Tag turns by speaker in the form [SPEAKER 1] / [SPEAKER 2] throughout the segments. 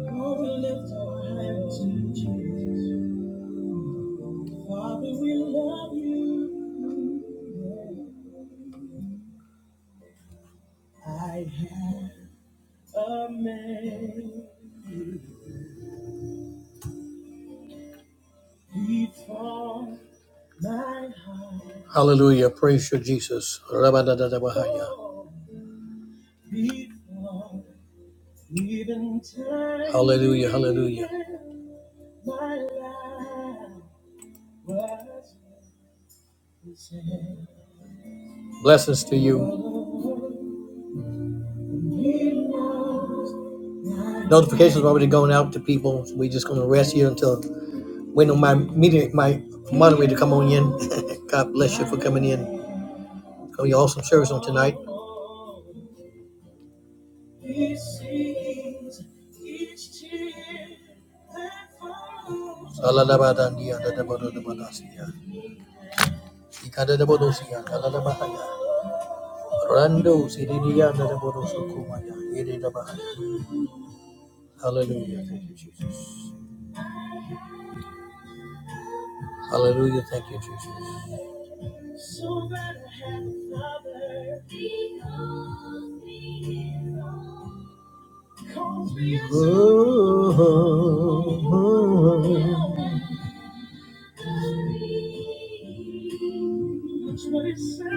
[SPEAKER 1] Oh, Hallelujah. Praise you, Jesus. Oh, Hallelujah. Hallelujah. Blessings to you. Notifications are already going out to people. So we just gonna rest here until waiting on my meeting, my moderator to come on in. God bless you for coming in. Gonna be an awesome service on tonight. Alalabadandiyadadabadadabadasiya. Ikadadabadosiya, kalalabahaya. Rando Hallelujah. Thank you, Jesus. So glad to have another. He calls me his own. Calls me his own. Oh, oh, oh, oh. That's what he said.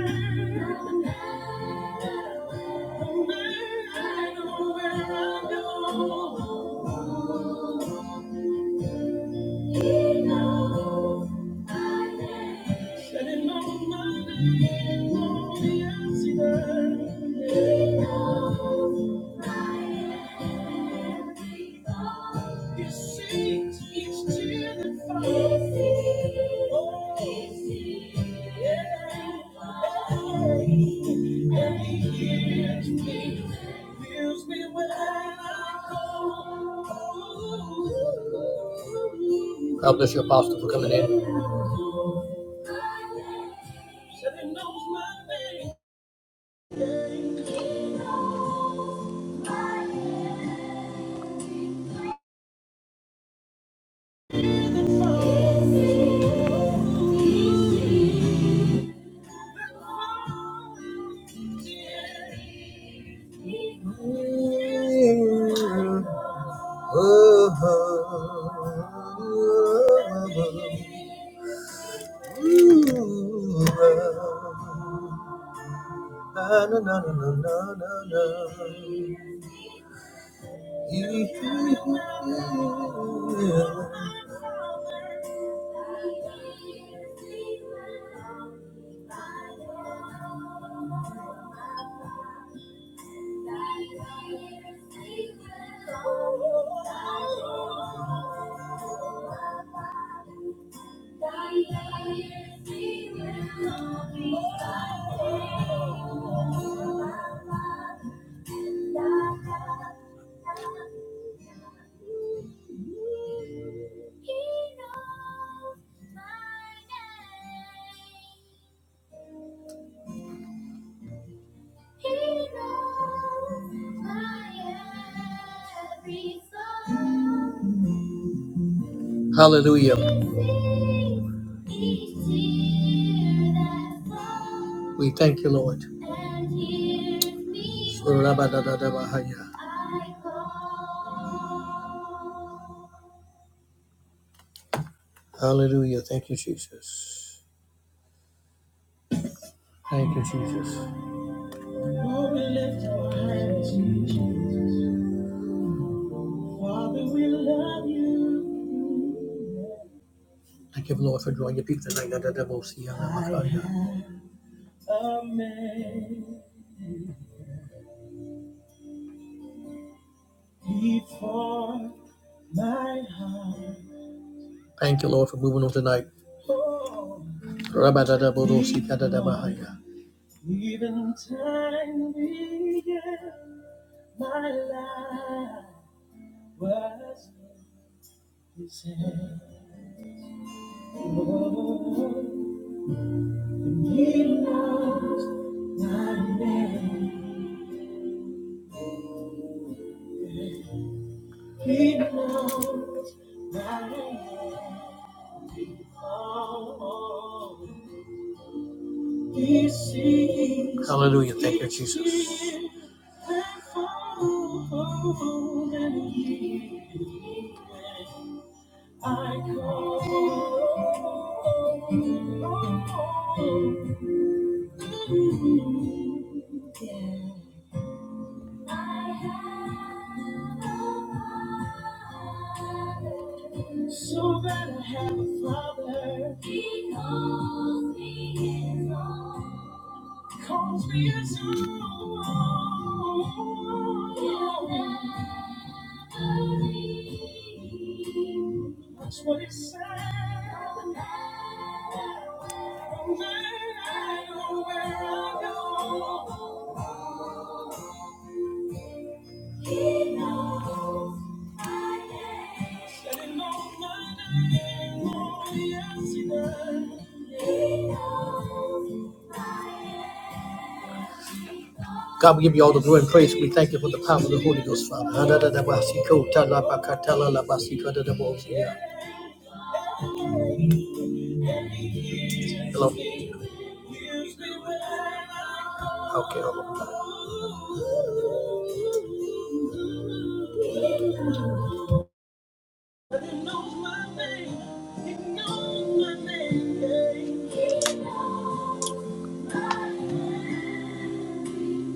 [SPEAKER 1] No man, I know where I go. No. Said it no money, no answer. No. God bless you, Apostle, for coming in. Knows my name. Oh, He knows my every thought. Hallelujah. We thank you, Lord. Hallelujah. Thank you, Jesus. Thank you, Jesus. Lord, we lift our hands to you. Jesus. Father, we love you. Thank you, Lord, for drawing your people tonight. Amen. Before Thank you, Lord, for moving on tonight. Rabadadabodosikadadabahaya. Even time began, my life was his hand. Oh, and he knows my name. He knows my name. Oh, oh, oh. Hallelujah. Thank you, Jesus. So that I have a father. He calls me his own. Calls me his own. That's what it says. God, we give you all the glory and praise. We thank you for the power of the Holy Ghost, Father. Hello. Okay, But he knows my name. He knows my name. He knows my name.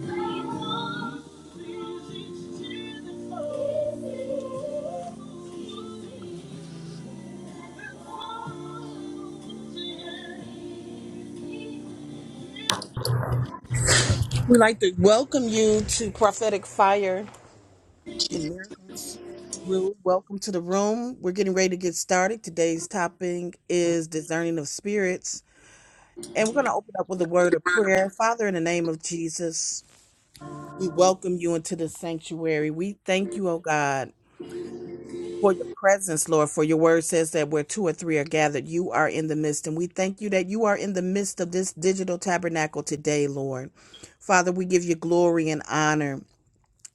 [SPEAKER 1] He knows. He Sees each tear that falls.
[SPEAKER 2] We'd like to welcome you to Prophetic Fire and Miracles Room. Welcome to the room. We're getting ready to get started. Today's topic is discerning of spirits. And we're going to open up with a word of prayer. Father, in the name of Jesus, we welcome you into the sanctuary. We thank you, oh God, for your presence, Lord, for your word says that where two or three are gathered, you are in the midst. And we thank you that you are in the midst of this digital tabernacle today, Lord. Father, we give you glory and honor.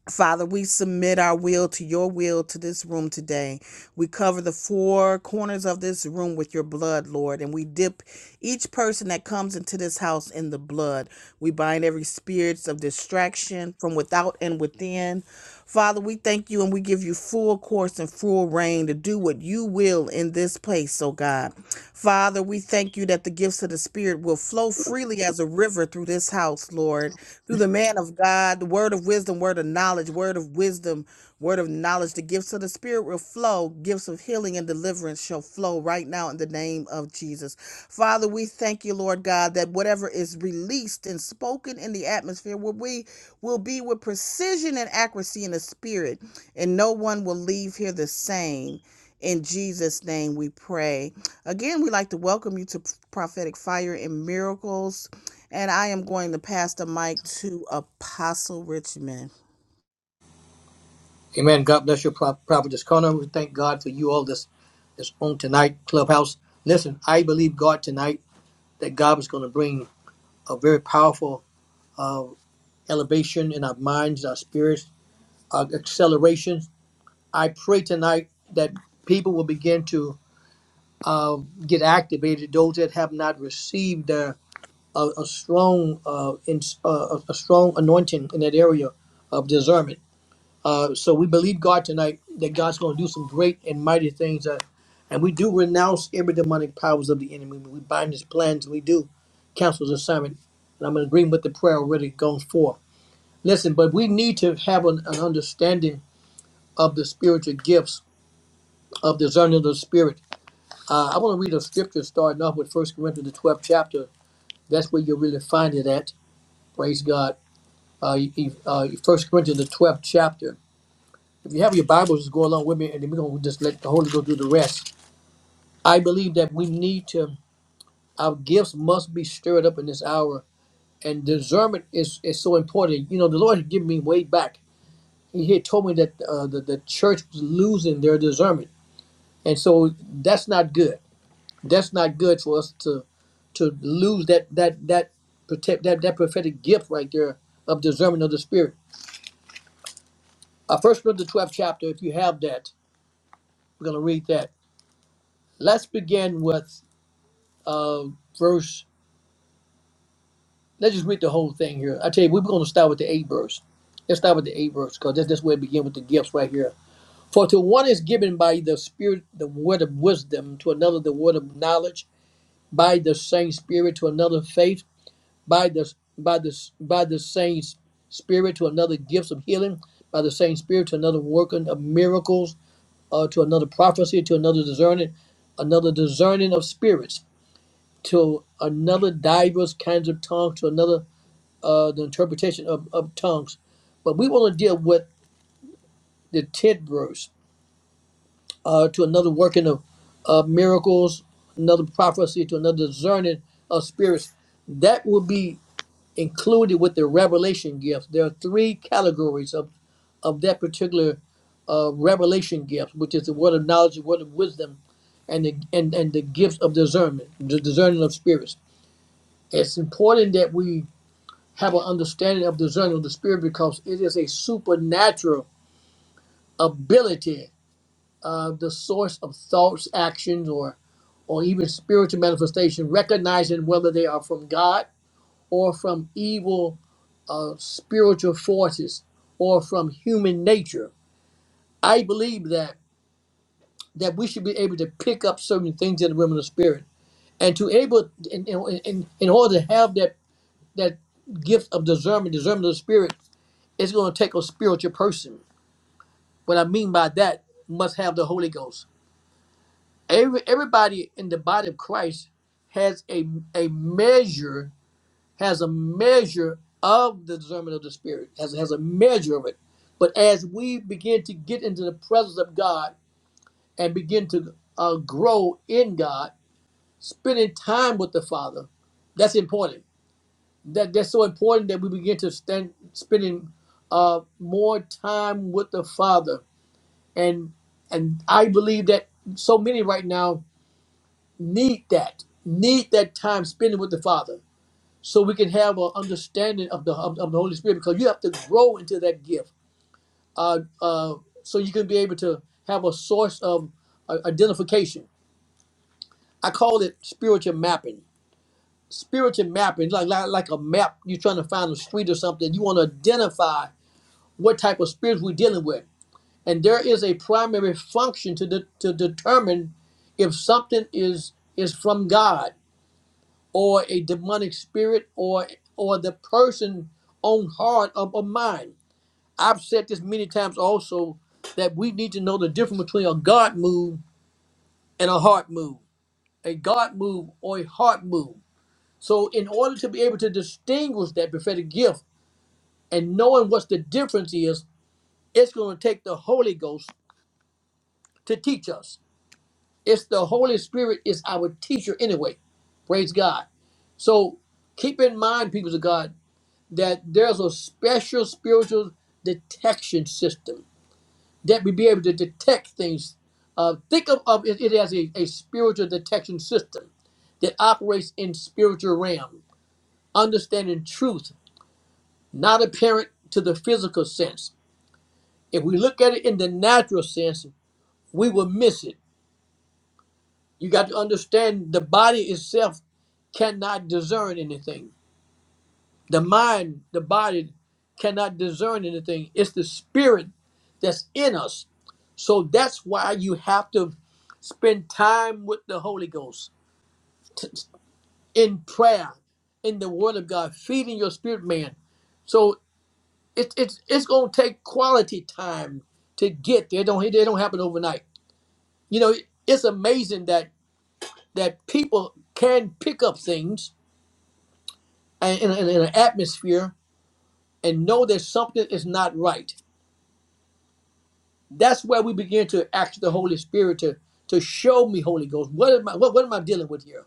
[SPEAKER 2] Father, we submit our will to your will to this room today. We cover the four corners of this room with your blood, Lord, and we dip each person that comes into this house in the blood. We bind every spirits of distraction from without and within. Father, we thank you and we give you full course and full reign to do what you will in this place, oh God. Father, we thank you that the gifts of the Spirit will flow freely as a river through this house, Lord through the man of God, the word of wisdom, word of knowledge, word of wisdom, word of knowledge. The gifts of the Spirit will flow. Gifts of healing and deliverance shall flow right now in the name of Jesus. Father, we thank you, Lord God, that whatever is released and spoken in the atmosphere will be, will be with precision and accuracy in the Spirit, and no one will leave here the same. In Jesus' name we pray. Again, we'd like to welcome you to Prophetic Fire and Miracles and I am going to pass the mic to Apostle Richmond.
[SPEAKER 1] Amen. God bless you, Pro- prophetess Connor. We thank God for you all this this on tonight clubhouse. Listen, I believe God tonight that God is going to bring a very powerful uh, elevation in our minds, our spirits, our acceleration. I pray tonight that people will begin to uh, get activated. Those that have not received uh, a, a strong, uh, in, uh, a strong anointing in that area of discernment. Uh, so we believe God tonight that God's going to do some great and mighty things. Uh, and we do renounce every demonic powers of the enemy. We bind his plans. We do cancel his assignment. And I'm in agreement with the prayer already going forth. Listen, but we need to have an, an understanding of the spiritual gifts of discerning of the spirit. Uh, I want to read a scripture starting off with First Corinthians, the 12th chapter. That's where you really find it at. Praise God. Uh, you- uh, 1 Corinthians, the 12th chapter. If you have your Bibles, just go along with me, and then we're going to just let the Holy Ghost do the rest. I believe that we need to, our gifts must be stirred up in this hour, and discernment is, is so important. You know, the Lord had given me way back. He had told me that uh, the, the church was losing their discernment and so that's not good that's not good for us to to lose that that that protect that that prophetic gift right there of discernment of the spirit uh, first Peter the 12th chapter if you have that we're going to read that let's begin with uh verse let's just read the whole thing here i tell you we're going to start with the eight verse let's start with the eight verse because that's, that's where it begins with the gifts right here for to one is given by the spirit the word of wisdom to another the word of knowledge by the same spirit to another faith by the by the by the same spirit to another gifts of healing, by the same spirit to another working of miracles, uh, to another prophecy, to another discerning, another discerning of spirits, to another diverse kinds of tongues, to another uh, the interpretation of, of tongues. But we want to deal with the tenth verse, uh, to another working of uh, miracles, another prophecy, to another discerning of spirits. That will be included with the revelation gift. There are three categories of, of that particular uh, revelation gift, which is the word of knowledge, the word of wisdom, and the and, and the gift of discernment, the discerning of spirits. It's important that we have an understanding of discerning of the spirit because it is a supernatural ability, uh, the source of thoughts, actions, or or even spiritual manifestation, recognizing whether they are from God or from evil of spiritual forces or from human nature. I believe that that we should be able to pick up certain things in the realm of the spirit, and to able in in, in, in order to have that that gift of discernment, discernment of the spirit, it's going to take a spiritual person. What I mean by that must have the Holy Ghost. Every everybody in the body of Christ has a a measure has a measure of the discernment of the spirit, has, has a measure of it. But as we begin to get into the presence of God and begin to uh, grow in God, spending time with the Father, that's important. That that's so important that we begin to stand spending uh, more time with the Father, and and I believe that so many right now need that need that time spending with the Father so we can have an understanding of the of, of the Holy Spirit because you have to grow into that gift. Uh, uh, so you can be able to have a source of uh, identification. I call it spiritual mapping. Spiritual mapping, like, like like a map, you're trying to find a street or something. You want to identify what type of spirits we're dealing with, and there is a primary function to de- to determine if something is is from God or a demonic spirit or or the person own heart or, or mind. I've said this many times also that we need to know the difference between a God move and a heart move, a God move or a heart move. So in order to be able to distinguish that prophetic gift and knowing what the difference is, it's going to take the Holy Ghost to teach us. It's the Holy Spirit is our teacher anyway. Praise God. So keep in mind, people of God, that there's a special spiritual detection system that we be able to detect things. Uh, think of, of it, it as a, a spiritual detection system that operates in spiritual realm, understanding truth not apparent to the physical sense. If we look at it in the natural sense, we will miss it. You got to understand the body itself cannot discern anything The mind, the body cannot discern anything. It's the spirit that's in us. So that's why you have to spend time with the Holy Ghost t- in prayer, in the Word of God, feeding your spirit man. So it's it's it's gonna take quality time to get there. It don't it don't happen overnight. You know, it's amazing that that people can pick up things and in, in an atmosphere and know that something is not right That's where we begin to ask the Holy Spirit to to show me, Holy Ghost, what am I what, what am I dealing with here?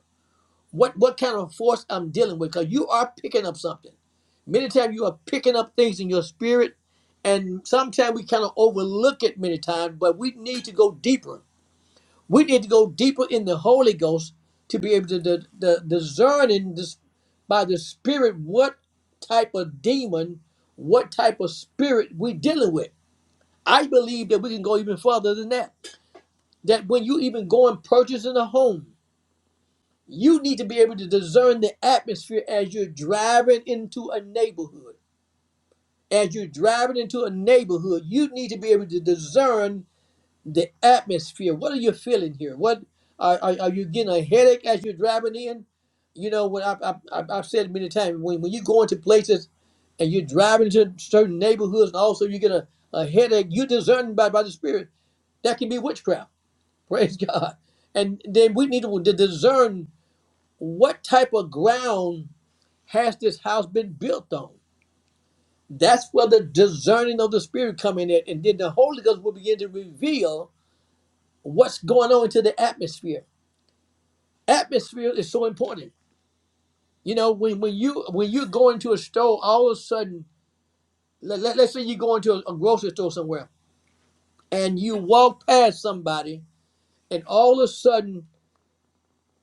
[SPEAKER 1] What what kind of force I'm dealing with? Because you are picking up something. Many times you are picking up things in your spirit, and sometimes we kind of overlook it many times, but we need to go deeper. We need to go deeper in the Holy Ghost to be able to d- d- discern in this by the Spirit what type of demon, what type of spirit we dealing with. I believe that we can go even further than that that when you even go and purchasing a home, you need to be able to discern the atmosphere as you're driving into a neighborhood. As you're driving into a neighborhood, you need to be able to discern the atmosphere. What are you feeling here? What are, are, are you getting a headache as you're driving in? You know, when I, I, I, I've said many times, when, when you go into places and you're driving to certain neighborhoods and also you get a, a headache, you discern by, by the Spirit. That can be witchcraft Praise God. And then we need to discern what type of ground has this house been built on. That's where the discerning of the spirit come in at, and then the Holy Ghost will begin to reveal what's going on into the atmosphere. Atmosphere is so important. You know, when when you when you go into a store, all of a sudden, let, let, us say you go into a, a grocery store somewhere, and you walk past somebody, and all of a sudden,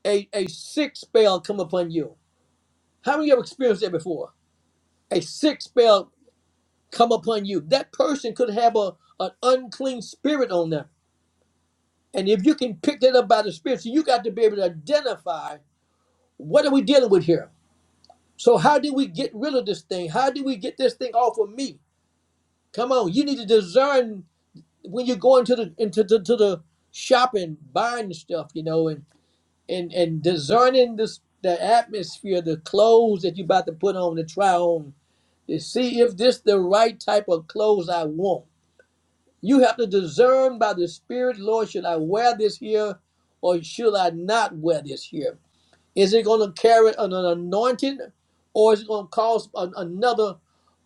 [SPEAKER 1] a, a sick spell come upon you. How many of you have experienced that before? a sick spell come upon you. That person could have a an unclean spirit on them. And if you can pick that up by the spirit, so you got to be able to identify what are we dealing with here. So how do we get rid of this thing? How do we get this thing off of me? Come on, you need to discern when you go into the into the, to the shopping, buying stuff, you know, and and and discerning this the atmosphere, the clothes that you about to put on, the try on, to see if this the right type of clothes I want. You have to discern by the Spirit, Lord, should I wear this here or should I not wear this here? Is it going to carry an, an anointing or is it going to cause an, another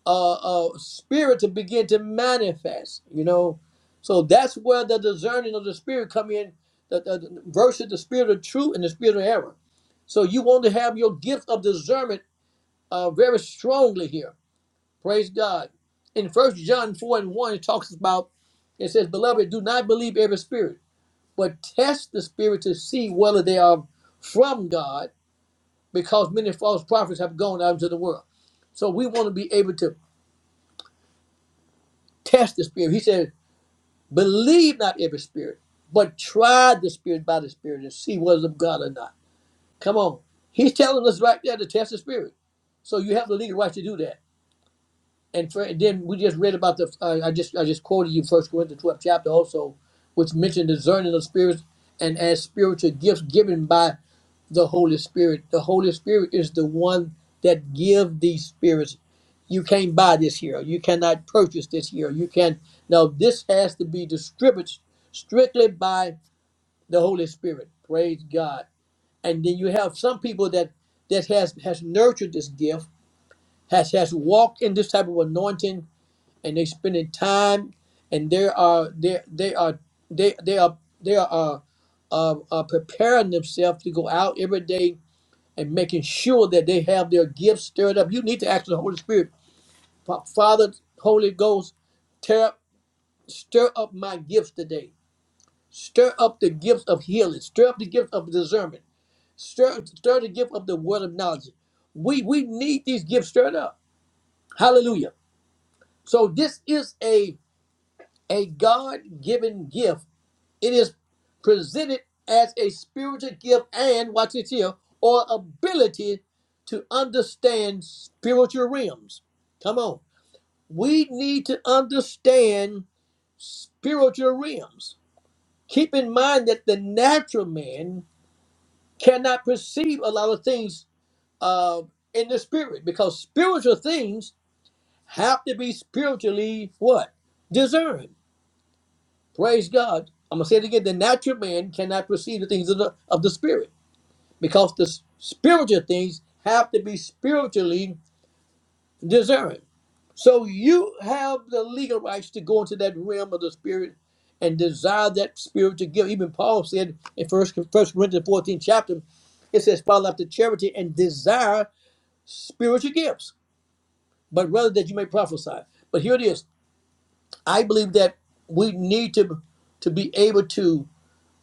[SPEAKER 1] uh, uh, spirit to begin to manifest? You know, so that's where the discerning of the Spirit come in the, the, the- versus the spirit of truth and the spirit of error. So you want to have your gift of discernment uh, very strongly here Praise God. In First John 4 and 1, it talks about, it says, Beloved, do not believe every spirit, but test the spirit to see whether they are from God, because many false prophets have gone out into the world. So we want to be able to test the spirit. He said, Believe not every spirit, but try the spirit by the spirit and see whether it's of God or not. Come on. He's telling us right there to test the spirit. So you have the legal right to do that. and, for, and then we just read about the uh, I just I just quoted you First Corinthians twelve chapter also, which mentioned discerning of spirits and as spiritual gifts given by the Holy Spirit. The Holy Spirit is the one that give these spirits. You can't buy this here. You cannot purchase this here. You can now this has to be distributed strictly by the Holy Spirit. Praise God. And then you have some people that that has has nurtured this gift, has has walked in this type of anointing and they're spending time and they are they they are they they are they are uh, uh, uh, preparing themselves to go out every day and making sure that they have their gifts stirred up. You need to ask the Holy Spirit, "Fa- Father, Holy Ghost, tear up, stir up my gifts today. Stir up the gifts of healing. Stir up the gift of discernment. Stir stir the gift of the word of knowledge. We we need these gifts stirred up. Hallelujah. So this is a a God given gift It is presented as a spiritual gift and, watch this here, or ability to understand spiritual realms. Come on. We need to understand spiritual realms. Keep in mind that the natural man cannot perceive a lot of things uh, in the spirit because spiritual things have to be spiritually what? Discerned. Praise God. I'm going to say it again. The natural man cannot perceive the things of the, of the spirit. because the spiritual things have to be spiritually discerned. So you have the legal rights to go into that realm of the spirit and desire that spiritual gift. Even Paul said in First First Corinthians 14 chapter, it says, "Follow after charity and desire spiritual gifts, but rather that you may prophesy." But here it is. I believe that we need to to be able to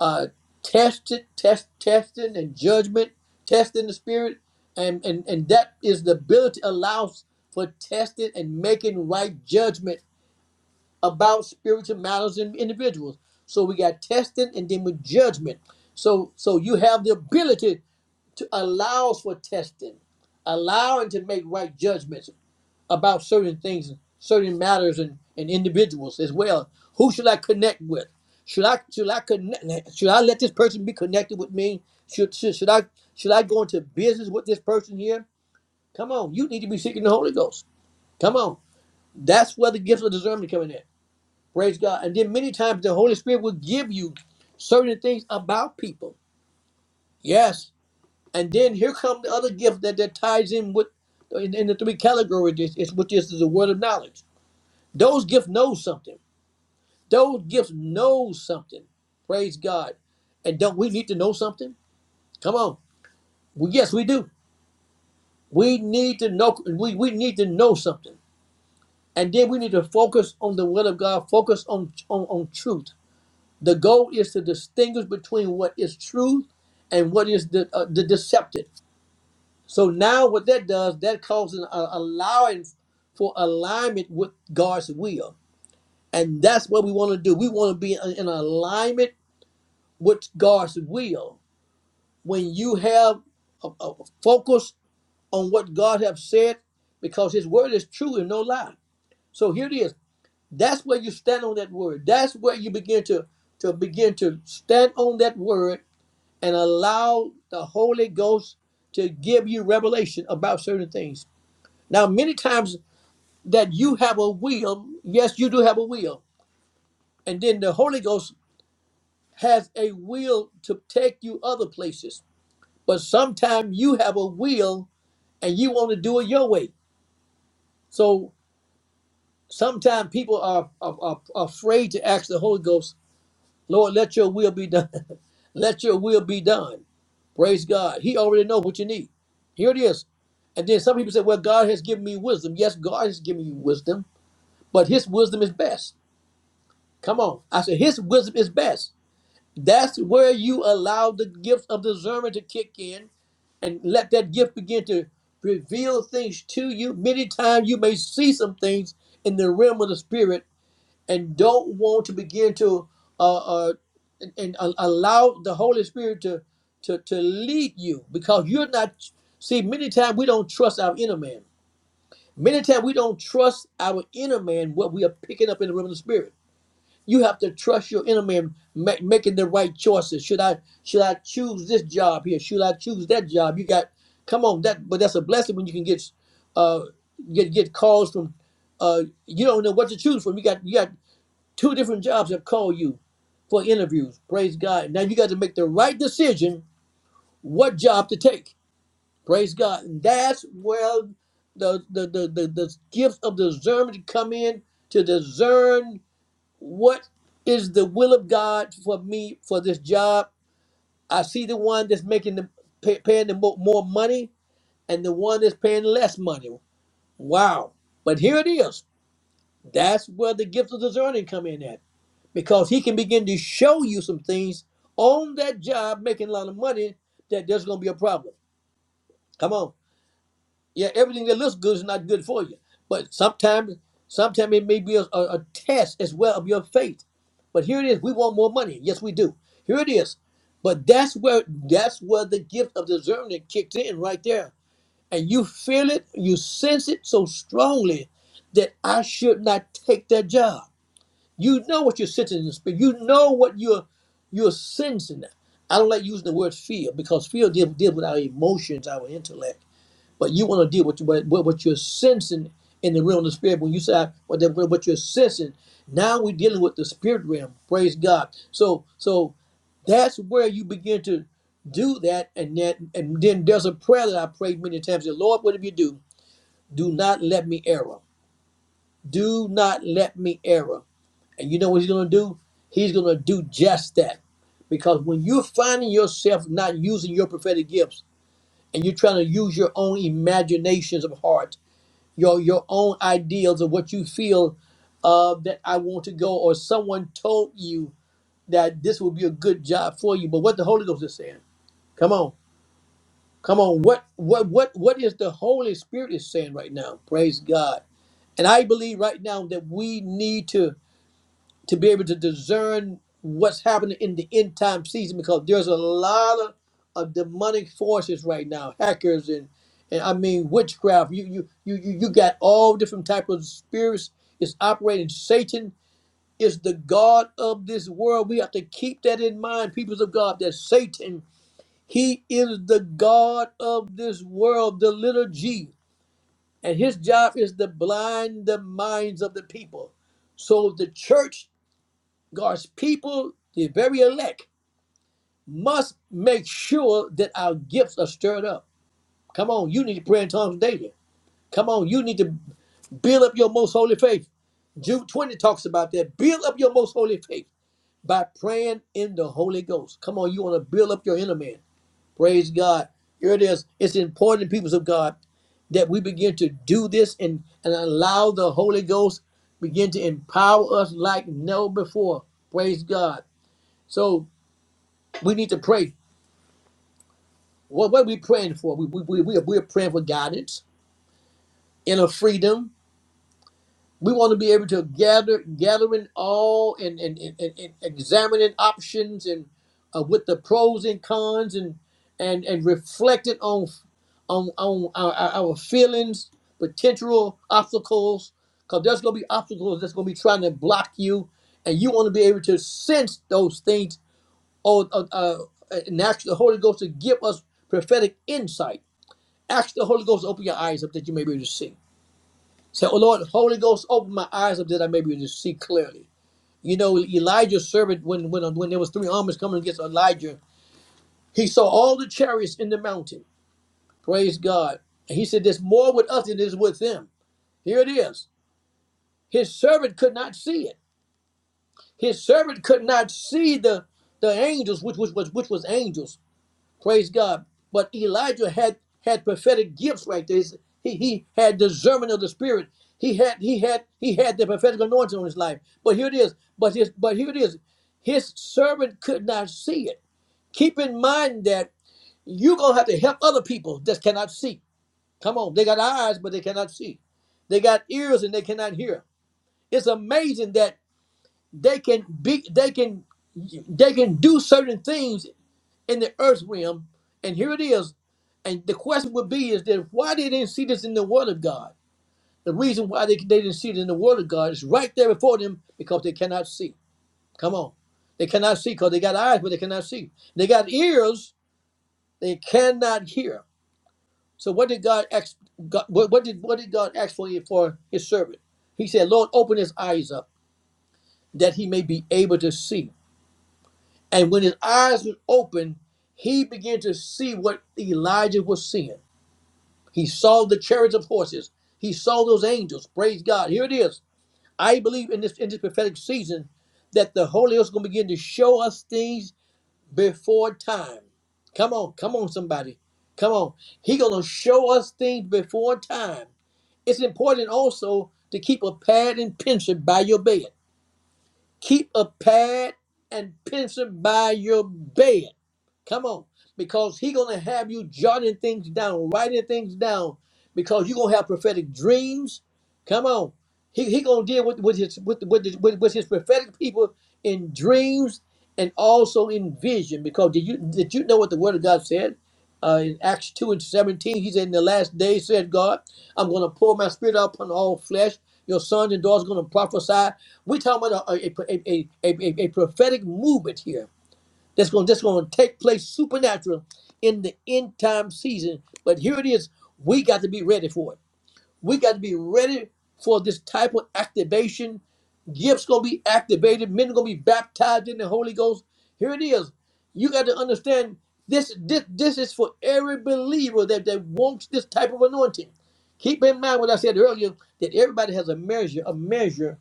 [SPEAKER 1] uh, tested, test, testing, and judgment, testing the spirit, and and and that is the ability allows for testing and making right judgment about spiritual matters and individuals. So we got testing and then with judgment. So so you have the ability to allow for testing, allowing to make right judgments about certain things, certain matters, and, and individuals as well. Who should I connect with? Should I should I connect? Should I let this person be connected with me? Should should, should I should I go into business with this person here? Come on, you need to be seeking the Holy Ghost. Come on, that's where the gifts of discernment come in. At. Praise God. And then many times the Holy Spirit will give you certain things about people. Yes. And then here come the other gift that, that ties in with in, in the three categories, is- is- which is the word of knowledge. Those gifts know something. Those gifts know something. Praise God. And don't we need to know something? Come on. Well, yes, we do. We need to know we, we need to know something. And then we need to focus on the will of God, focus on, on, on truth. The goal is to distinguish between what is truth and what is the uh, the deceptive. So now what that does, that causes uh, allowing for alignment with God's will. And that's what we want to do. We want to be in in alignment with God's will. When you have a, a focus on what God has said, because His word is true and no lie. So here it is. That's where you stand on that word. That's where you begin to to begin to stand on that word and allow the Holy Ghost to give you revelation about certain things. Now, many times that you have a will, yes, you do have a will, and then the Holy Ghost has a will to take you other places But sometimes you have a will and you want to do it your way. So sometimes people are, are, are afraid to ask the Holy Ghost, Lord, let your will be done. let your will be done. Praise God. He already knows what you need. Here it is. And then some people say, Well, God has given me wisdom. Yes, God has given you wisdom, but his wisdom is best. Come on. I said, His wisdom is best. That's where you allow the gift of discernment to kick in and let that gift begin to reveal things to you. Many times you may see some things in the realm of the spirit and don't want to begin to uh, uh, and, and a- allow the Holy Spirit to, to, to lead you because you're not. See, many times we don't trust our inner man. Many times we don't trust our inner man, what we are picking up in the realm of the spirit. You have to trust your enemy and ma- making the right choices. Should I should I choose this job here? Should I choose that job? You got come on that, but that's a blessing when you can get uh get get calls from uh you don't know what to choose from. You got you got two different jobs that call you for interviews. Praise God. Now you got to make the right decision what job to take. Praise God. And that's where the the the the, the gifts of discernment come in to discern what is the will of God for me for this job? I see the one that's making the pay, paying the mo- more money and the one that's paying less money. Wow! But here it is. That's where the gift of discerning come in at because he can begin to show you some things on that job making a lot of money that there's going to be a problem. Come on. Yeah, everything that looks good is not good for you. But sometimes, sometimes it may be a, a a test as well of your faith. But here it is. We want more money. Yes, we do. Here it is. But that's where that's where the gift of discernment kicks in right there. And you feel it, you sense it so strongly that I should not take that job. You know what you're sensing in the spirit. You know what you're you're sensing. I don't like using the word fear because fear deals, deals with our emotions, our intellect but you want to deal with what, what what you're sensing in the realm of the spirit. When you say what that- what you're sensing, now we're dealing with the spirit realm. Praise God. So so that's where you begin to do that, and that and then there's a prayer that I prayed many times. Say, Lord, whatever you do, do not let me error. Do not let me error. And you know what he's gonna do? He's gonna do just that. Because when you're finding yourself not using your prophetic gifts and you're trying to use your own imaginations of heart your your own ideals of what you feel uh, that I want to go, or someone told you that this will be a good job for you. But what the Holy Ghost is saying, come on, come on, what what what what is the Holy Spirit is saying right now? Praise God. And I believe right now that we need to to be able to discern what's happening in the end time season because there's a lot of, of demonic forces right now, hackers and and I mean witchcraft. You you you you you got all different types of spirits is operating. Satan is the God of this world. We have to keep that in mind, peoples of God, that Satan, he is the God of this world, the little G. And his job is to blind the minds of the people. So the church God's people, the very elect, must make sure that our gifts are stirred up. Come on, you need to pray in tongues daily. Come on, you need to build up your most holy faith. Jude 20 talks about that. Build up your most holy faith by praying in the Holy Ghost. Come on, you want to build up your inner man. Praise God. Here it is. It's important, peoples of God, that we begin to do this and, and allow the Holy Ghost begin to empower us like never before. Praise God. So We need to pray. What, what are we praying for? We, we, we, we, are, we are praying for guidance, inner freedom. We want to be able to gather, gathering all and, and, and, and, and examining options and uh, with the pros and cons and and and reflecting on on on our, our, our feelings, potential obstacles, because there's gonna be obstacles that's gonna be trying to block you, and you want to be able to sense those things. Or uh, uh, and ask the Holy Ghost to give us prophetic insight Ask the Holy Ghost, open your eyes up that you may be able to see. Say, Oh Lord, Holy Ghost, open my eyes up that I may be able to see clearly. You know, Elijah's servant, when when when there was three armies coming against Elijah, he saw all the chariots in the mountain. Praise God. And he said, There's more with us than is with them. Here it is. His servant could not see it. His servant could not see the the angels, which which was which was angels. Praise God. But Elijah had had prophetic gifts right there. He's- He, he had discernment of the spirit. He had he had he had the prophetic anointing on his life. But here it is. But his but here it is. His servant could not see it. Keep in mind that you're gonna have to help other people that cannot see. Come on, they got eyes, but they cannot see. They got ears and they cannot hear. It's amazing that they can be they can they can do certain things in the earth realm, and here it is. And the question would be is that why they didn't see this in the Word of God? The reason why they, they didn't see it in the Word of God is right there before them because they cannot see. Come on. They cannot see because they got eyes, but they cannot see. They got ears, they cannot hear. So what did God ask? God, what, what did what did God ask for, for His servant? He said, "Lord, open his eyes up that he may be able to see." And when his eyes were open, he began to see what Elijah was seeing. He saw the chariots of horses. He saw those angels. Praise God. Here it is. I believe in this in this prophetic season that the Holy Ghost is going to begin to show us things before time. Come on, come on, somebody. Come on. He's going to show us things before time. It's important also to keep a pad and pencil by your bed. Keep a pad and pencil by your bed. Come on, because he gonna have you jotting things down, writing things down, because you gonna have prophetic dreams. Come on, he, he gonna deal with with his with with, with with his prophetic people in dreams and also in vision. Because did you did you know what the word of God said? uh, in Acts 2 and 17, he said, In the last days, said God, I'm going to pour my spirit out upon all flesh. Your sons and daughters going to prophesy. We're talking about a, a, a, a, a, a- a prophetic movement here that's going, that's going to take place supernatural in the end time season. But here it is. We got to be ready for it. We got to be ready for this type of activation. Gifts gonna be activated. Men are gonna be baptized in the Holy Ghost. Here it is. You got to understand this. This, this is for every believer that, that wants this type of anointing. Keep in mind what I said earlier that everybody has a measure, a measure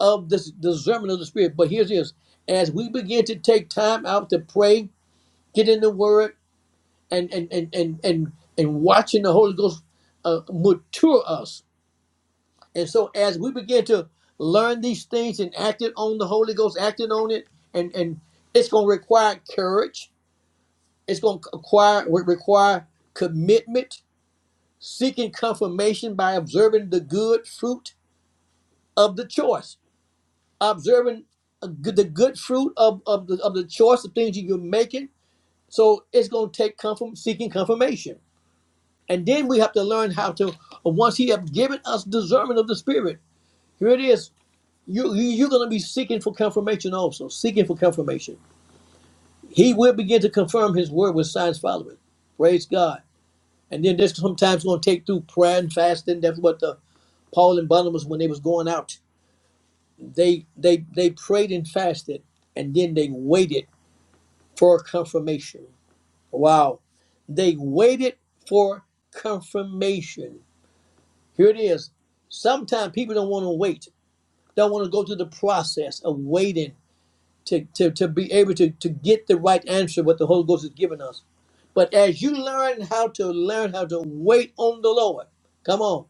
[SPEAKER 1] of this discernment of the Spirit. But here's this: as we begin to take time out to pray, get in the Word, and and and and and, and watching the Holy Ghost uh, mature us and so as we begin to learn these things and act it on the Holy Ghost, acting on it, and and it's going to require courage. It's going to acquire require commitment, seeking confirmation by observing the good fruit of the choice, observing a good- the good fruit of, of the of the choice of things you're making. So it's going to take confirm, seeking confirmation, and then we have to learn how to. Once He have given us discernment of the Spirit, here it is You, you you're going to be seeking for confirmation also, seeking for confirmation. He will begin to confirm his word with signs following. Praise God. And then this sometimes going to take through prayer and fasting. That's what the Paul and Barnabas when they was going out, they they they prayed and fasted, and then they waited for confirmation. Wow, they waited for confirmation. Here it is. Sometimes people don't want to wait, don't want to go through the process of waiting to, to, to be able to, to get the right answer what the Holy Ghost has given us. But as you learn how to learn how to wait on the Lord, come on.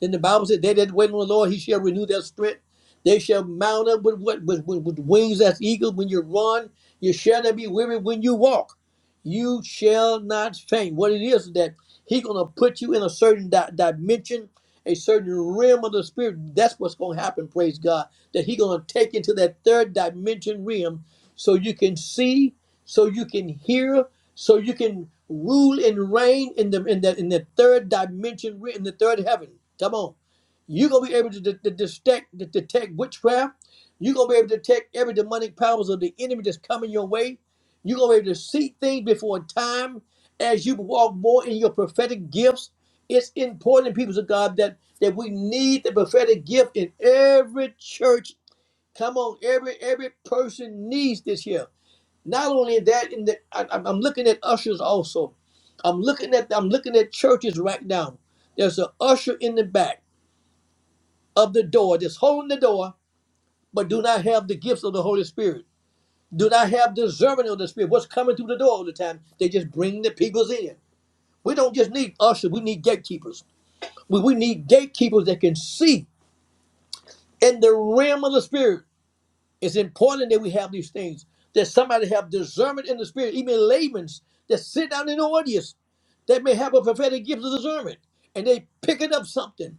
[SPEAKER 1] Then the Bible said, They that wait on the Lord, he shall renew their strength. They shall mount up with what with, with, with wings as eagles when you run, you shall not be weary when you walk. You shall not faint. What it is that He's gonna put you in a certain di- dimension, a certain realm of the spirit. That's what's gonna happen, praise God. That He's gonna take you into that third dimension realm so you can see, so you can hear, so you can rule and reign in the in that in the third dimension re- in the third heaven come on you're gonna be able to, de- to detect to detect witchcraft you're gonna be able to detect every demonic powers of the enemy that's coming your way you're gonna be able to see things before time as you walk more in your prophetic gifts it's important people of god that that we need the prophetic gift in every church come on every every person needs this here not only that, in the I, I'm I'm looking at ushers also. I'm looking at I'm looking at churches right now. There's an usher in the back of the door that's holding the door, but do not have the gifts of the Holy Spirit. Do not have discernment of the Spirit. What's coming through the door all the time? They just bring the peoples in. We don't just need ushers. We need gatekeepers. We, we need gatekeepers that can see in the realm of the Spirit It's important that we have these things. That somebody have discernment in the spirit, even layman's that sit down in the audience that may have a prophetic gift of discernment, and they picking up something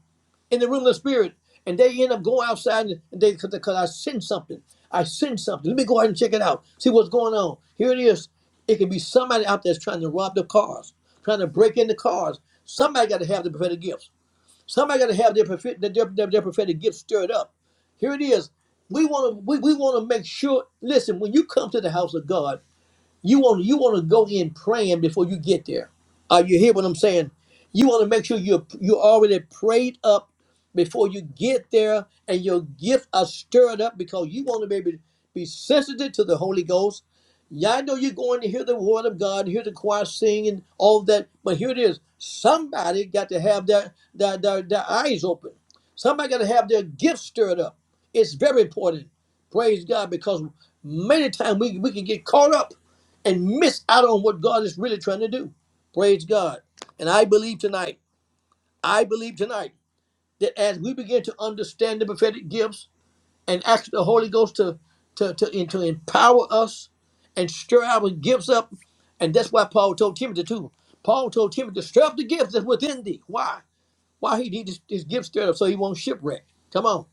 [SPEAKER 1] in the realm of the spirit, and they end up going outside and they because I sense something. I sense something. Let me go out and check it out. See what's going on. Here it is. It can be somebody out there that's trying to rob the cars, trying to break into cars. Somebody got to have the prophetic gifts. Somebody got to have their, prophet, their, their, their prophetic gift stirred up. Here it is. We want to we, we want to make sure. Listen, when you come to the house of God, you want you want to go in praying before you get there. Are you hear what I'm saying? You want to make sure you you already prayed up before you get there, and your gift are stirred up because you want to maybe be sensitive to the Holy Ghost. Yeah, I know you're going to hear the word of God, hear the choir sing and all that, but here it is. Somebody got to have their their, their, their eyes open. Somebody got to have their gift stirred up. It's very important. Praise God, because many times we, we can get caught up and miss out on what God is really trying to do. Praise God. And I believe tonight, I believe tonight that as we begin to understand the prophetic gifts and ask the Holy Ghost to to, to, and to empower us and stir our gifts up, and that's why Paul told Timothy too. Paul told Timothy to stir up the gifts that's within thee. Why? Why he need his, his gifts stirred up so he won't shipwreck. Come on.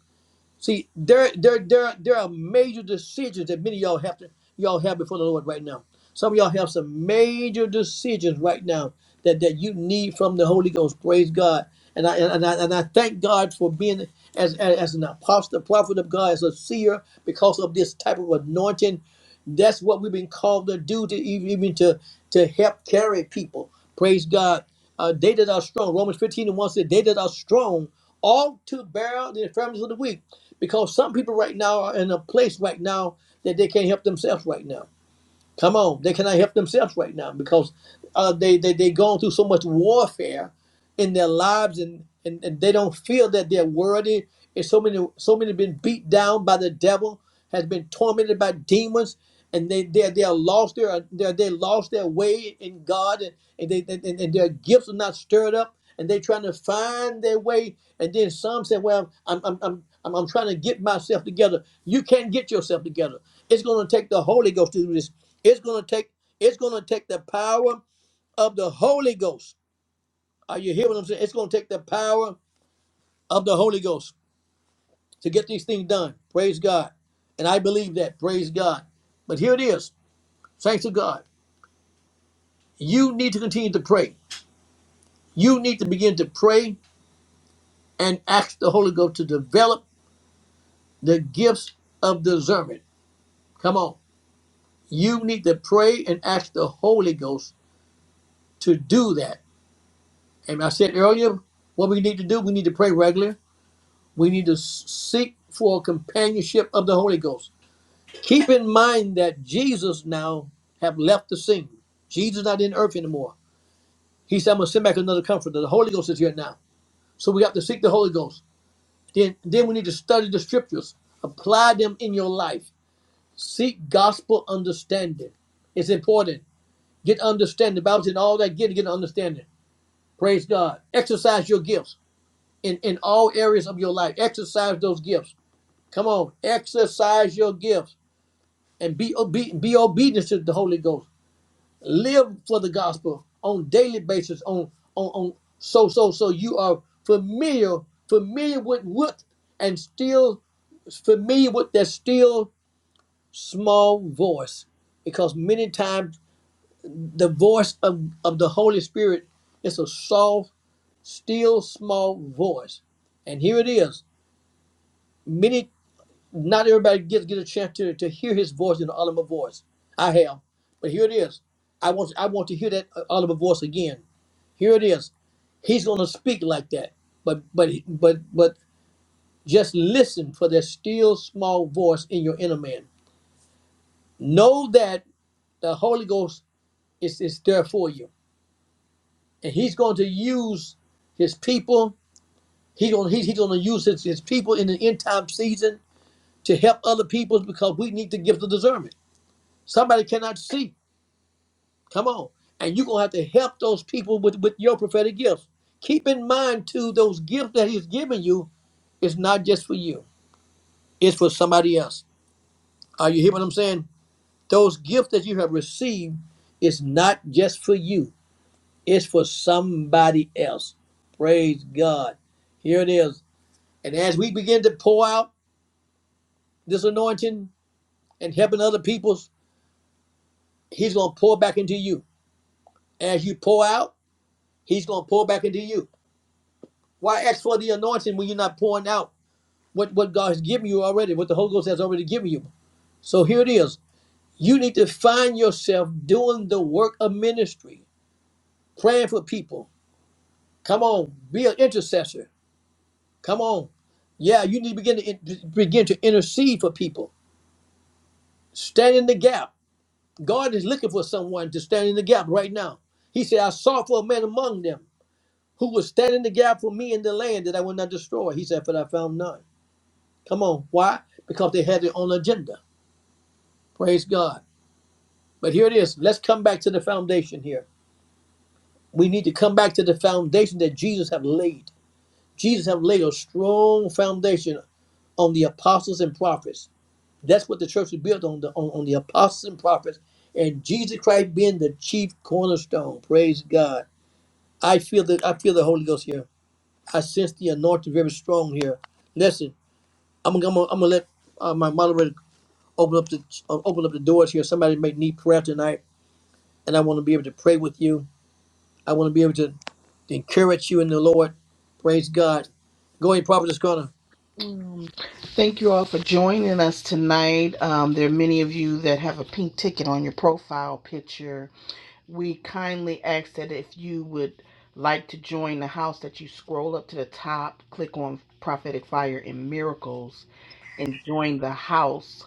[SPEAKER 1] See, there, there, there, there are major decisions that many of y'all have to y'all have before the Lord right now. Some of y'all have some major decisions right now that, that you need from the Holy Ghost. Praise God. And I and I, and I thank God for being as, as as an apostle, prophet of God, as a seer, because of this type of anointing. That's what we've been called to do to even, even to to help carry people. Praise God. Uh, they that are strong. Romans 15 and 1 said, They that are strong ought to bear the infirmities of the weak. Because some people right now are in a place right now that they can't help themselves right now. Come on, they cannot help themselves right now because uh, they they they going through so much warfare in their lives and, and and they don't feel that they're worthy. And so many so many been beat down by the devil, has been tormented by demons and they they they are lost their they they lost their way in God and, and they and their gifts are not stirred up and they're trying to find their way and then some say well I'm I'm I'm I'm, I'm trying to get myself together you can't get yourself together it's going to take the Holy Ghost to do this it's going to take it's going to take the power of the Holy Ghost are you hearing what I'm saying it's going to take the power of the Holy Ghost to get these things done praise God and I believe that praise God but here it is thanks to God You need to continue to pray. You need to begin to pray and ask the Holy Ghost to develop the gifts of discernment. Come on. You need to pray and ask the Holy Ghost to do that. And I said earlier, what we need to do, we need to pray regularly. We need to s- seek for companionship of the Holy Ghost. Keep in mind that Jesus now have left the scene. Jesus not in earth anymore. He said, I'm going to send back another comforter. The Holy Ghost is here now. So we have to seek the Holy Ghost. Then, then we need to study the scriptures, apply them in your life. Seek gospel understanding. It's important. Get understanding. The Bible said, all that get, get understanding. Praise God. Exercise your gifts in, in all areas of your life. Exercise those gifts. Come on. Exercise your gifts and be, obe- be obedient to the Holy Ghost. live for the gospel on daily basis on on, on so so so you are familiar familiar with what and still familiar with that still small voice because many times the voice of, of the holy spirit is a soft still small voice and here it is many. Not everybody gets get a chance to, to hear his voice in the Oliver voice. I have, but here it is. I want I want to hear that uh, Oliver voice again. Here it is. He's going to speak like that. But but but but just listen for that still small voice in your inner man. Know that the Holy Ghost is is there for you, and He's going to use His people. He's going he's, he's going to use his, his people in the end time season to help other people because we need the gift of discernment. Somebody cannot see. Come on. And you're going to have to help those people with, with your prophetic gifts. Keep in mind, too, those gifts that he's given you is not just for you. It's for somebody else. Are you hearing what I'm saying? Those gifts that you have received is not just for you. It's for somebody else. Praise God. Here it is. And as we begin to pour out this anointing and helping other peoples, he's going to pour back into you. As you pour out, he's going to pour back into you Why ask for the anointing when you're not pouring out what, what God has given you already, what the Holy Ghost has already given you? So here it is. You need to find yourself doing the work of ministry, praying for people. Come on, be an intercessor. Come on. Yeah, you need to begin to in- begin to intercede for people. Stand in the gap. God is looking for someone to stand in the gap right now. He said, I sought for a man among them who would stand in the gap for me in the land that I would not destroy. He said, but I found none. Come on. Why? Because they had their own agenda. Praise God. But here it is. Let's come back to the foundation here. We need to come back to the foundation that Jesus have laid. Jesus have laid a strong foundation on the apostles and prophets. That's what the church is built on the on, on the apostles and prophets and Jesus Christ being the chief cornerstone. Praise God. I feel that I feel the Holy Ghost here. I sense the anointing very strong here. Listen, I'm gonna I'm gonna, I'm gonna let uh, my moderator open up the uh, open up the doors here. Somebody may need prayer tonight, and I want to be able to pray with you. I want to be able to encourage you in the Lord. Praise God. Go ahead, Prophet is gonna.
[SPEAKER 2] Um, Thank you all for joining us tonight. Um, there are many of you that have a pink ticket on your profile picture. We kindly ask that if you would like to join the house, that you scroll up to the top, click on Prophetic Fire and Miracles, and join the house.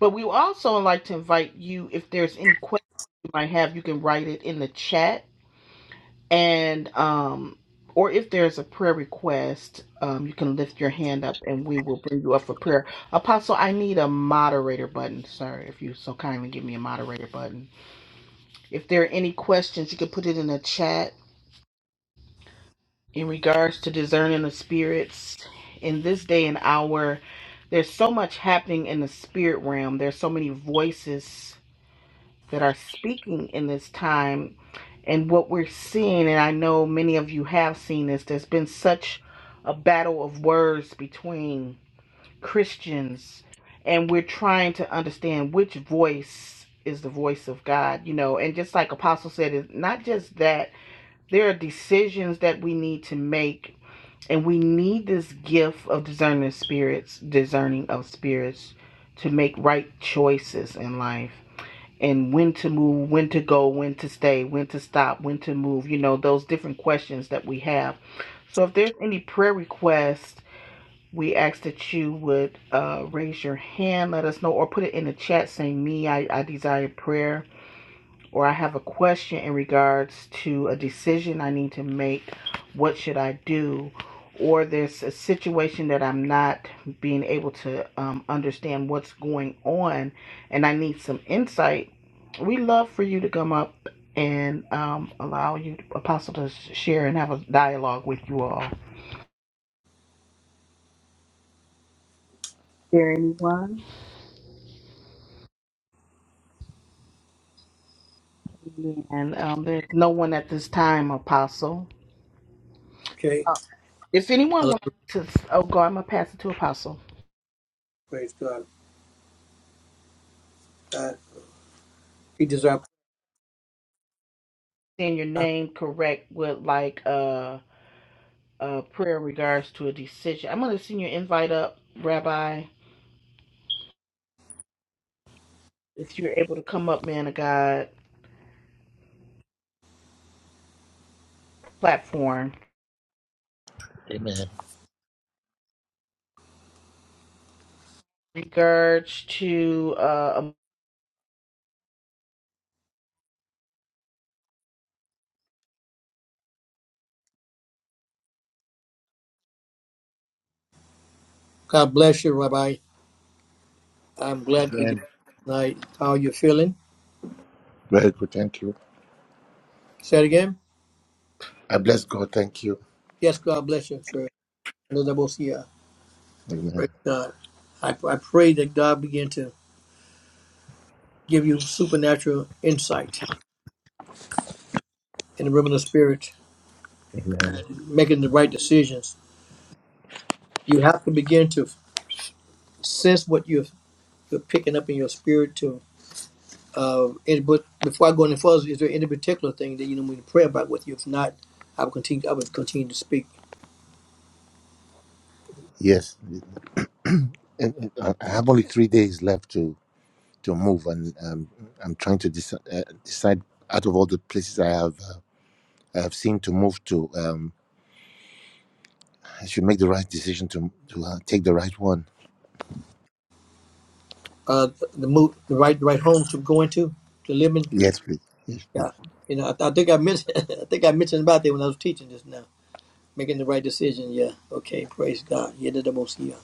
[SPEAKER 2] But we would also like to invite you, if there's any question you might have, you can write it in the chat and um or if there's a prayer request um you can lift your hand up and we will bring you up for prayer apostle i need a moderator button sir if you so kindly give me a moderator button if there are any questions you can put it in the chat in regards to discerning the spirits in this day and hour there's so much happening in the spirit realm there's so many voices that are speaking in this time And what we're seeing, and I know many of you have seen this, there's been such a battle of words between Christians, and we're trying to understand which voice is the voice of God, you know. And just like Apostle said, it's not just that, there are decisions that we need to make, and we need this gift of discerning spirits, discerning of spirits to make right choices in life and when to move, when to go, when to stay, when to stop, when to move, you know, those different questions that we have. So if there's any prayer requests, we ask that you would uh, raise your hand, let us know, or put it in the chat saying, Me, I, I desire prayer or I have a question in regards to a decision I need to make, what should I do? Or there's a situation that I'm not being able to um, understand what's going on and I need some insight. We love for you to come up and um, allow you, Apostle, to share and have a dialogue with you all. Is there anyone? And um, there's no one at this time, Apostle.
[SPEAKER 1] Okay.
[SPEAKER 2] Uh, if anyone
[SPEAKER 1] Hallelujah.
[SPEAKER 2] wants to, oh, God, I'm going to pass it to Apostle.
[SPEAKER 1] Praise God. God, He deserves.
[SPEAKER 2] saying your name correct would like a, a prayer in regards to a decision. I'm going to send your invite up, Rabbi, if you're able to come up, man of God, platform.
[SPEAKER 3] Amen.
[SPEAKER 2] In Regards to, uh, a-
[SPEAKER 1] God bless you, Rabbi. I'm glad for you
[SPEAKER 3] Amen.
[SPEAKER 1] tonight. How are you feeling?
[SPEAKER 3] Very good. Thank you.
[SPEAKER 1] Say it again.
[SPEAKER 3] I bless God. Thank you.
[SPEAKER 1] Yes, God bless you, sir. Hallelujah.
[SPEAKER 3] Amen.
[SPEAKER 1] Praise God. I, I pray that God begin to give you supernatural insight in the realm of the spirit,
[SPEAKER 3] Amen.
[SPEAKER 1] making the right decisions you have to begin to sense what you're, you're picking up in your spirit to uh and, but before i go any further is there any particular thing that you know we can pray about with you if not i will continue i will continue to speak
[SPEAKER 3] Yes. And- and I I have only three days left to to move, and um, I'm trying to deci- uh, decide out of all the places I have uh, I have seen to move to. Um, I should make the right decision to to uh, take the right one.
[SPEAKER 1] uh the the move the right the right home to go into to live in
[SPEAKER 3] Yes, please. Yes, please.
[SPEAKER 1] yeah you know i, I think i mentioned i think i mentioned about that when i was teaching just now making the right decision yeah okay praise god yeah the I'm see ya.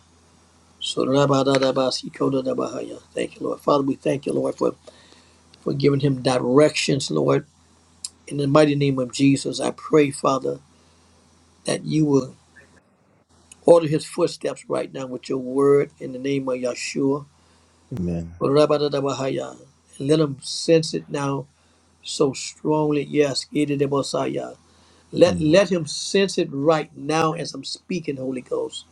[SPEAKER 1] so rabba, da, da, ba, si, ko, da, da, ba, ha, ya. thank you lord father we thank you lord for for giving him directions lord In the mighty name of Jesus, I pray, Father, that you will order his footsteps right now with your word in the name of Yeshua.
[SPEAKER 3] Amen.
[SPEAKER 1] Rabadadabahaya. And let him sense it now so strongly. Yes, Gididebosaya. let,
[SPEAKER 3] Mm.
[SPEAKER 1] let him sense it right now as I'm speaking, Holy Ghost.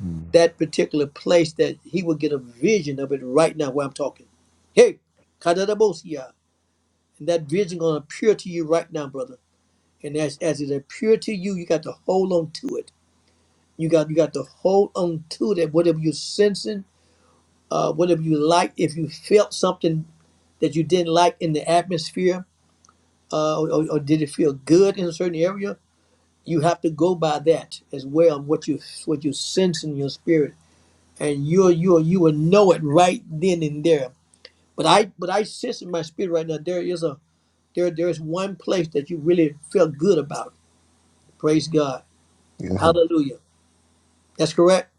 [SPEAKER 3] Mm.
[SPEAKER 1] That particular place that he will get a vision of it right now where I'm talking. Hey, Kadadabosia. And that vision gonna appear to you right now, brother. And as, as it appear to you, you got to hold on to it You got you got to hold on to that. Whatever you're sensing, uh, whatever you like, if you felt something that you didn't like in the atmosphere, uh, or, or did it feel good in a certain area, you have to go by that as well. What you what you sense in your spirit, and you will you will you will know it right then and there. But I but I sense in my spirit right now there is a there there is one place that you really felt good about. Praise God.
[SPEAKER 3] Amen.
[SPEAKER 1] Hallelujah. That's correct.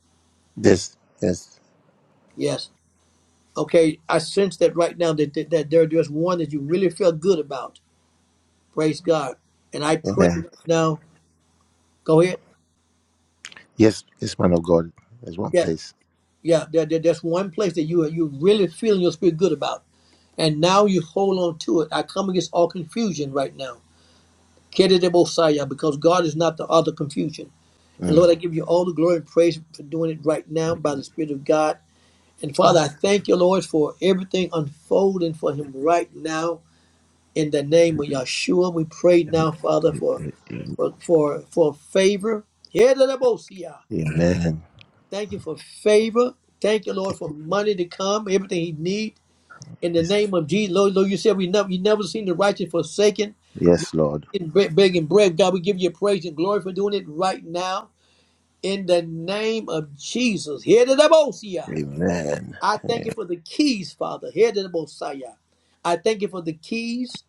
[SPEAKER 3] Yes. Yes.
[SPEAKER 1] Yes. Okay, I sense that right now that, that, that there, there's one that you really feel good about. Praise God. And I pray
[SPEAKER 3] Amen.
[SPEAKER 1] right now. Go ahead.
[SPEAKER 3] Yes. Yes, man of God. There's one
[SPEAKER 1] Yeah,
[SPEAKER 3] place.
[SPEAKER 1] yeah. There, there, there's one place that you are you really feeling your spirit good about. And now you hold on to it. I come against all confusion right now. Kedidebosaya, Because God is not the other confusion. And
[SPEAKER 3] Mm.
[SPEAKER 1] Lord, I give you all the glory and praise for doing it right now by the Spirit of God. And Father, I thank you, Lord, for everything unfolding for him right now. In the name of Yeshua, we pray now, Father, for for for, for favor. Yedelemosia.
[SPEAKER 3] Amen.
[SPEAKER 1] Thank you for favor. Thank you, Lord, for money to come, everything he needs. In the name of Jesus, Lord, Lord, you said we never you never seen the righteous forsaken
[SPEAKER 3] Yes, Lord.
[SPEAKER 1] in bre- begging bread. God, we give you praise and glory for doing it right now. In the name of Jesus. here to the Yedelemosia.
[SPEAKER 3] Amen.
[SPEAKER 1] I thank you for the keys, Father. Here to the Yedelemosia. I thank you for the keys.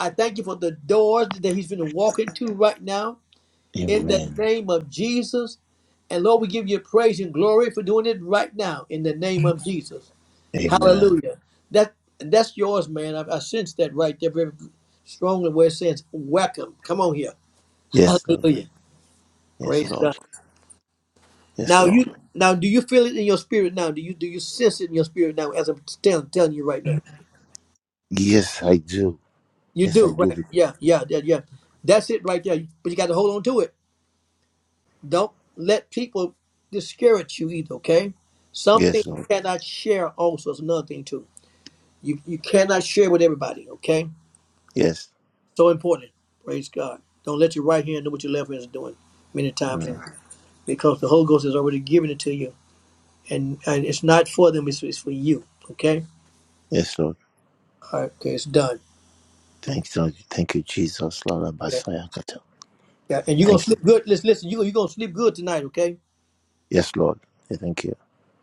[SPEAKER 1] I thank you for the doors that he's going to walk into right now in the
[SPEAKER 3] Amen.
[SPEAKER 1] name of Jesus. And Lord, we give you praise and glory for doing it right now in the name of Jesus.
[SPEAKER 3] Amen.
[SPEAKER 1] Hallelujah. That that's yours, man. I, I sense that right there very strongly where it says welcome. Come on here.
[SPEAKER 3] Yes, Lord.
[SPEAKER 1] Hallelujah.
[SPEAKER 3] Yes,
[SPEAKER 1] Praise God.
[SPEAKER 3] Lord. Yes,
[SPEAKER 1] Now
[SPEAKER 3] Lord.
[SPEAKER 1] you now do you feel it in your spirit now? Do you do you sense it in your spirit now as I'm telling telling you right now?
[SPEAKER 3] Yes, I do.
[SPEAKER 1] You
[SPEAKER 3] Yes, I
[SPEAKER 1] do, right?
[SPEAKER 3] do.
[SPEAKER 1] Yeah, yeah, yeah, yeah. That's it right there. But you got to hold on to it. Don't let people discourage you either, okay? Something
[SPEAKER 3] Yes, Lord.
[SPEAKER 1] you cannot share also is another thing too. You you cannot share with everybody, okay?
[SPEAKER 3] Yes.
[SPEAKER 1] So important. Praise God. Don't let your right hand know what your left hand is doing many times
[SPEAKER 3] Mm.
[SPEAKER 1] and because the Holy Ghost has already given it to you, and and it's not for them; it's, it's for you. Okay,
[SPEAKER 3] Yes, Lord.
[SPEAKER 1] all right, okay, it's done.
[SPEAKER 3] Thank you. Lord. Thank you, Jesus. Lord
[SPEAKER 1] Yeah,
[SPEAKER 3] Abasaya Kata.
[SPEAKER 1] yeah, and you're gonna
[SPEAKER 3] Thank you.
[SPEAKER 1] sleep good. Listen, listen, you you gonna sleep good tonight, okay?
[SPEAKER 3] Yes, Lord. Yeah, Thank you.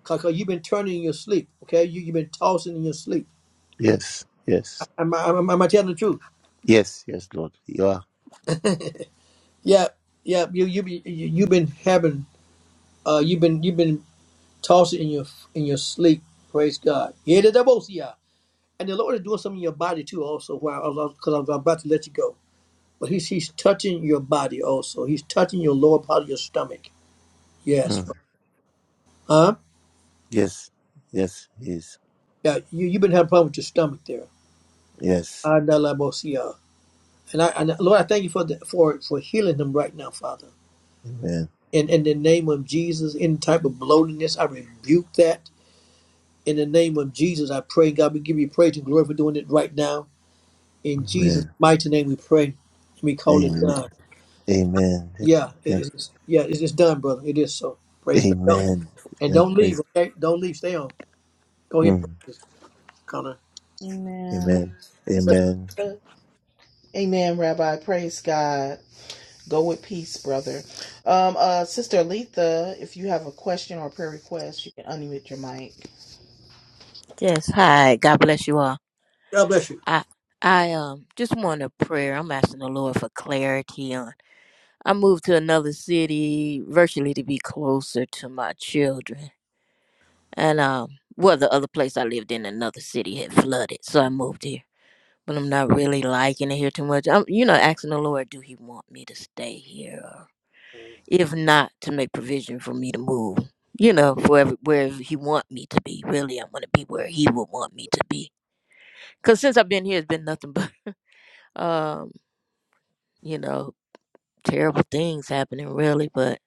[SPEAKER 1] Cause, you you've been turning in your sleep, okay? You you've been tossing in your sleep.
[SPEAKER 3] Yes. Yes.
[SPEAKER 1] Am I am, I- am I telling the truth?
[SPEAKER 3] Yes. Yes, Lord. You are.
[SPEAKER 1] Yeah, yeah, You you be you, you've been having uh you've been you've been tossing in your in your sleep. Praise God. Yeah, the double yeah. And the Lord is doing something in your body too, also. While because I'm about to let you go, but He's He's touching your body also. He's touching your lower part of your stomach. Yes.
[SPEAKER 3] Mm.
[SPEAKER 1] Huh?
[SPEAKER 3] Yes. Yes. Yes.
[SPEAKER 1] Yeah. You you've been having a problem with your stomach there.
[SPEAKER 3] Yes.
[SPEAKER 1] Andalabosia. And I and Lord, I thank you for the, for for healing them right now, Father.
[SPEAKER 3] Amen.
[SPEAKER 1] In in the name of Jesus, any type of bloatiness, I rebuke that. In the name of Jesus, I pray, God, we give you praise and glory for doing it right now. In Jesus'
[SPEAKER 3] Amen.
[SPEAKER 1] mighty name, we pray and we call it
[SPEAKER 3] Amen.
[SPEAKER 1] done.
[SPEAKER 3] Amen. Thank you.
[SPEAKER 1] Yeah, it
[SPEAKER 3] Thank-
[SPEAKER 1] is. Yeah, it is done, brother. It is so. Praise God. Don't,
[SPEAKER 3] Amen.
[SPEAKER 1] and
[SPEAKER 3] Thank
[SPEAKER 1] don't leave,
[SPEAKER 3] praise.
[SPEAKER 1] okay? Don't leave. Stay on. Go ahead,
[SPEAKER 3] Mm.
[SPEAKER 1] praise Connor.
[SPEAKER 2] amen.
[SPEAKER 3] Amen.
[SPEAKER 2] Sister,
[SPEAKER 3] Amen.
[SPEAKER 2] amen, Rabbi. Praise God. Go with peace, brother. Um, uh, Sister Letha, if you have a question or a prayer request, you can unmute your mic.
[SPEAKER 4] Yes, hi. God bless you all.
[SPEAKER 1] God bless you.
[SPEAKER 4] I I um just want a prayer. I'm asking the Lord for clarity on. I moved to another city virtually to be closer to my children. And um well the other place I lived in another city had flooded, so I moved here. But I'm not really liking it here too much. I'm you know asking the Lord, do he want me to stay here or if not to make provision for me to move. You know, for every, where he want me to be. Really, I want to be where he would want me to be Cause since I've been here, it's been nothing but um, you know, terrible things happening really. But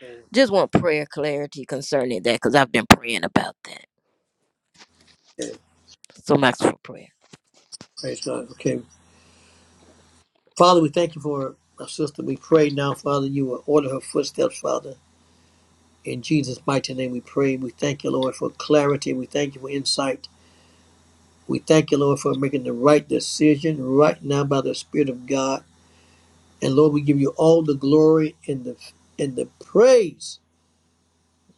[SPEAKER 1] Okay.
[SPEAKER 4] just want prayer clarity concerning that, cause I've been praying about that. So much for prayer.
[SPEAKER 1] Praise God. Okay. Father, we thank you for our sister. We pray now, Father, you will order her footsteps, Father. In Jesus' mighty name, we pray. We thank you, Lord, for clarity. We thank you for insight. We thank you, Lord, for making the right decision right now by the Spirit of God. And Lord, we give you all the glory and the and the praise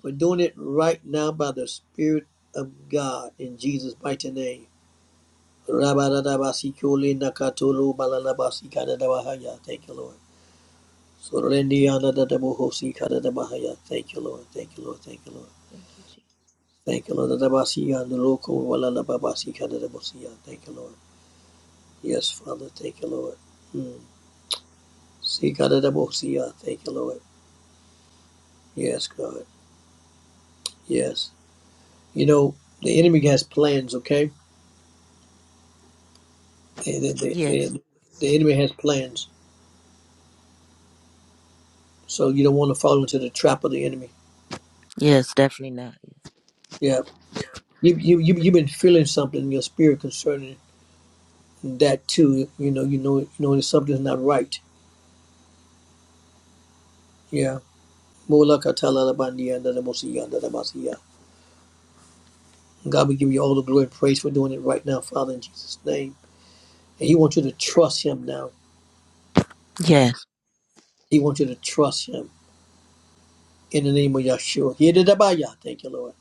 [SPEAKER 1] for doing it right now by the Spirit of God in Jesus' mighty name. Rabadadabasikuli nakatulu balalabasikanadabahaya. Thank you, Lord.
[SPEAKER 4] Thank you.
[SPEAKER 1] Sorendiyanadadabohosikadadabahaya. Thank you, Lord. Thank you, Lord. Thank you, Lord.
[SPEAKER 4] Thank you, Jesus.
[SPEAKER 1] Thank you, Lord. Dadabasiyanuloko walalababasikanadabosiya. Thank you, Lord. Yes, Father. Thank you, Lord. Mm. See, God, that will see uh, Thank you, Lord. Yes, God. Yes. You know, the enemy has plans, okay? The, the, the,
[SPEAKER 4] Yes,
[SPEAKER 1] the, the enemy has plans. So you don't want to fall into the trap of the enemy.
[SPEAKER 4] yes, definitely not.
[SPEAKER 1] Yeah. You, you, you, you've been feeling something in your spirit concerning that, too. You know, you know, you know that something's not right. Yeah. Mulakatalabandia, ndadabosia, ndadabasia. God, we give you all the glory and praise for doing it right now, Father, in Jesus' name. And He wants you to trust Him now.
[SPEAKER 4] Yes,
[SPEAKER 1] He wants you to trust Him. in the name of Yeshua. Yedidabaya. Thank you, Lord.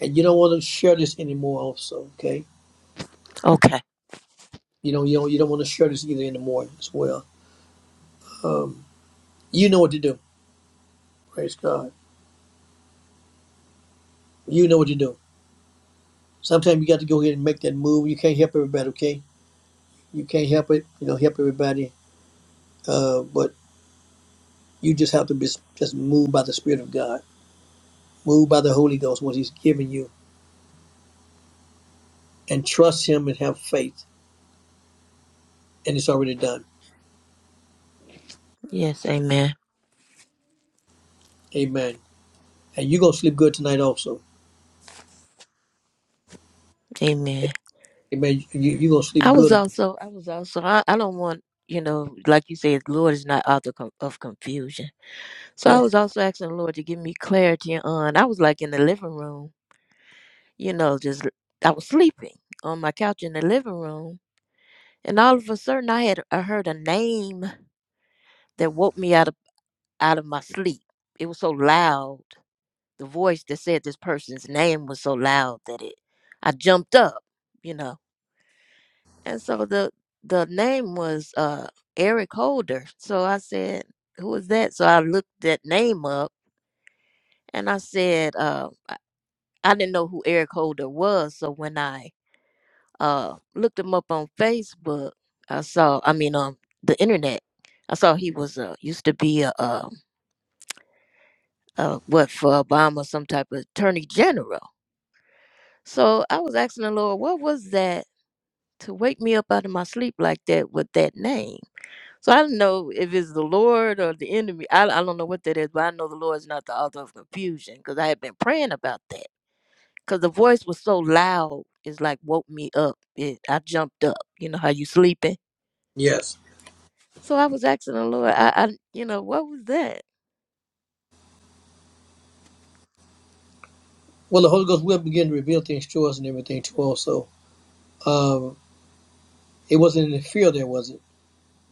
[SPEAKER 1] And you don't want to share this anymore, also, okay?
[SPEAKER 4] okay.
[SPEAKER 1] You don't, you don't, you don't want to share this either anymore as well. Um, you know what to do. Praise God. You know what to do. Sometimes you got to go ahead and make that move. You can't help everybody, okay? You can't help it. You don't help everybody. Uh, but you just have to be just moved by the Spirit of God, moved by the Holy Ghost, what He's given you, and trust Him and have faith. And it's already done.
[SPEAKER 4] Yes, amen,
[SPEAKER 1] Amen. And you're going to sleep good tonight, also.
[SPEAKER 4] amen.
[SPEAKER 1] Amen. You, you, you're going to
[SPEAKER 4] I
[SPEAKER 1] sleep
[SPEAKER 4] was
[SPEAKER 1] good.
[SPEAKER 4] also, I was also, I, I don't want, you know, like you said, Lord is not author com- of confusion. So I
[SPEAKER 1] Yes.
[SPEAKER 4] was also asking the Lord to give me clarity on. I was like in the living room you know, just I was sleeping on my couch in the living room, and all of a sudden I had I heard a name that woke me out of out of my sleep. It was so loud. The voice that said this person's name was so loud that it I jumped up, you know. And so the the name was uh Eric Holder. So I said, "Who is that?" So I looked that name up, and I said, uh, I I didn't know who Eric Holder was. So when I uh looked him up on Facebook. I saw, I mean, um, the internet. I saw he was uh used to be a uh, uh what for Obama, some type of attorney general. So I was asking the Lord, what was that to wake me up out of my sleep like that with that name? So I don't know if it's the Lord or the enemy. I, I don't know what that is, but I know the Lord is not the author of confusion because I had been praying about that because the voice was so loud. It's like woke me up. It, I jumped up. You know how you sleeping
[SPEAKER 1] Yes.
[SPEAKER 4] So I was asking the Lord, I, I you know, what was that?
[SPEAKER 1] Well, the Holy Ghost will begin to reveal things to us and everything to us. So um, it wasn't any fear there, was it?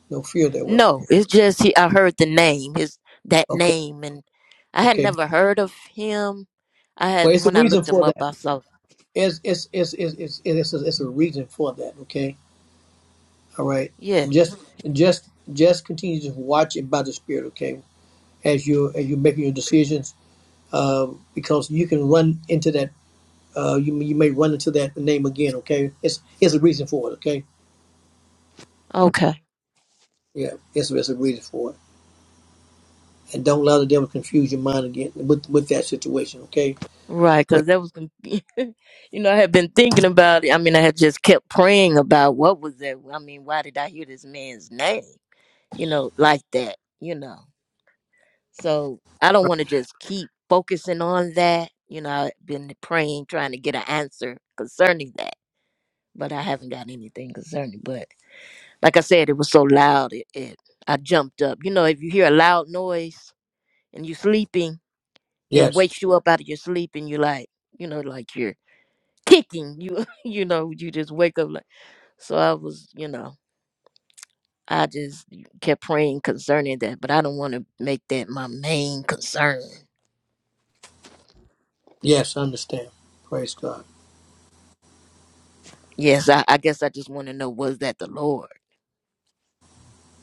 [SPEAKER 1] No fear there was.
[SPEAKER 4] No, it's just he, I heard the name, his that
[SPEAKER 1] Okay.
[SPEAKER 4] name, and I had
[SPEAKER 1] Okay.
[SPEAKER 4] never heard of him. I had
[SPEAKER 1] Well, it's a
[SPEAKER 4] when I
[SPEAKER 1] reason
[SPEAKER 4] looked him
[SPEAKER 1] for
[SPEAKER 4] up,
[SPEAKER 1] that.
[SPEAKER 4] I saw,
[SPEAKER 1] It's it's it's it's it's it's a, it's a reason for that. Okay. All right.
[SPEAKER 4] yeah,
[SPEAKER 1] Just just just continue to watch it by the Spirit. Okay. As you as you're making your decisions, um, because you can run into that. Uh, you you may run into that name again. Okay. It's it's a reason for it. Okay.
[SPEAKER 4] okay,
[SPEAKER 1] Yeah. It's it's a reason for it. and don't allow the devil to confuse your mind again with with that situation. Okay.
[SPEAKER 4] right,
[SPEAKER 1] Right.
[SPEAKER 4] because that was, conf- you know, I had been thinking about it. I mean, I had just kept praying about what was that. I mean, why did I hear this man's name? You know, like that. You know, so I don't want to just keep focusing on that. You know, I've been praying, trying to get an answer concerning that but I haven't got anything concerning. But like I said, it was so loud, it, it I jumped up. You know, if you hear a loud noise and you're sleeping, it
[SPEAKER 1] Yes.
[SPEAKER 4] wakes you up out of your sleep, and you're like, you know, like you're kicking. You, you know, you just wake up like. So I was, you know, I just kept praying concerning that, but I don't want to make that my main concern.
[SPEAKER 1] Yes. I understand. Praise God.
[SPEAKER 4] Yes, I, I guess I just want to know was that the Lord?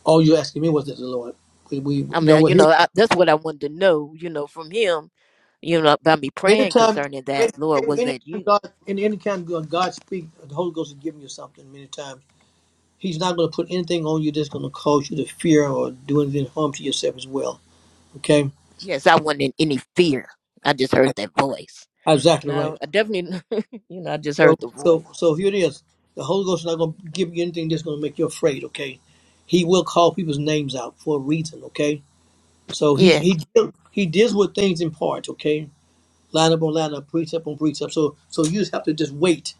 [SPEAKER 1] All you asking me was that the Lord. We, we you
[SPEAKER 4] I
[SPEAKER 1] know
[SPEAKER 4] mean,
[SPEAKER 1] what
[SPEAKER 4] you
[SPEAKER 1] here.
[SPEAKER 4] know, I, that's what I wanted to know, you know, from him, you know, about me praying
[SPEAKER 1] Anytime,
[SPEAKER 4] concerning
[SPEAKER 1] any,
[SPEAKER 4] that. Lord,
[SPEAKER 1] any-
[SPEAKER 4] was
[SPEAKER 1] anytime
[SPEAKER 4] that you?
[SPEAKER 1] God, any, anytime God God speak, the Holy Ghost is giving you something. Many times He's not going to put anything on you that's going to cause you to fear or do anything harm to yourself as well. Okay.
[SPEAKER 4] Yes, I wasn't in any fear. I just heard
[SPEAKER 1] Right.
[SPEAKER 4] that voice. And
[SPEAKER 1] Exactly right.
[SPEAKER 4] I, I definitely, you know, I just
[SPEAKER 1] So,
[SPEAKER 4] heard the voice.
[SPEAKER 1] so, so here it is. The Holy Ghost is not going to give you anything that's going to make you afraid. Okay, He will call people's names out for a reason. Okay, so He
[SPEAKER 4] Yes,
[SPEAKER 1] He deal- He deals with things in parts. Okay, line up on line up, precept on precept. So, so you just have to just wait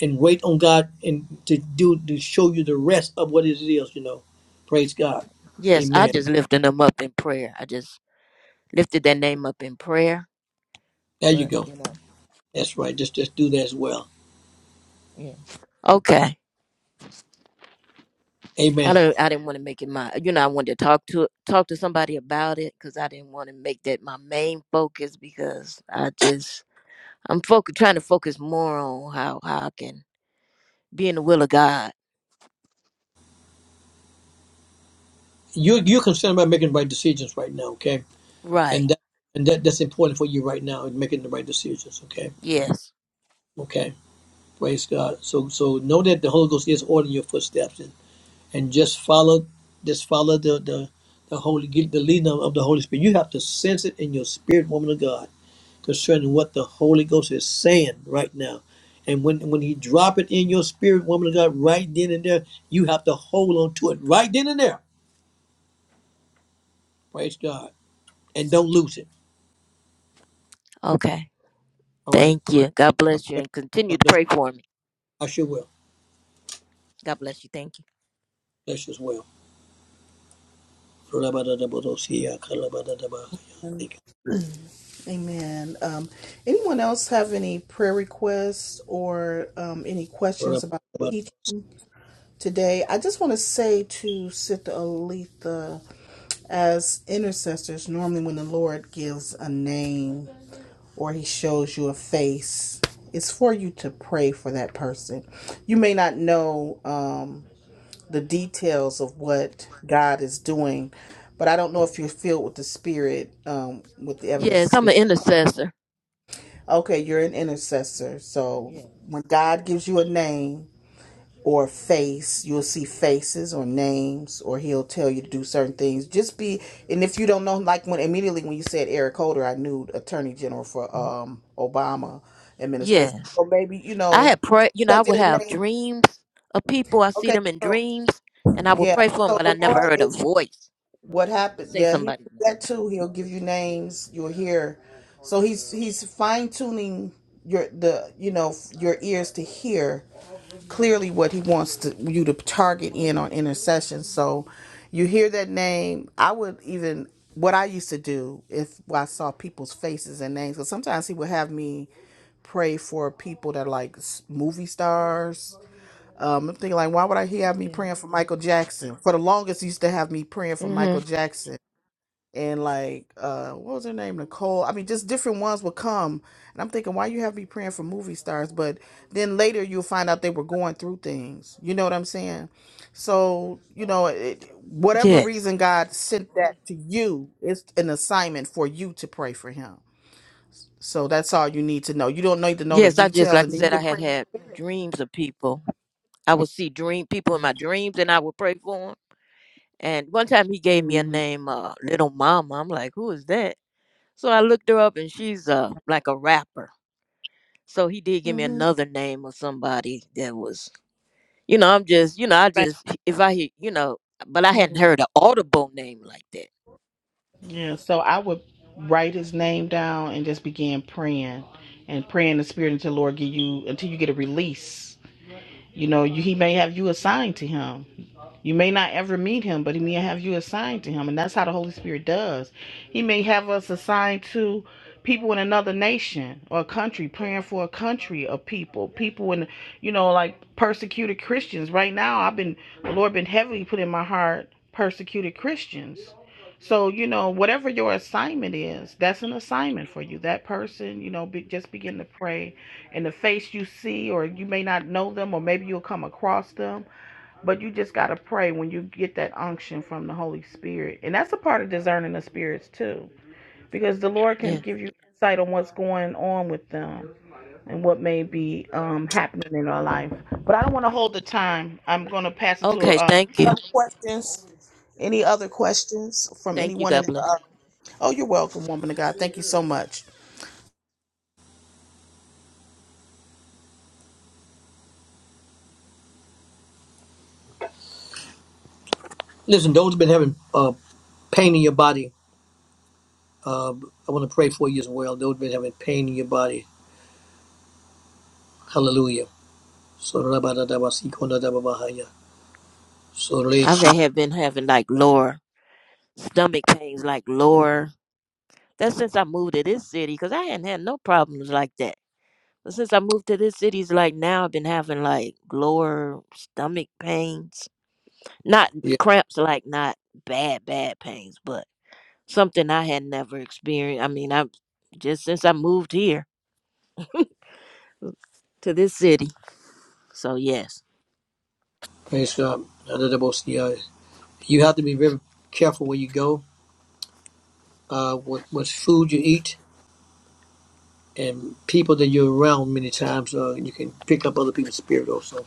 [SPEAKER 1] and wait on God and to do to show you the rest of what it is. You know, praise God,
[SPEAKER 4] yes, I
[SPEAKER 1] Amen.
[SPEAKER 4] just lifted him up in prayer. I just lifted that name up in prayer.
[SPEAKER 1] There you
[SPEAKER 4] But,
[SPEAKER 1] go.
[SPEAKER 4] you know,
[SPEAKER 1] That's right. Just just do that as well.
[SPEAKER 4] yeah. Okay. I
[SPEAKER 1] Amen.
[SPEAKER 4] don't. I didn't want to make it my. You know, I wanted to talk to talk to somebody about it because I didn't want to make that my main focus because I just I'm focus, trying to focus more on how, how I can be in the will of God.
[SPEAKER 1] You you're concerned about making right decisions right now. Okay
[SPEAKER 4] Right.
[SPEAKER 1] and that and that that's important for you right now in making the right decisions. Okay,
[SPEAKER 4] Yes.
[SPEAKER 1] okay, praise God. So so know that the Holy Ghost is ordering your footsteps and, and just follow just follow the the the Holy get the leading of, the Holy Spirit. You have to sense it in your spirit, woman of God, concerning what the Holy Ghost is saying right now. And when when He drop it in your spirit, woman of God, right then and there, you have to hold on to it right then and there. Praise God, and don't lose it.
[SPEAKER 4] Okay.
[SPEAKER 1] All right,
[SPEAKER 4] Thank you. God bless you
[SPEAKER 1] God
[SPEAKER 4] and continue to
[SPEAKER 1] bless
[SPEAKER 4] pray for me.
[SPEAKER 1] you. I sure will.
[SPEAKER 4] God bless you. Thank you.
[SPEAKER 1] Bless you as well.
[SPEAKER 2] Amen. Um, anyone else have any prayer requests or um, any questions about teaching today? I just want to say to Sister Aletha, as intercessors, normally when the Lord gives a name or He shows you a face, it's for you to pray for that person. You may not know. Um, the details of what God is doing. But I don't know if you're filled with the Spirit um, with the evidence of
[SPEAKER 4] Yes, I'm an
[SPEAKER 2] speaking.
[SPEAKER 4] intercessor.
[SPEAKER 2] Okay, you're an intercessor. So
[SPEAKER 4] Yeah.
[SPEAKER 2] when God gives you a name or a face, you'll see faces or names, or He'll tell you to do certain things. Just be, and if you don't know, like when immediately when you said Eric Holder, I knew Attorney General for um, Obama administration.
[SPEAKER 4] Yes.
[SPEAKER 2] So maybe you
[SPEAKER 4] I
[SPEAKER 2] know,
[SPEAKER 4] had prayed, you know,
[SPEAKER 2] so
[SPEAKER 4] I would
[SPEAKER 2] their
[SPEAKER 4] have
[SPEAKER 2] name.
[SPEAKER 4] dreams of people. I see
[SPEAKER 2] Okay,
[SPEAKER 4] them in
[SPEAKER 2] so
[SPEAKER 4] dreams and I would
[SPEAKER 2] yeah.
[SPEAKER 4] pray for them,
[SPEAKER 2] So
[SPEAKER 4] but I
[SPEAKER 2] the
[SPEAKER 4] never
[SPEAKER 2] Lord
[SPEAKER 4] heard a
[SPEAKER 2] is
[SPEAKER 4] voice
[SPEAKER 2] what
[SPEAKER 4] to
[SPEAKER 2] happened
[SPEAKER 4] say
[SPEAKER 2] yeah he
[SPEAKER 4] somebody's
[SPEAKER 2] does that too he'll give you names you'll hear so he's he's fine-tuning your the you know your ears to hear clearly what he wants to you to target in on intercession so you hear that name i would even what i used to do if i saw people's faces and names because sometimes he would have me pray for people that are like s- movie stars. Um, I'm thinking like, why would I he have me
[SPEAKER 4] name.
[SPEAKER 2] praying for Michael Jackson? For the longest, he used to have me praying
[SPEAKER 4] Yeah.
[SPEAKER 2] for Michael
[SPEAKER 4] Mm-hmm.
[SPEAKER 2] Jackson and like uh what was her name nicole i mean just different ones would come and i'm thinking why you have me praying for movie stars but then later you'll find out they were going through things you know what i'm saying so you know it, whatever
[SPEAKER 4] Yes.
[SPEAKER 2] reason god sent that to you it's an assignment for you to pray for him so that's all you need to know you don't need to know the
[SPEAKER 4] Yes. I just,
[SPEAKER 2] details
[SPEAKER 4] like
[SPEAKER 2] and
[SPEAKER 4] I
[SPEAKER 2] then you
[SPEAKER 4] said,
[SPEAKER 2] can
[SPEAKER 4] I had
[SPEAKER 2] pray
[SPEAKER 4] had dreams of people. I would see dream people in my dreams and I would pray for 'em. And one time he gave me a
[SPEAKER 2] hmm
[SPEAKER 4] name, uh, Little Mama. I'm like, who is that? So I looked her up and she's uh, like a rapper. So he did give me
[SPEAKER 2] hmm
[SPEAKER 4] another name of somebody that was, you know, I'm just, you know, I just, if I hear, you know, but I
[SPEAKER 2] Right.
[SPEAKER 4] hadn't heard an audible name like that.
[SPEAKER 2] Yeah, so I would write his name down and just begin praying and praying the spirit until Lord give you until you get a release you know, you, he may have you assigned to him. You may not ever meet him, but he may have you assigned to him. And that's how the Holy Spirit does. He may have us assigned to people in another nation or a country, praying for a country of people, people in, you know, like persecuted Christians. Right now, I've been, the Lord been heavily put in my heart persecuted Christians. So, you know, whatever your assignment is, that's an assignment for you. That person, you know, be, just begin to pray and the face you see, or you may not know them, or maybe you'll come across them, but you just got to pray when you get that unction from the Holy Spirit. And that's a part of discerning the spirits, too, because the Lord can
[SPEAKER 4] Yeah.
[SPEAKER 2] give you insight on what's going on with them and what may be um, happening in our life. But I don't want to hold the time. I'm going to pass it to
[SPEAKER 1] Yes.
[SPEAKER 4] Okay.
[SPEAKER 2] uh,
[SPEAKER 4] Thank you.
[SPEAKER 2] other questions. Any other questions from
[SPEAKER 4] Thank you.
[SPEAKER 2] anyone in
[SPEAKER 4] God bless.
[SPEAKER 2] uh,
[SPEAKER 4] you.
[SPEAKER 2] Oh, you're welcome, woman of God. Thank you so much.
[SPEAKER 1] Listen, those who've been having uh, pain in your body, uh, I want to pray for you as well. Those who've been having pain in your body, hallelujah. So rabadadabasikondadababahaya. So re-
[SPEAKER 4] I've had, been having like lower stomach pains, like lower. That's since I moved to this city because I hadn't had no problems like that Since I moved to this city, it's like now I've been having like lower stomach pains. Not
[SPEAKER 1] yeah,
[SPEAKER 4] cramps, like not bad, bad pains, but something I had never experienced. I mean, I'm just since I moved here to this city. So, yes.
[SPEAKER 1] praise God. You have to be very careful where you go, uh, what, what food you eat, and people that you're around many times, uh, you can pick up other people's spirit also.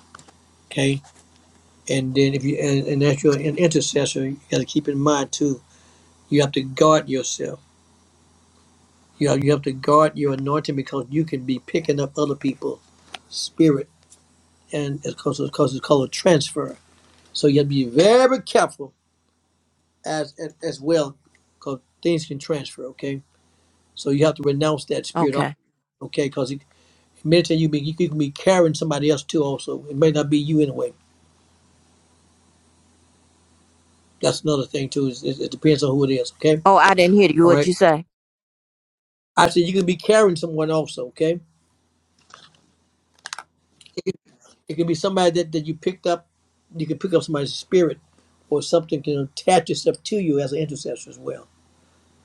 [SPEAKER 1] okay? And then if you and, and as you're an intercessor, you got to keep in mind too. You have to guard yourself. You have, you have to guard your anointing because you can be picking up other people's spirit, and it's called, it's called, it's called a transfer. So you have to be very careful as as, as well, because things can transfer. Okay, so you have to renounce that spirit.
[SPEAKER 4] Okay.
[SPEAKER 1] Okay, because it, mentally you be you can be carrying somebody else too. Also, it may not be you anyway. That's another thing too. Is it, it depends on who it is. Okay,
[SPEAKER 4] Oh, I didn't hear you.
[SPEAKER 1] all
[SPEAKER 4] What'd
[SPEAKER 1] right.
[SPEAKER 4] you say?
[SPEAKER 1] I said you can be carrying someone also. Okay It could be somebody that, that you picked up. You can pick up somebody's spirit, or something can attach itself to you as an intercessor as well.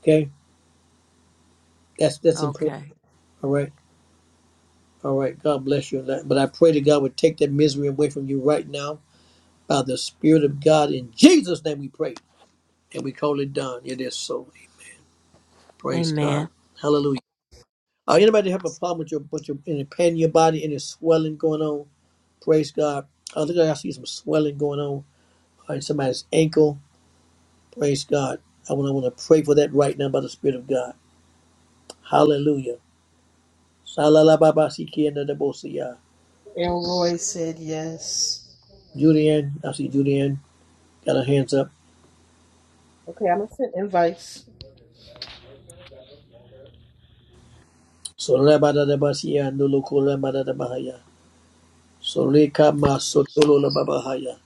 [SPEAKER 1] Okay, that's that's important.
[SPEAKER 4] Okay.
[SPEAKER 1] All right, all right. God bless you. But I pray that God would take that misery away from you right now by the Spirit of God. In Jesus' name, we pray and we call it done. It is so. Praise
[SPEAKER 4] Amen.
[SPEAKER 1] God. Hallelujah. Uh, anybody have a problem with your with your any pain in your body, any swelling going on? Praise God. I think I see some swelling going on uh, in somebody's ankle. Praise God. I want, I want to pray for that right now by the Spirit of God. Hallelujah. Salalababasikiandadabosiya.
[SPEAKER 2] And Roy said yes.
[SPEAKER 1] Julianne, I see Julianne, got her hands up.
[SPEAKER 2] Okay, I'm gonna send invites.
[SPEAKER 1] So rabadadabasiya nuloko rabadadabahaya. So reka masotolo lababahaya.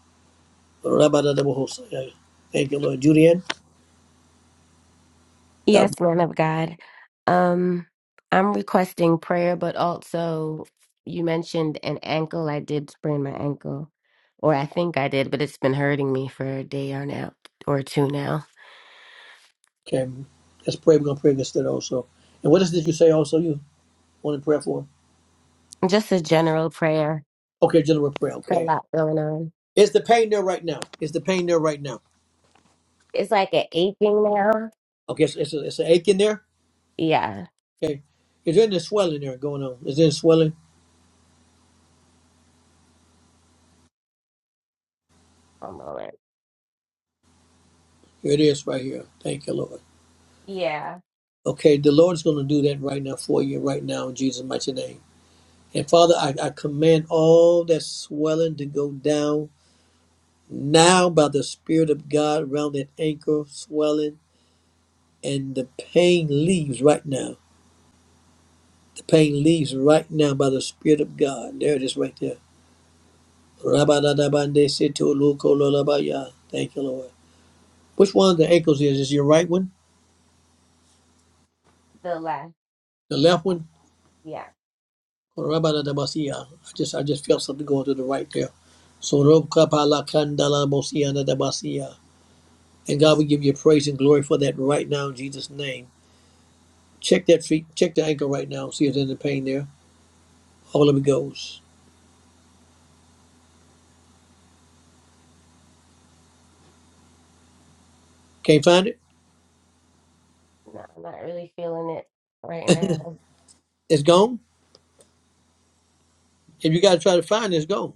[SPEAKER 1] Rabadadabahosaya. Thank you, Lord. Julianne, God
[SPEAKER 5] Yes,
[SPEAKER 1] bless
[SPEAKER 5] man of God. Um, I'm requesting prayer, but also you mentioned an ankle. I did sprain my ankle, or I think I did, but it's been hurting me for a day or now or two now.
[SPEAKER 1] you. Let's pray. We're going to pray against that also. And what is this you say also you want to pray for?
[SPEAKER 5] Just a general prayer.
[SPEAKER 1] Okay, general prayer.
[SPEAKER 5] A
[SPEAKER 1] Okay.
[SPEAKER 5] lot going on.
[SPEAKER 1] Is the pain there right now? Is the pain there right now?
[SPEAKER 5] It's like an aching now.
[SPEAKER 1] Okay, it's, it's, a, it's an ache in there?
[SPEAKER 5] Yeah.
[SPEAKER 1] Okay. Is there any swelling there going on? Is there swelling?
[SPEAKER 5] One moment.
[SPEAKER 1] Here it is right here. Thank you, Lord.
[SPEAKER 5] Yeah.
[SPEAKER 1] Okay, the Lord's going to do that right now for you, right now, in Jesus' mighty name. And Father, I, I command all that swelling to go down now by the Spirit of God around that ankle swelling, and the pain leaves right now. The pain leaves right now by the Spirit of God. There it is right there. Rabadadabandesitolukololabaya. Thank you, Lord. Which one of the ankles is? Is your right one?
[SPEAKER 5] The left.
[SPEAKER 1] The left one?
[SPEAKER 5] Yeah.
[SPEAKER 1] Rabadadabasia. I just I just felt something going to the right there. So Robkapalakandalabosia. And God we give you praise and glory for that right now in Jesus' name. Check that feet, check the ankle right now, see if there's any pain there. All of it goes. Can't find it?
[SPEAKER 5] No, I'm not really feeling it right now.
[SPEAKER 1] It's gone? If you gotta try to find it, it's gone.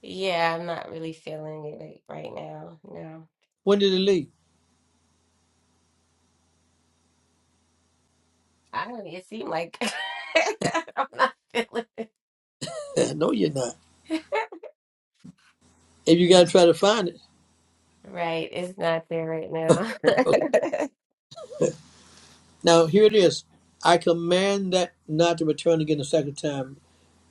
[SPEAKER 5] Yeah, I'm not really feeling it like, right now. No.
[SPEAKER 1] When did it leave?
[SPEAKER 5] I don't. It seemed like I'm not feeling it.
[SPEAKER 1] no, you're not. If you gotta try to find it.
[SPEAKER 5] Right, it's not there right now.
[SPEAKER 1] Now here it is. I command that not to return again the second time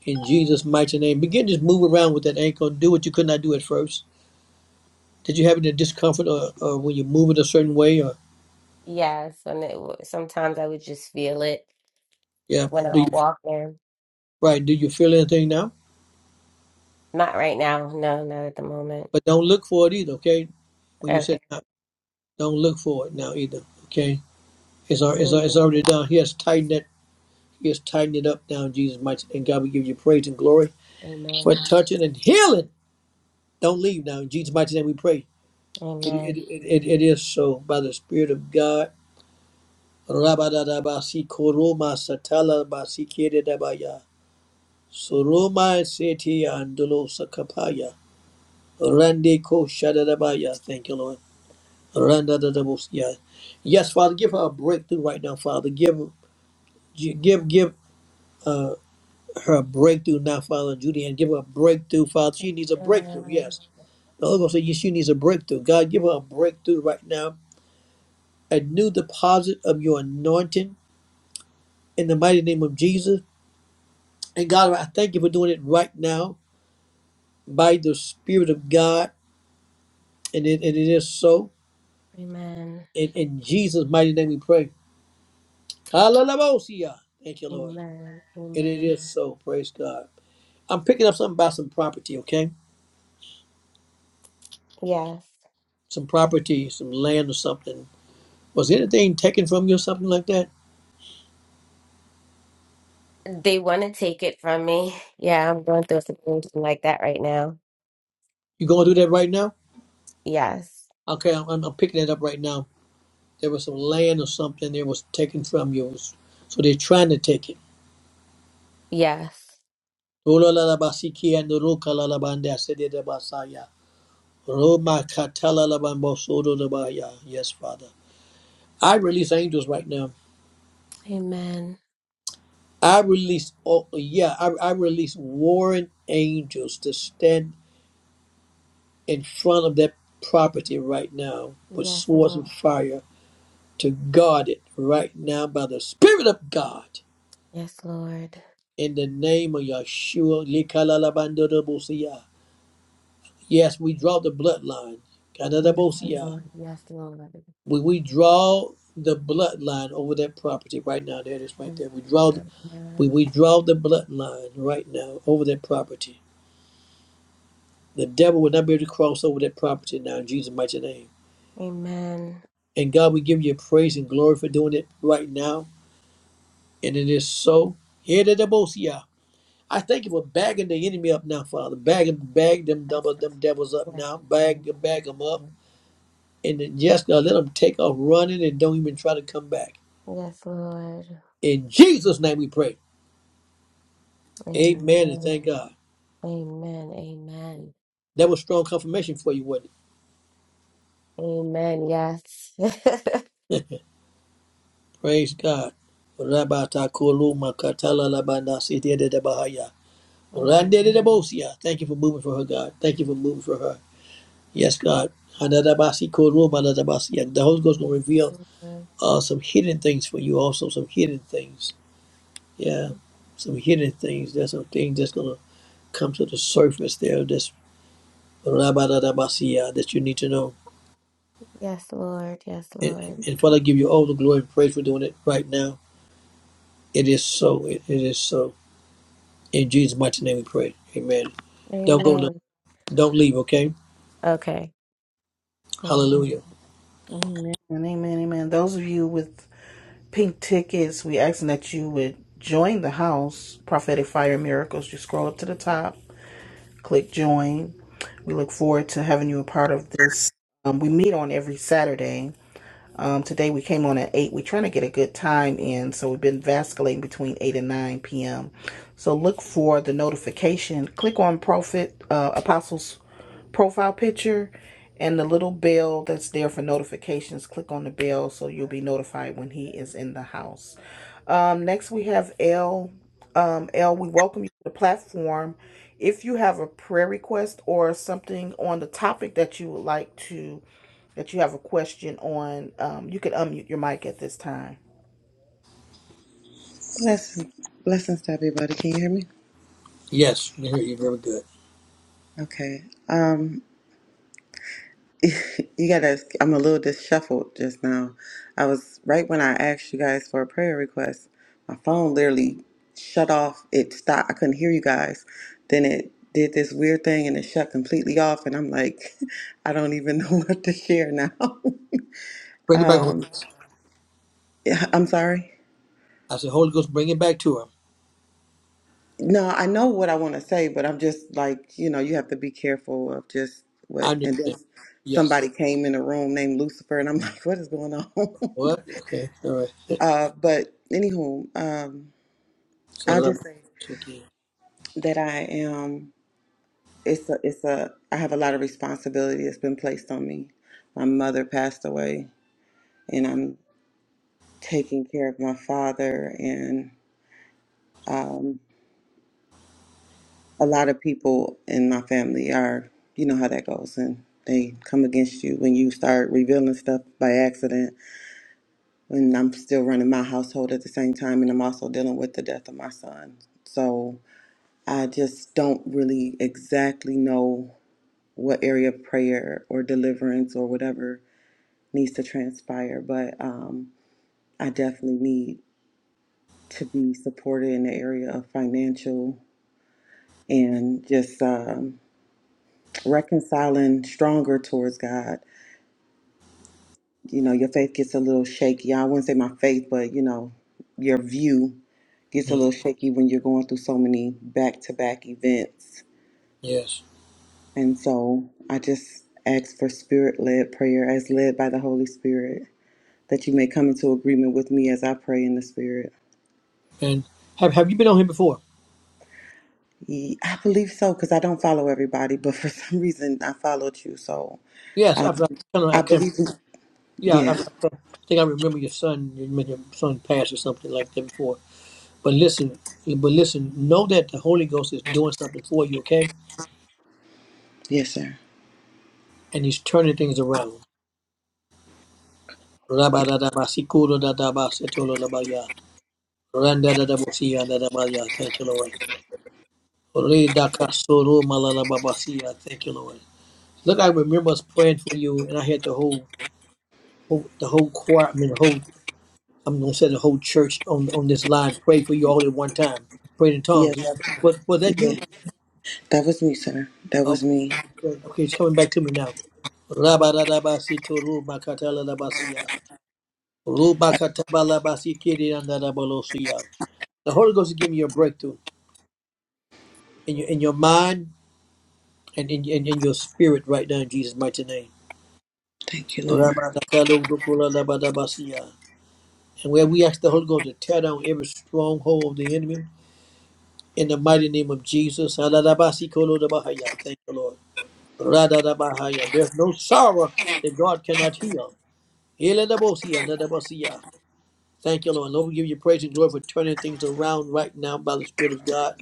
[SPEAKER 1] in Jesus' mighty name. Begin to just move around with that ankle. Do what you could not do at first Did you have any discomfort or, or when you move it a certain way or
[SPEAKER 5] Yes, and it, w- sometimes I would just feel it
[SPEAKER 1] yeah?
[SPEAKER 5] when
[SPEAKER 1] Do you
[SPEAKER 5] I'm walking.
[SPEAKER 1] right? Do you feel anything now?
[SPEAKER 5] Not right now. No, not at the moment.
[SPEAKER 1] But don't look for it either, okay? When you said
[SPEAKER 5] Okay.
[SPEAKER 1] no, don't look for it now either, okay? It's al- it's, al- it's
[SPEAKER 5] Amen.
[SPEAKER 1] already done. He has tightened it. He has tightened it up now in Jesus' mighty name. and God will give you praise and glory for
[SPEAKER 5] Amen.
[SPEAKER 1] touching and healing. Don't leave now in Jesus' mighty name. We pray. It it,
[SPEAKER 5] Amen.
[SPEAKER 1] it, it, it is so by the Spirit of God. Rabadadabasi koroma satala basi kededabaya. Soroma seti andolo Rande ko shadadabaya. Thank you, Lord. Randa dadabosya. Yes, Father, give her a breakthrough right now, Father. Give give give uh, her a breakthrough now, Father, Judy, and give her a breakthrough, Father. She needs a breakthrough,
[SPEAKER 5] Amen.
[SPEAKER 1] yes. The Holy Ghost said, yes, she needs a breakthrough. God, give her a breakthrough right now. A new deposit of your anointing in the mighty name of Jesus. And God, I thank you for doing it right now by the Spirit of God. And it, and it is so.
[SPEAKER 5] Amen.
[SPEAKER 1] In, in Jesus' mighty name we pray. Hallelujah. Thank you, Lord.
[SPEAKER 5] Amen.
[SPEAKER 1] And it
[SPEAKER 5] Amen.
[SPEAKER 1] is so. Praise God. I'm picking up something about some property, okay?
[SPEAKER 5] Yes.
[SPEAKER 1] Some property, some land or something. Was anything taken from you or something like that?
[SPEAKER 5] They want to take it from me. Yeah, I'm going through a situation like that right now.
[SPEAKER 1] You going to do that right now?
[SPEAKER 5] Yes.
[SPEAKER 1] Okay, I'm, I'm I'm picking it up right now. There was some land or something that was taken from you. So they're trying to take it.
[SPEAKER 5] Yes.
[SPEAKER 1] Rolalabasiki and the rokalalabanda sededabasaya. Roma katalalabambosodo labaya. Yes, Father. I release angels right now
[SPEAKER 5] Amen.
[SPEAKER 1] I release, oh yeah, I, I release warring angels to stand in front of that property right now with
[SPEAKER 5] Yes,
[SPEAKER 1] swords
[SPEAKER 5] Lord.
[SPEAKER 1] of fire to guard it right now by the Spirit of God
[SPEAKER 5] Yes, Lord.
[SPEAKER 1] in the name of Yeshua. Likalalabandodobosiya. Yes, we draw the bloodline.
[SPEAKER 5] Yes,
[SPEAKER 1] Kadadabosiya.
[SPEAKER 5] Lord. Yes, Lord. Yes,
[SPEAKER 1] We, we draw the bloodline over that property right now. There it is right
[SPEAKER 5] Lord.
[SPEAKER 1] there. We draw the, we, we draw the bloodline right now over that property The devil will not be able to cross over that property now in Jesus' mighty name.
[SPEAKER 5] Amen.
[SPEAKER 1] And God, we give you praise and glory for doing it right now. And it is so. Here to the most, yeah. I thank you for bagging the enemy up now, Father. Bag, bag them
[SPEAKER 5] Yes,
[SPEAKER 1] double them devils up
[SPEAKER 5] Lord.
[SPEAKER 1] now. Bag, bag them up. And then, yes, God, let them take off running and don't even try to come back.
[SPEAKER 5] Yes, Lord.
[SPEAKER 1] In Jesus' name we pray. Amen and thank
[SPEAKER 5] Amen.
[SPEAKER 1] God.
[SPEAKER 5] Amen. Amen.
[SPEAKER 1] That was strong confirmation for you, wasn't it?
[SPEAKER 5] Amen. Yes.
[SPEAKER 1] Praise God.
[SPEAKER 5] Amen.
[SPEAKER 1] Randedebosia. Thank you for moving for her, God. Thank you for moving for her. Yes, God. Hanadabasi koru manadabasi. And the Holy Ghost will
[SPEAKER 5] Yes,
[SPEAKER 1] reveal
[SPEAKER 5] Lord.
[SPEAKER 1] uh, some hidden things for you, also some hidden things. Yeah, some hidden things. There's some things that's gonna come to the surface there. That's rabadadabasi, uh, that you need to know.
[SPEAKER 5] Yes, Lord. Yes,
[SPEAKER 1] And,
[SPEAKER 5] Lord.
[SPEAKER 1] and Father, I give you all the glory and praise for doing it right now. It is so. It, it is so. In Jesus' mighty name, we pray. Amen. Don't go. No,
[SPEAKER 5] Amen.
[SPEAKER 1] don't leave. Okay.
[SPEAKER 5] Okay. Amen.
[SPEAKER 1] Hallelujah.
[SPEAKER 2] And amen, amen. Those of you with pink tickets, we asking that you would join the house, Prophetic Fire Miracles. You scroll up to the top, click join. We look forward to having you a part of this. Um, we meet on every Saturday. Um, today we came on at 8. We're trying to get a good time in, so we've been vasculating between 8 and 9 p.m. So look for the notification. Click on Prophet uh, Apostles profile picture and the little bell that's there for notifications. Click on the bell so you'll be notified when he is in the house. Um, next, we have L. Um, L, we welcome you to the platform. If you have a prayer request or something on the topic that you would like to that you have a question on. Um, you can unmute your mic at this time.
[SPEAKER 6] Blessings, blessings to everybody. Can you hear me?
[SPEAKER 1] Yes, we hear you. Very good.
[SPEAKER 6] Okay. Um, you gotta. I'm a little disheveled just now. I was right when I asked you guys for a prayer request. My phone literally shut off. It stopped. I couldn't hear you guys. Then it did this weird thing and it shut completely off. And I'm like, I don't even know what to share now.
[SPEAKER 1] Bring it back, Holy Ghost.
[SPEAKER 6] yeah, I'm sorry.
[SPEAKER 1] I said, Holy Ghost, bring it back to him.
[SPEAKER 6] No, I know what I want to say, but I'm just like, you know, you have to be careful of just
[SPEAKER 1] I
[SPEAKER 6] what. And then
[SPEAKER 1] understand. Yes.
[SPEAKER 6] somebody came in the room named Lucifer, and I'm like, what is going on?
[SPEAKER 1] What? Okay. All right.
[SPEAKER 6] uh, but anywho, um,
[SPEAKER 1] So
[SPEAKER 6] I'll
[SPEAKER 1] let me
[SPEAKER 6] just say
[SPEAKER 1] so again.
[SPEAKER 6] that I am. It's a, it's a. I have a lot of responsibility that's been placed on me. My mother passed away, and I'm taking care of my father, and um, a lot of people in my family are, you know how that goes, and they come against you when you start revealing stuff by accident. And I'm still running my household at the same time, and I'm also dealing with the death of my son. So I just don't really exactly know what area of prayer or deliverance or whatever needs to transpire, but um, I definitely need to be supported in the area of financial and just. um, reconciling stronger towards God. You know, your faith gets a little shaky. Yeah, I wouldn't say my faith, but you know, your view gets a
[SPEAKER 1] Mm.
[SPEAKER 6] little shaky when you're going through so many back to back events.
[SPEAKER 1] Yes.
[SPEAKER 6] And so I just ask for spirit led prayer as led by the Holy Spirit that you may come into agreement with me as I pray in the spirit.
[SPEAKER 1] And have have you been on here before?
[SPEAKER 6] Ye- I believe so because I don't follow everybody, but for some reason I followed you. So
[SPEAKER 1] Yes.
[SPEAKER 6] uh,
[SPEAKER 1] I've, I kind of I
[SPEAKER 6] I
[SPEAKER 1] can.
[SPEAKER 6] believe,
[SPEAKER 1] Yeah. I,
[SPEAKER 6] yeah,
[SPEAKER 1] I think I remember your son. You made your son pass or something like that before. But listen. But listen. Know that the Holy Ghost is doing something for you. Okay.
[SPEAKER 6] yes, sir.
[SPEAKER 1] And He's turning things around. Rabadadabasikuro dadabasetolo labaya. Randadadabosia dadabaya. Thank you, Lord. Oridakasoro malalababasia. Thank you, Lord. Look, I remember us praying for you, and I had the whole, whole the whole choir. I mean, the whole. I'm gonna say the whole church on on this line pray for you all at one time. Prayed in
[SPEAKER 6] Yes,
[SPEAKER 1] tongues. Was was that you?
[SPEAKER 6] That was me, sir. That was
[SPEAKER 1] Okay,
[SPEAKER 6] me.
[SPEAKER 1] good. okay, it's coming back to me now. Rabarabasito rumakatalabasia. Rubakatabalabasikirinandabalosia. The Holy Ghost is giving you a breakthrough in your in your mind and in, in, in your spirit right now in Jesus' mighty name.
[SPEAKER 6] Thank you, Lord.
[SPEAKER 1] Ramadakadokdokoladabasia. And where we ask the Holy Ghost to tear down every stronghold of the enemy in the mighty name of Jesus. Aladabasikolodabahaya. Thank you, Lord. Radadabahaya. There's no sorrow that God cannot heal. Eladabosia, nadabosia. Thank you, Lord. Lord, we give you praise and glory for turning things around right now by the Spirit of God.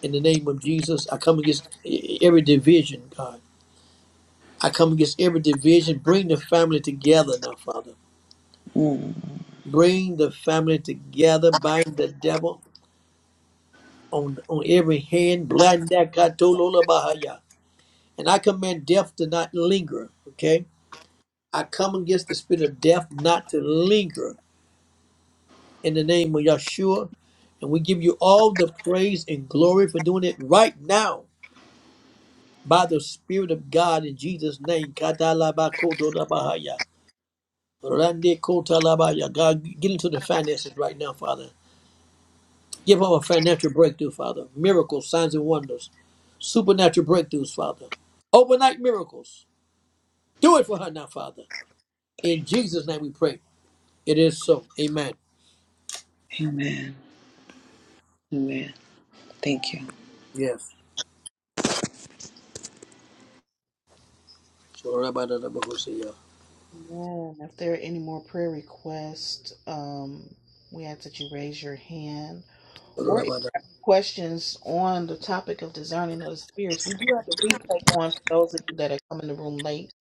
[SPEAKER 1] In the name of Jesus, I come against every division, God. I come against every division. Bring the family together now, Father.
[SPEAKER 6] Mm.
[SPEAKER 1] Bring the family together, bind the devil on, on every hand. Blind that katolola And I command death to not linger, okay? I come against the spirit of death not to linger in the name of Yeshua. And we give you all the praise and glory for doing it right now by the Spirit of God in Jesus' name. Katalabakotola bahaya. Rande kotalabaya. God, get into the finances right now, Father. Give them a financial breakthrough, Father. Miracles, signs, and wonders. Supernatural breakthroughs, Father. Overnight miracles. Do it for her now, Father. In Jesus' name we pray. It is so. Amen.
[SPEAKER 6] Amen. Amen. Thank you.
[SPEAKER 1] Yes. Amen.
[SPEAKER 2] Yeah. If there are any more prayer requests, um, we ask that you raise your hand. Or if you have questions on the topic of discerning of the spirits, we do have a replay on for those of you that are coming in the room late,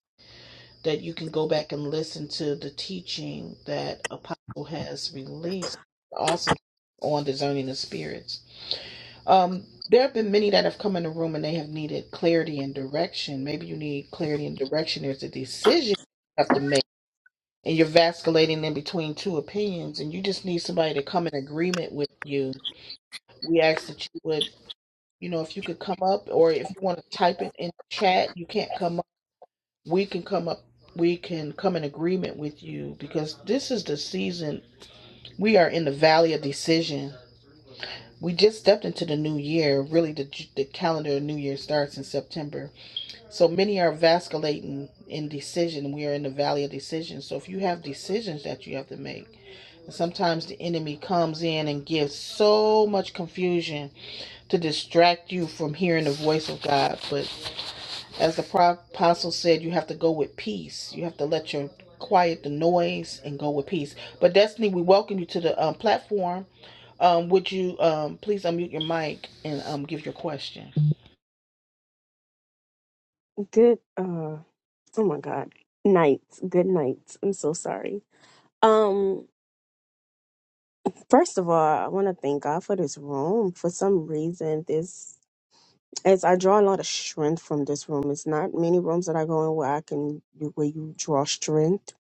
[SPEAKER 2] that you can go back and listen to the teaching that Apostle has released. Awesome on discerning the spirits. Um, there have been many that have come in the room and they have needed clarity and direction. Maybe you need clarity and direction. There's a decision you have to make, and you're vasculating in between two opinions, and you just need somebody to come in agreement with you. We ask that you would, you know, if you could come up, or if you want to type it in chat, you can't come up. We can come up. We can come in agreement with you because this is the season we are in the valley of decision We just stepped into the new year. Really, the, the calendar of new year starts in September. So many are vasculating in decision. We are in the valley of decision. So if you have decisions that you have to make, sometimes the enemy comes in and gives so much confusion to distract you from hearing the voice of God. But as the pro- apostle said, you have to go with peace. You have to let your quiet the noise and go with peace. But Destiny, we welcome you to the um, platform. Um, would you um, please unmute your mic and um, give your question?
[SPEAKER 7] good uh oh my god nights good nights i'm so sorry um first of all i want to thank god for this room for some reason this as I draw a lot of strength from this room, it's not many rooms that I go in where I can where you draw strength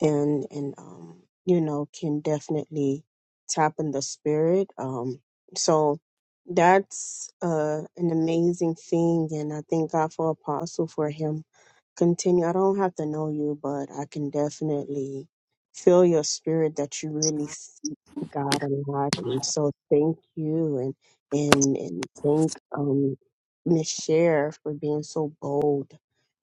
[SPEAKER 7] and and um you know can definitely tap in the spirit. Um, so that's uh an amazing thing, and I thank God for Apostle for him continue. I don't have to know you, but I can definitely feel your spirit that you really seek God a lot. And so thank you and and and thank um Miss Cher for being so bold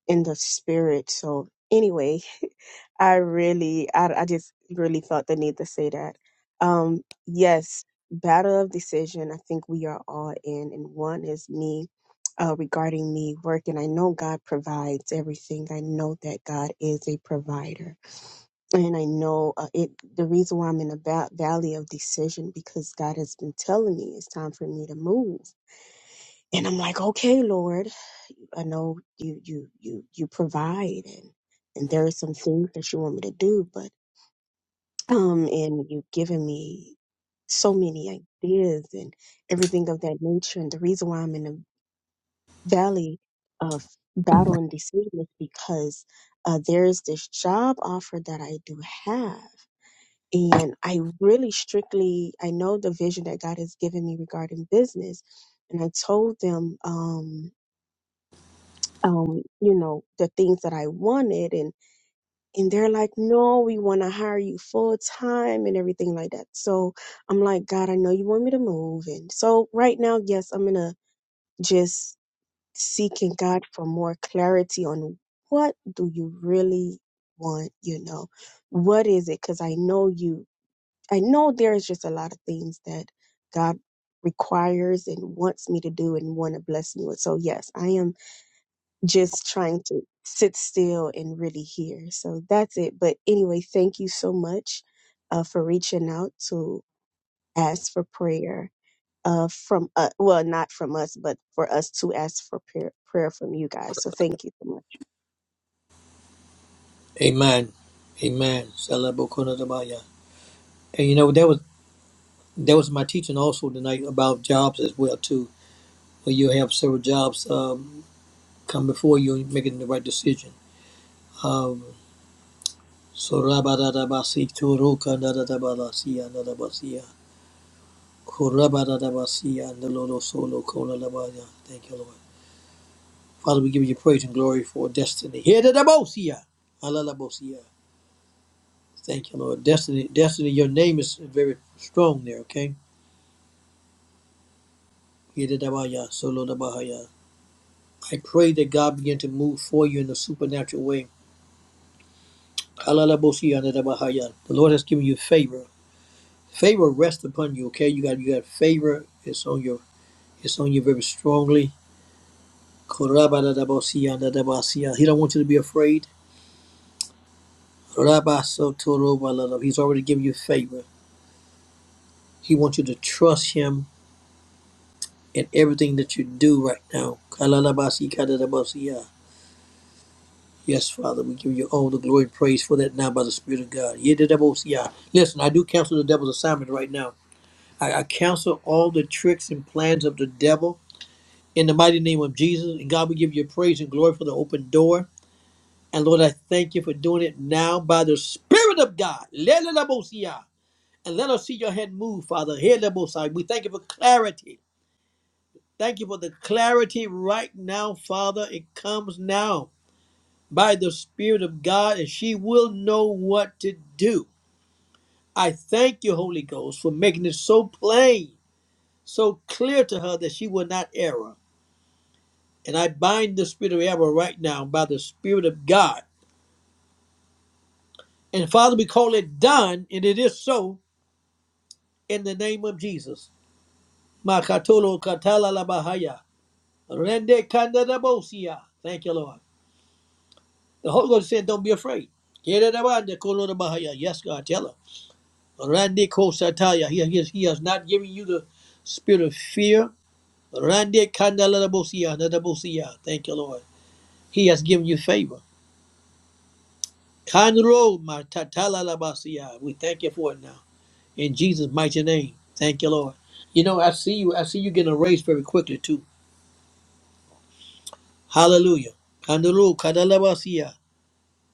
[SPEAKER 7] in the spirit. So anyway, I really, I, I just really felt the need to say that. Um, yes, battle of decision. I think we are all in, and one is me. Uh, regarding me working, I know God provides everything. I know that God is a provider, and I know uh, it. The reason why I'm in a va- valley of decision because God has been telling me it's time for me to move and I'm like, okay, Lord, I know you you you you provide and and there are some things that you want me to do, but um and you've given me so many ideas and everything of that nature. And the reason why I'm in the valley of battle and decision is because uh, there's this job offer that I do have. And I really strictly, I know the vision that God has given me regarding business. And I told them, um, um, you know, the things that I wanted and and they're like, No, we wanna hire you full time and everything like that. So I'm like, God, I know you want me to move and so right now, yes, I'm gonna just seeking God for more clarity on what do you really want, you know? What is it? Because I know you I know there's just a lot of things that God requires and wants me to do and want to bless me with. So yes, I am just trying to sit still and really hear. So that's it. But anyway, thank you so much uh, for reaching out to ask for prayer uh, from, uh, well, not from us, but for us to ask for prayer, prayer from you guys. So thank you so much.
[SPEAKER 1] Amen. Salabokunadabaya. And you know that was that was my teaching also tonight about jobs as well too. Where you have several jobs um, come before you and making the right decision. Um, So Rabadabasi to Roka Nadabalasia Nadabasia. Korabadadabasia and the Lolo Solo Kola Labaya. Thank you, Lord. Father, we give you praise and glory for destiny. Here the Dabosia. Alalabosia. Thank you, Lord. Destiny, destiny, your name is very strong there, okay? Here the Dabaya, Solo Dabahaya. I pray that God begin to move for you in a supernatural way. Alalabosia and the Dabahaya. The Lord has given you favor. Favor rests upon you, okay? You got you got favor. It's on your It's on you very strongly. He don't want you to be afraid. He's already given you favor. He wants you to trust him in everything that you do right now. Yes, Father, we give you all the glory and praise for that now by the Spirit of God. Yedidabosia. Listen, I do cancel the devil's assignment right now. I, I cancel all the tricks and plans of the devil in the mighty name of Jesus. And God, we give you praise and glory for the open door. And Lord, I thank you for doing it now by the Spirit of God. Lelelabosia. And let us see your hand move, Father. Helelabosia. We thank you for clarity. Thank you for the clarity right now, Father. It comes now by the Spirit of God, and she will know what to do. I thank you, Holy Ghost, for making it so plain, so clear to her that she will not err. And I bind the spirit of error right now by the Spirit of God. And Father, we call it done, and it is so in the name of Jesus. Makatolo katala la bahaya. Rende kandarabosia. Thank you, Lord. The Holy Ghost said, Don't be afraid. Kererebande kolo la bahaya. Yes, God, tell her. Rande kosataya. He, he, he has not given you the spirit of fear. Rande kandarabosia. Nadabosia. Thank you, Lord. He has given you favor. Kanro matatala la basia. We thank you for it now. In Jesus' mighty name. Thank you, Lord. You know, I see you. I see you getting a raise very quickly too. Hallelujah. Kandaru, kadalabasia.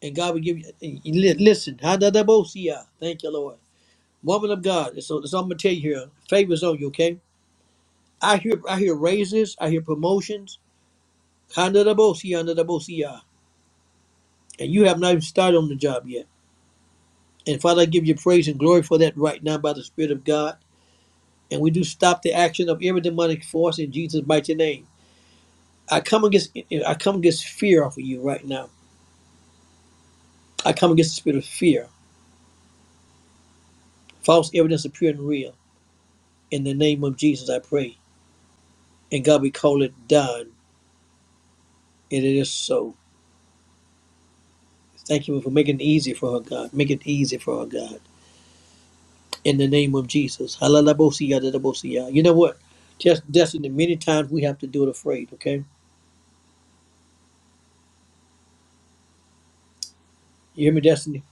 [SPEAKER 1] And God will give you. and li- Listen, hadadabosia. Thank you, Lord. Woman of God, so, so I'm gonna tell you here. Favors on you, okay? I hear, I hear raises. I hear promotions. Kandadabosia, andadabosia. And you have not even started on the job yet. And Father, I give you praise and glory for that right now by the Spirit of God. And we do stop the action of every demonic force in Jesus' mighty name. I come against, I come against fear off of you right now. I come against the spirit of fear, false evidence appearing real. In the name of Jesus, I pray. And God, we call it done. And it is so. Thank you for making it easy for her, God. Make it easy for her, God. In the name of Jesus. Halalabosiya, dadabosiya. You know what? Just Destiny, many times we have to do it afraid, okay? You hear me, Destiny?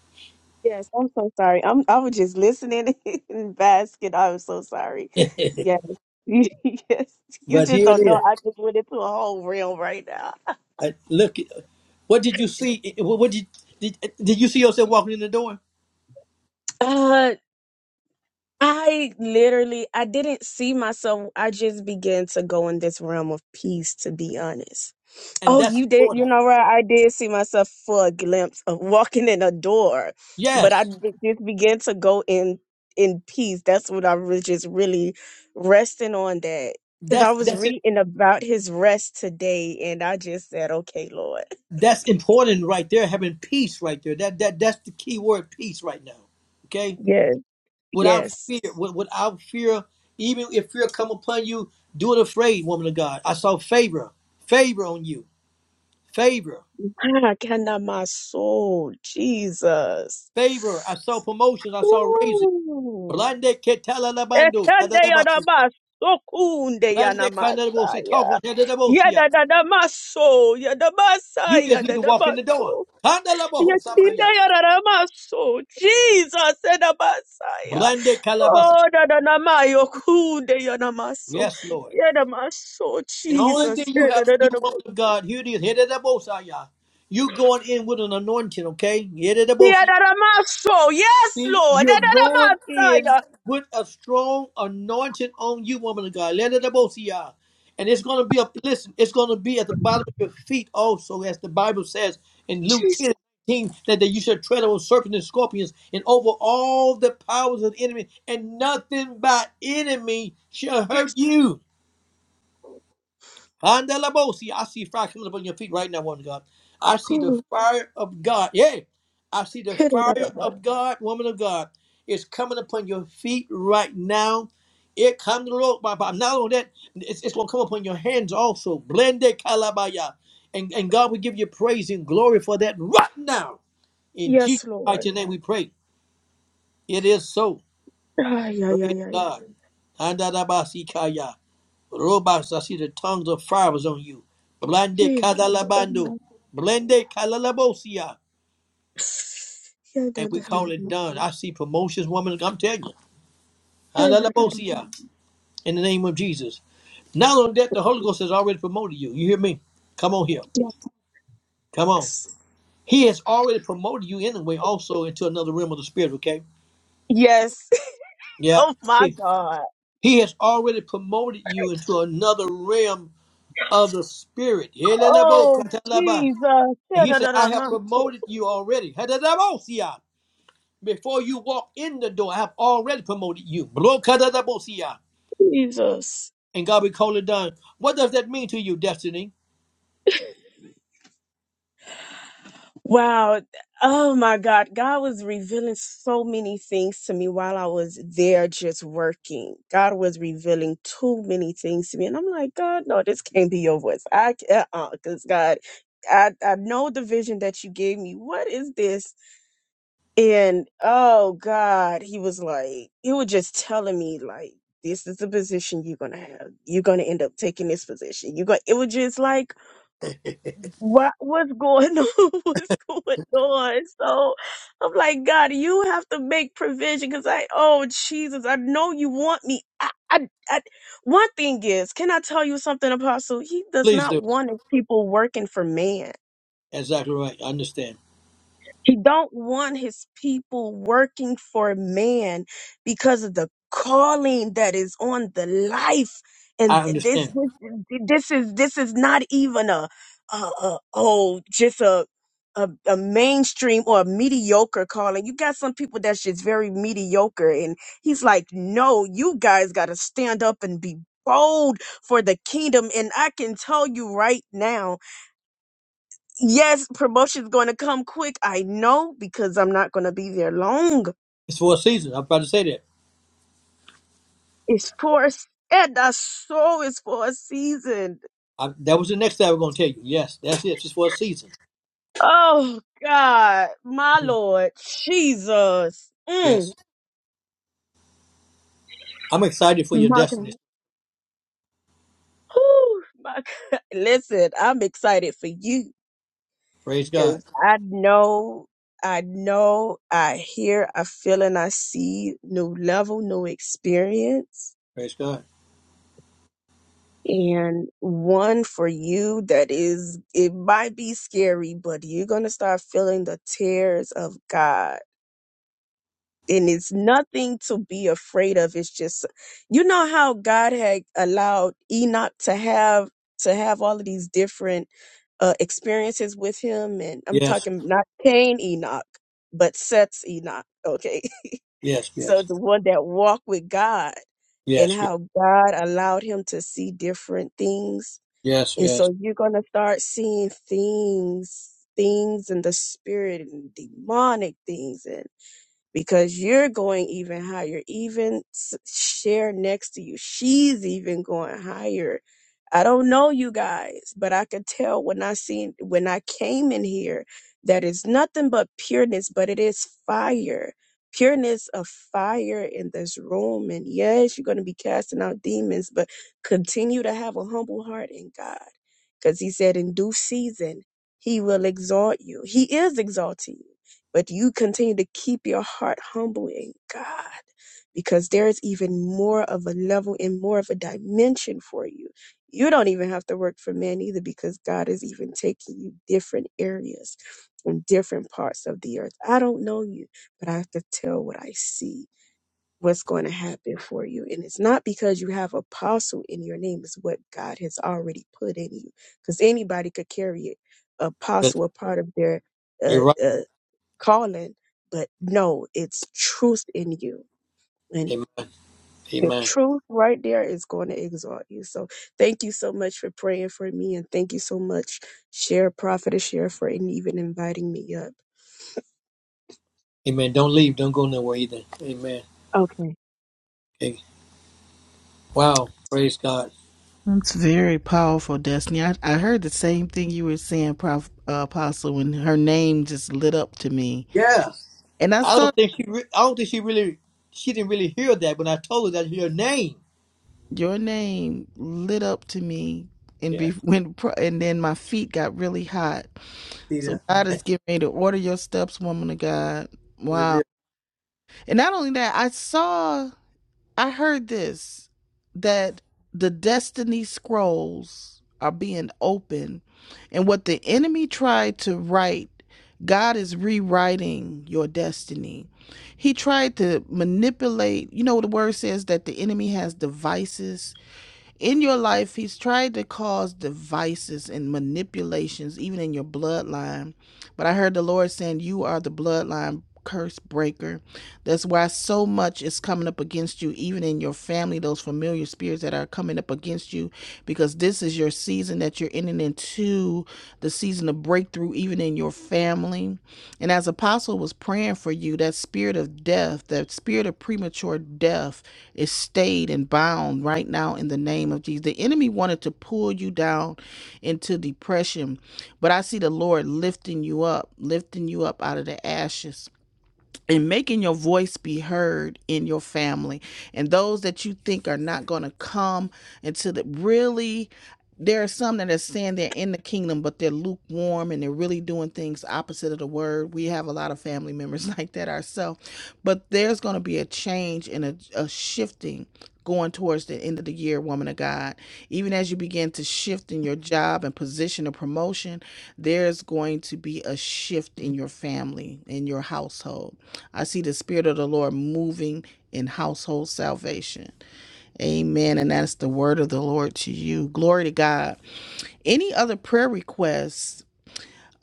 [SPEAKER 7] Yes, I'm so sorry. I'm I was just listening and basking. I'm so sorry. Yes. Yes. You
[SPEAKER 1] but
[SPEAKER 7] just
[SPEAKER 1] here it
[SPEAKER 7] don't
[SPEAKER 1] is.
[SPEAKER 7] know. I just went into a whole realm right now.
[SPEAKER 1] I, look, what did you see? It- What what did, did did you see yourself walking in the door?
[SPEAKER 7] Uh, I literally I didn't see myself. I just began to go in this realm of peace, to be honest.
[SPEAKER 1] And
[SPEAKER 7] Oh,
[SPEAKER 1] that's
[SPEAKER 7] you did. You
[SPEAKER 1] important.
[SPEAKER 7] know what? I did see myself for a glimpse of walking in a door, but I
[SPEAKER 1] Yes,
[SPEAKER 7] be- just began to go in in peace. That's what I was just really resting on that because I
[SPEAKER 1] that's
[SPEAKER 7] was
[SPEAKER 1] that's it.
[SPEAKER 7] reading about his rest today, and I just said, "Okay, Lord,
[SPEAKER 1] That's important right there. Having peace right there. That that that's the key word, peace right now. Okay,
[SPEAKER 7] yes,
[SPEAKER 1] without
[SPEAKER 7] yes."
[SPEAKER 1] fear, wi- without fear, even if fear come upon you, do it afraid, woman of God. I saw favor, favor on you, favor,
[SPEAKER 7] Ah, can I my soul, Jesus.
[SPEAKER 1] favor. I saw promotions, I saw raises.
[SPEAKER 7] Ooh.
[SPEAKER 1] Rande ketala labando,
[SPEAKER 7] Ekende yana
[SPEAKER 1] kadalabasi.
[SPEAKER 7] masukunde
[SPEAKER 1] Rande
[SPEAKER 7] yana
[SPEAKER 1] kandalabosi,
[SPEAKER 7] masaya.
[SPEAKER 1] tawa nedalabosia.
[SPEAKER 7] Yadadadamaso, yadabasa,
[SPEAKER 1] You just need to walk in the door.
[SPEAKER 7] yadadamaso,
[SPEAKER 1] Kandalaboho
[SPEAKER 7] yatinda
[SPEAKER 1] samaya.
[SPEAKER 7] yararamaso, Jesus, yadabasaya.
[SPEAKER 1] Rande kalabasa.
[SPEAKER 7] Oh, dadanamayo, kude yanamaso,
[SPEAKER 1] Yes, Lord.
[SPEAKER 7] yadamaso,
[SPEAKER 1] And the only thing
[SPEAKER 7] Jesus,
[SPEAKER 1] you have to do, woman
[SPEAKER 7] yadadadamaso,
[SPEAKER 1] of God, here it is. Hedadabosaya. You going in with an anointing, okay? Here it is, Bosaya.
[SPEAKER 7] yadadamaso, yes,
[SPEAKER 1] See,
[SPEAKER 7] Lord,
[SPEAKER 1] you're going in
[SPEAKER 7] yadadamasaya,
[SPEAKER 1] with a strong anointing on you, woman of God. Let it above you. And it's going to be up. Listen, it's going to be at the bottom of your feet also, as the Bible says in Luke
[SPEAKER 7] Jesus,
[SPEAKER 1] 10 that, that you should tread on serpents and scorpions and over all the powers of the enemy, and nothing by enemy shall
[SPEAKER 7] yes,
[SPEAKER 1] hurt you. Andalabosi, I see fire coming up on your feet right now, woman of God. I see the
[SPEAKER 7] ooh,
[SPEAKER 1] fire of God. Yeah. I see the fire
[SPEAKER 7] yadadadamaso,
[SPEAKER 1] of God, woman of God, is coming upon your feet right now. It comes to the Lord, but but not only that, it's, it's going to come upon your hands also. Blende kalabaya. And, and God will give you praise and glory for that right now. In Jesus'
[SPEAKER 7] yes, Lord,
[SPEAKER 1] mighty name we pray. It is so.
[SPEAKER 7] ay, ay,
[SPEAKER 1] Praise
[SPEAKER 7] ay,
[SPEAKER 1] God. Andalabasikaya. Robots, I see the tongues of fire was on you.
[SPEAKER 7] Yeah,
[SPEAKER 1] Blande
[SPEAKER 7] ay,
[SPEAKER 1] kadalabando.
[SPEAKER 7] yadadadamaso,
[SPEAKER 1] Blende kalalabosia. And we call it
[SPEAKER 7] yadadadamaso,
[SPEAKER 1] done. I see promotions, woman. I'm telling you. Alalabosia. In the name of Jesus. Not only that, the Holy Ghost has already promoted you. You hear me? Come on here. Come on.
[SPEAKER 7] Yes.
[SPEAKER 1] He has already promoted you anyway, also into another realm of the spirit, okay?
[SPEAKER 7] Yes.
[SPEAKER 1] Yeah.
[SPEAKER 7] Oh my
[SPEAKER 1] He,
[SPEAKER 7] God.
[SPEAKER 1] he has already promoted you into another realm of the spirit. Helelebo
[SPEAKER 7] Oh
[SPEAKER 1] katalaba.
[SPEAKER 7] Jesus.
[SPEAKER 1] And
[SPEAKER 7] Yeah,
[SPEAKER 1] he
[SPEAKER 7] da,
[SPEAKER 1] said,
[SPEAKER 7] da,
[SPEAKER 1] I
[SPEAKER 7] da,
[SPEAKER 1] have
[SPEAKER 7] my soul.
[SPEAKER 1] promoted you already. Hadadabosia. Before you walk in the door, I have already promoted you. Blokadadabosia.
[SPEAKER 7] Jesus.
[SPEAKER 1] And God will call it done. What does that mean to you, destiny?
[SPEAKER 7] Wow. Oh my God. God was revealing so many things to me while I was there just working. God was revealing too many things to me. And I'm like, God, no, this can't be your voice. I can't, uh, uh, cause God, I, I know the vision that you gave me. What is this? And oh God, he was like, he was just telling me like, this is the position you're gonna have. You're gonna end up taking this position. You going it was just like, what what's going on? what's going on? So I'm like, God, you have to make provision because I oh Jesus, I know you want me. I, I I one thing is, can I tell you something, Apostle? He does
[SPEAKER 1] Please do.
[SPEAKER 7] not want his people working for man.
[SPEAKER 1] Exactly right. I understand.
[SPEAKER 7] He don't want his people working for man because of the calling that is on the life.
[SPEAKER 1] I
[SPEAKER 7] And this
[SPEAKER 1] understand.
[SPEAKER 7] this this is this is not even a, a, a oh just a, a a mainstream or a mediocre calling. You got some people that's just very mediocre, and he's like, no, you guys got to stand up and be bold for the kingdom. And I can tell you right now Yes, promotion's going to come quick. I know because I'm not going to be there long.
[SPEAKER 1] It's for a season. I'm about to say that.
[SPEAKER 7] It's for, a s- and that soul is for a season.
[SPEAKER 1] I, that was the next thing I was going to tell you. Yes, that's it. It's just for a season.
[SPEAKER 7] Oh God, my
[SPEAKER 1] Mhm.
[SPEAKER 7] Lord, Jesus. Mm.
[SPEAKER 1] Yes. I'm excited for your
[SPEAKER 7] My God.
[SPEAKER 1] destiny.
[SPEAKER 7] Whew, my God. Listen, I'm excited for you
[SPEAKER 1] Praise God.
[SPEAKER 7] because I know, I know, I hear, I feel, and I see new level, new experience
[SPEAKER 1] Praise God.
[SPEAKER 7] and one for you that is it might be scary but you're going to start feeling the tears of god and it's nothing to be afraid of it's just you know how god had allowed enoch to have to have all of these different uh, experiences with him and i'm
[SPEAKER 1] Yes.
[SPEAKER 7] talking not cain enoch but seth's enoch okay
[SPEAKER 1] Yes.
[SPEAKER 7] so
[SPEAKER 1] Yes.
[SPEAKER 7] the one that walked with god and
[SPEAKER 1] Yes. Yes.
[SPEAKER 7] how god allowed him to see different things
[SPEAKER 1] Yes.
[SPEAKER 7] and
[SPEAKER 1] yes.
[SPEAKER 7] so you're going to start seeing things, things in the spirit and demonic things because you're going even higher. Even s- share next to you, she's even going higher. I don't know you guys, but I could tell when I seen when I came in here that it's nothing but pureness, but it is fire. Pureness of fire in this room. And yes, you're going to be casting out demons, but continue to have a humble heart in God. Because He said, in due season, He will exalt you. He is exalting you but you continue to keep your heart humble in God because there is even more of a level and more of a dimension for you. You don't even have to work for man either because God is even taking you different areas and different parts of the earth. I don't know you, but I have to tell what I see. What's going to happen for you. And it's not because you have apostle in your name, it's what God has already put in you. Because anybody could carry it.
[SPEAKER 1] But
[SPEAKER 7] Apostle, a part of their uh.
[SPEAKER 1] you're right.
[SPEAKER 7] uh, calling, but no, it's truth in you. And
[SPEAKER 1] Amen.
[SPEAKER 7] the
[SPEAKER 1] Amen.
[SPEAKER 7] truth right there is going to exalt you. So thank you so much for praying for me. And thank you so much, Share Prophet and Share for even inviting me up.
[SPEAKER 1] Amen. Don't leave. Don't go nowhere either. Amen.
[SPEAKER 7] Okay.
[SPEAKER 1] Okay. Wow. Praise God.
[SPEAKER 2] That's very powerful, Destiny. I, I heard the same thing you were saying, Prof, uh, Apostle, when her name just lit up to me,
[SPEAKER 1] Yeah.
[SPEAKER 2] and I
[SPEAKER 1] I
[SPEAKER 2] saw
[SPEAKER 1] don't think she. Re- I don't think she really. She didn't really hear that when I told her that your name.
[SPEAKER 2] your name lit up to me, and be,
[SPEAKER 1] Yeah.
[SPEAKER 2] when pro- and then my feet got really hot.
[SPEAKER 1] See
[SPEAKER 2] So
[SPEAKER 1] that
[SPEAKER 2] God is getting ready to order your steps, woman of God.
[SPEAKER 1] was
[SPEAKER 2] Wow.
[SPEAKER 1] it.
[SPEAKER 2] And not only that, I saw, I heard this that the destiny scrolls are being opened. And what the enemy tried to write, God is rewriting your destiny. He tried to manipulate, you know, the word says that the enemy has devices in your life, he's tried to cause devices and manipulations, even in your bloodline. But I heard the Lord saying, You are the bloodline curse breaker. That's why so much is coming up against you, even in your family, those familiar spirits that are coming up against you, because this is your season that you're entering into the season of breakthrough, even in your family. And as Apostle was praying for you, that spirit of death, that spirit of premature death, is stayed and bound right now in the name of Jesus. The enemy wanted to pull you down into depression, but I see the Lord lifting you up, lifting you up out of the ashes and making your voice be heard in your family and those that you think are not going to come into the really there are some that are saying they're in the kingdom but they're lukewarm and they're really doing things opposite of the word we have a lot of family members like that ourselves but there's going to be a change and a, a shifting going towards the end of the year woman of god even as you begin to shift in your job and position of promotion there's going to be a shift in your family in your household I see the Spirit of the Lord moving in household salvation. Amen. And that's the word of the Lord to you. Glory to God. Any other prayer requests?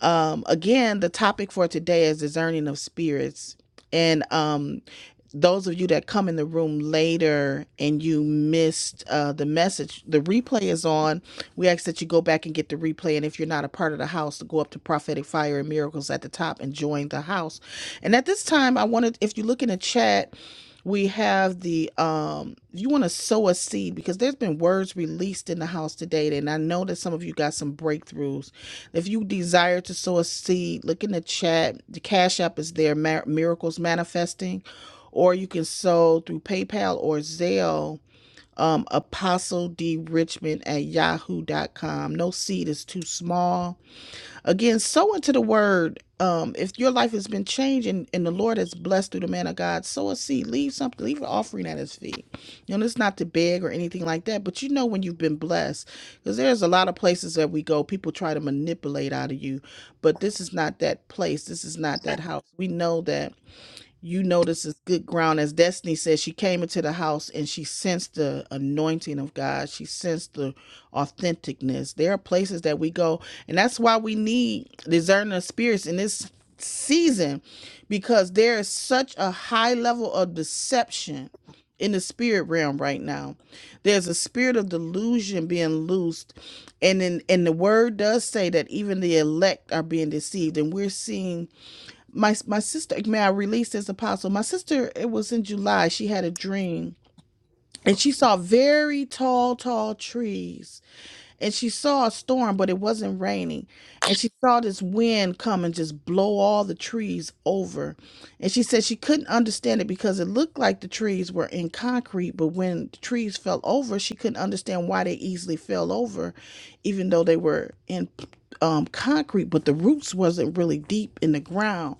[SPEAKER 2] Um, again, the topic for today is discerning of spirits. And um, those of you that come in the room later and you missed uh, the message, the replay is on. We ask that you go back and get the replay. And if you're not a part of the house, to go up to Prophetic Fire and Miracles at the top and join the house. And at this time, I wanted, if you look in the chat, we have the um you want to sow a seed because there's been words released in the house today and i know that some of you got some breakthroughs if you desire to sow a seed look in the chat the cash app is there Mar- miracles manifesting or you can sow through paypal or zelle um, apostle d richmond at Yahoo dot com. no seed is too small Again, sow into the word. Um, if your life has been changed and, and the Lord has blessed through the man of God, sow a seed, leave something, leave an offering at his feet. You know, it's not to beg or anything like that, but you know when you've been blessed. Because there's a lot of places that we go, people try to manipulate out of you, but this is not that place. This is not that house. We know that you know this is good ground. As Destiny says, she came into the house and she sensed the anointing of God. She sensed the authenticness. There are places that we go, and that's why we need discerning of spirits in this season, because there is such a high level of deception in the spirit realm right now. There's a spirit of delusion being loosed. And in and the word does say that even the elect are being deceived. And we're seeing my my sister may i release this apostle my sister it was in july she had a dream and she saw very tall tall trees and she saw a storm but it wasn't raining and she saw this wind come and just blow all the trees over and she said she couldn't understand it because it looked like the trees were in concrete but when the trees fell over she couldn't understand why they easily fell over even though they were in um, concrete but the roots wasn't really deep in the ground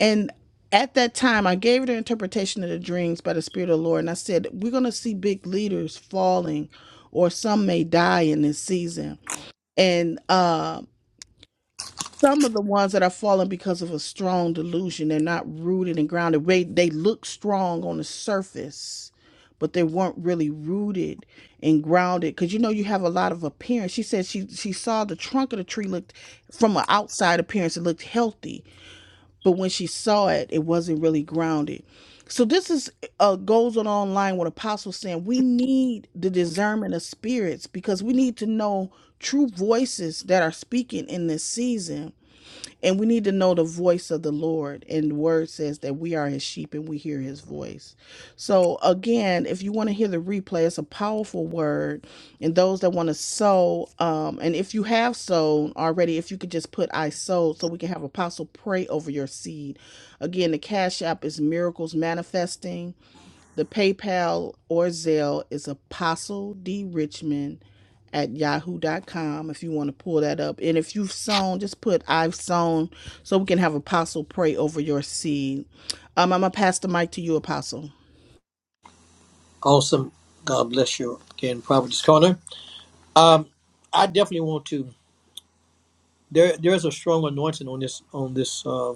[SPEAKER 2] and at that time, I gave her the interpretation of the dreams by the Spirit of the Lord. And I said, We're going to see big leaders falling, or some may die in this season. And uh, some of the ones that are falling because of a strong delusion, they're not rooted and grounded. They, they look strong on the surface, but they weren't really rooted and grounded. Because you know, you have a lot of appearance. She said she, she saw the trunk of the tree looked from an outside appearance, it looked healthy but when she saw it, it wasn't really grounded. So this is uh, goes on online with apostles saying we need the discernment of spirits because we need to know true voices that are speaking in this season and we need to know the voice of the Lord. And the word says that we are his sheep and we hear his voice. So, again, if you want to hear the replay, it's a powerful word. And those that want to sow, um, and if you have sown already, if you could just put I sowed so we can have Apostle pray over your seed. Again, the Cash App is Miracles Manifesting. The PayPal or Zelle is apostle d richmond at yahoo.com if you want to pull that up. And if you've sown, just put I've sown so we can have apostle pray over your seed. Um, I'm going to pass the mic to you, apostle.
[SPEAKER 1] Awesome. God bless you again, Providence Corner. Um, I definitely want to. There, there is a strong anointing on this, on this, uh,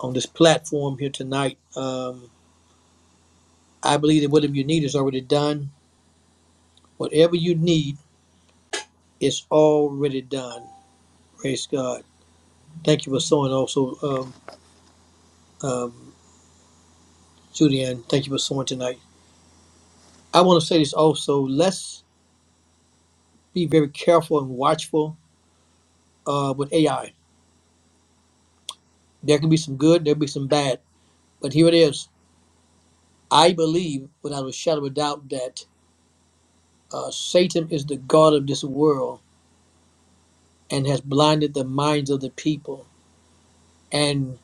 [SPEAKER 1] on this platform here tonight. Um, I believe that whatever you need is already done. Whatever you need is already done. Praise God. Thank you for sowing also. um. um, Judy Ann, thank you for sewing tonight. I want to say this also. Let's be very careful and watchful uh, with AI. There can be some good, there can be some bad, but here it is. I believe, without a shadow of a doubt, that uh, Satan is the god of this world and has blinded the minds of the people, and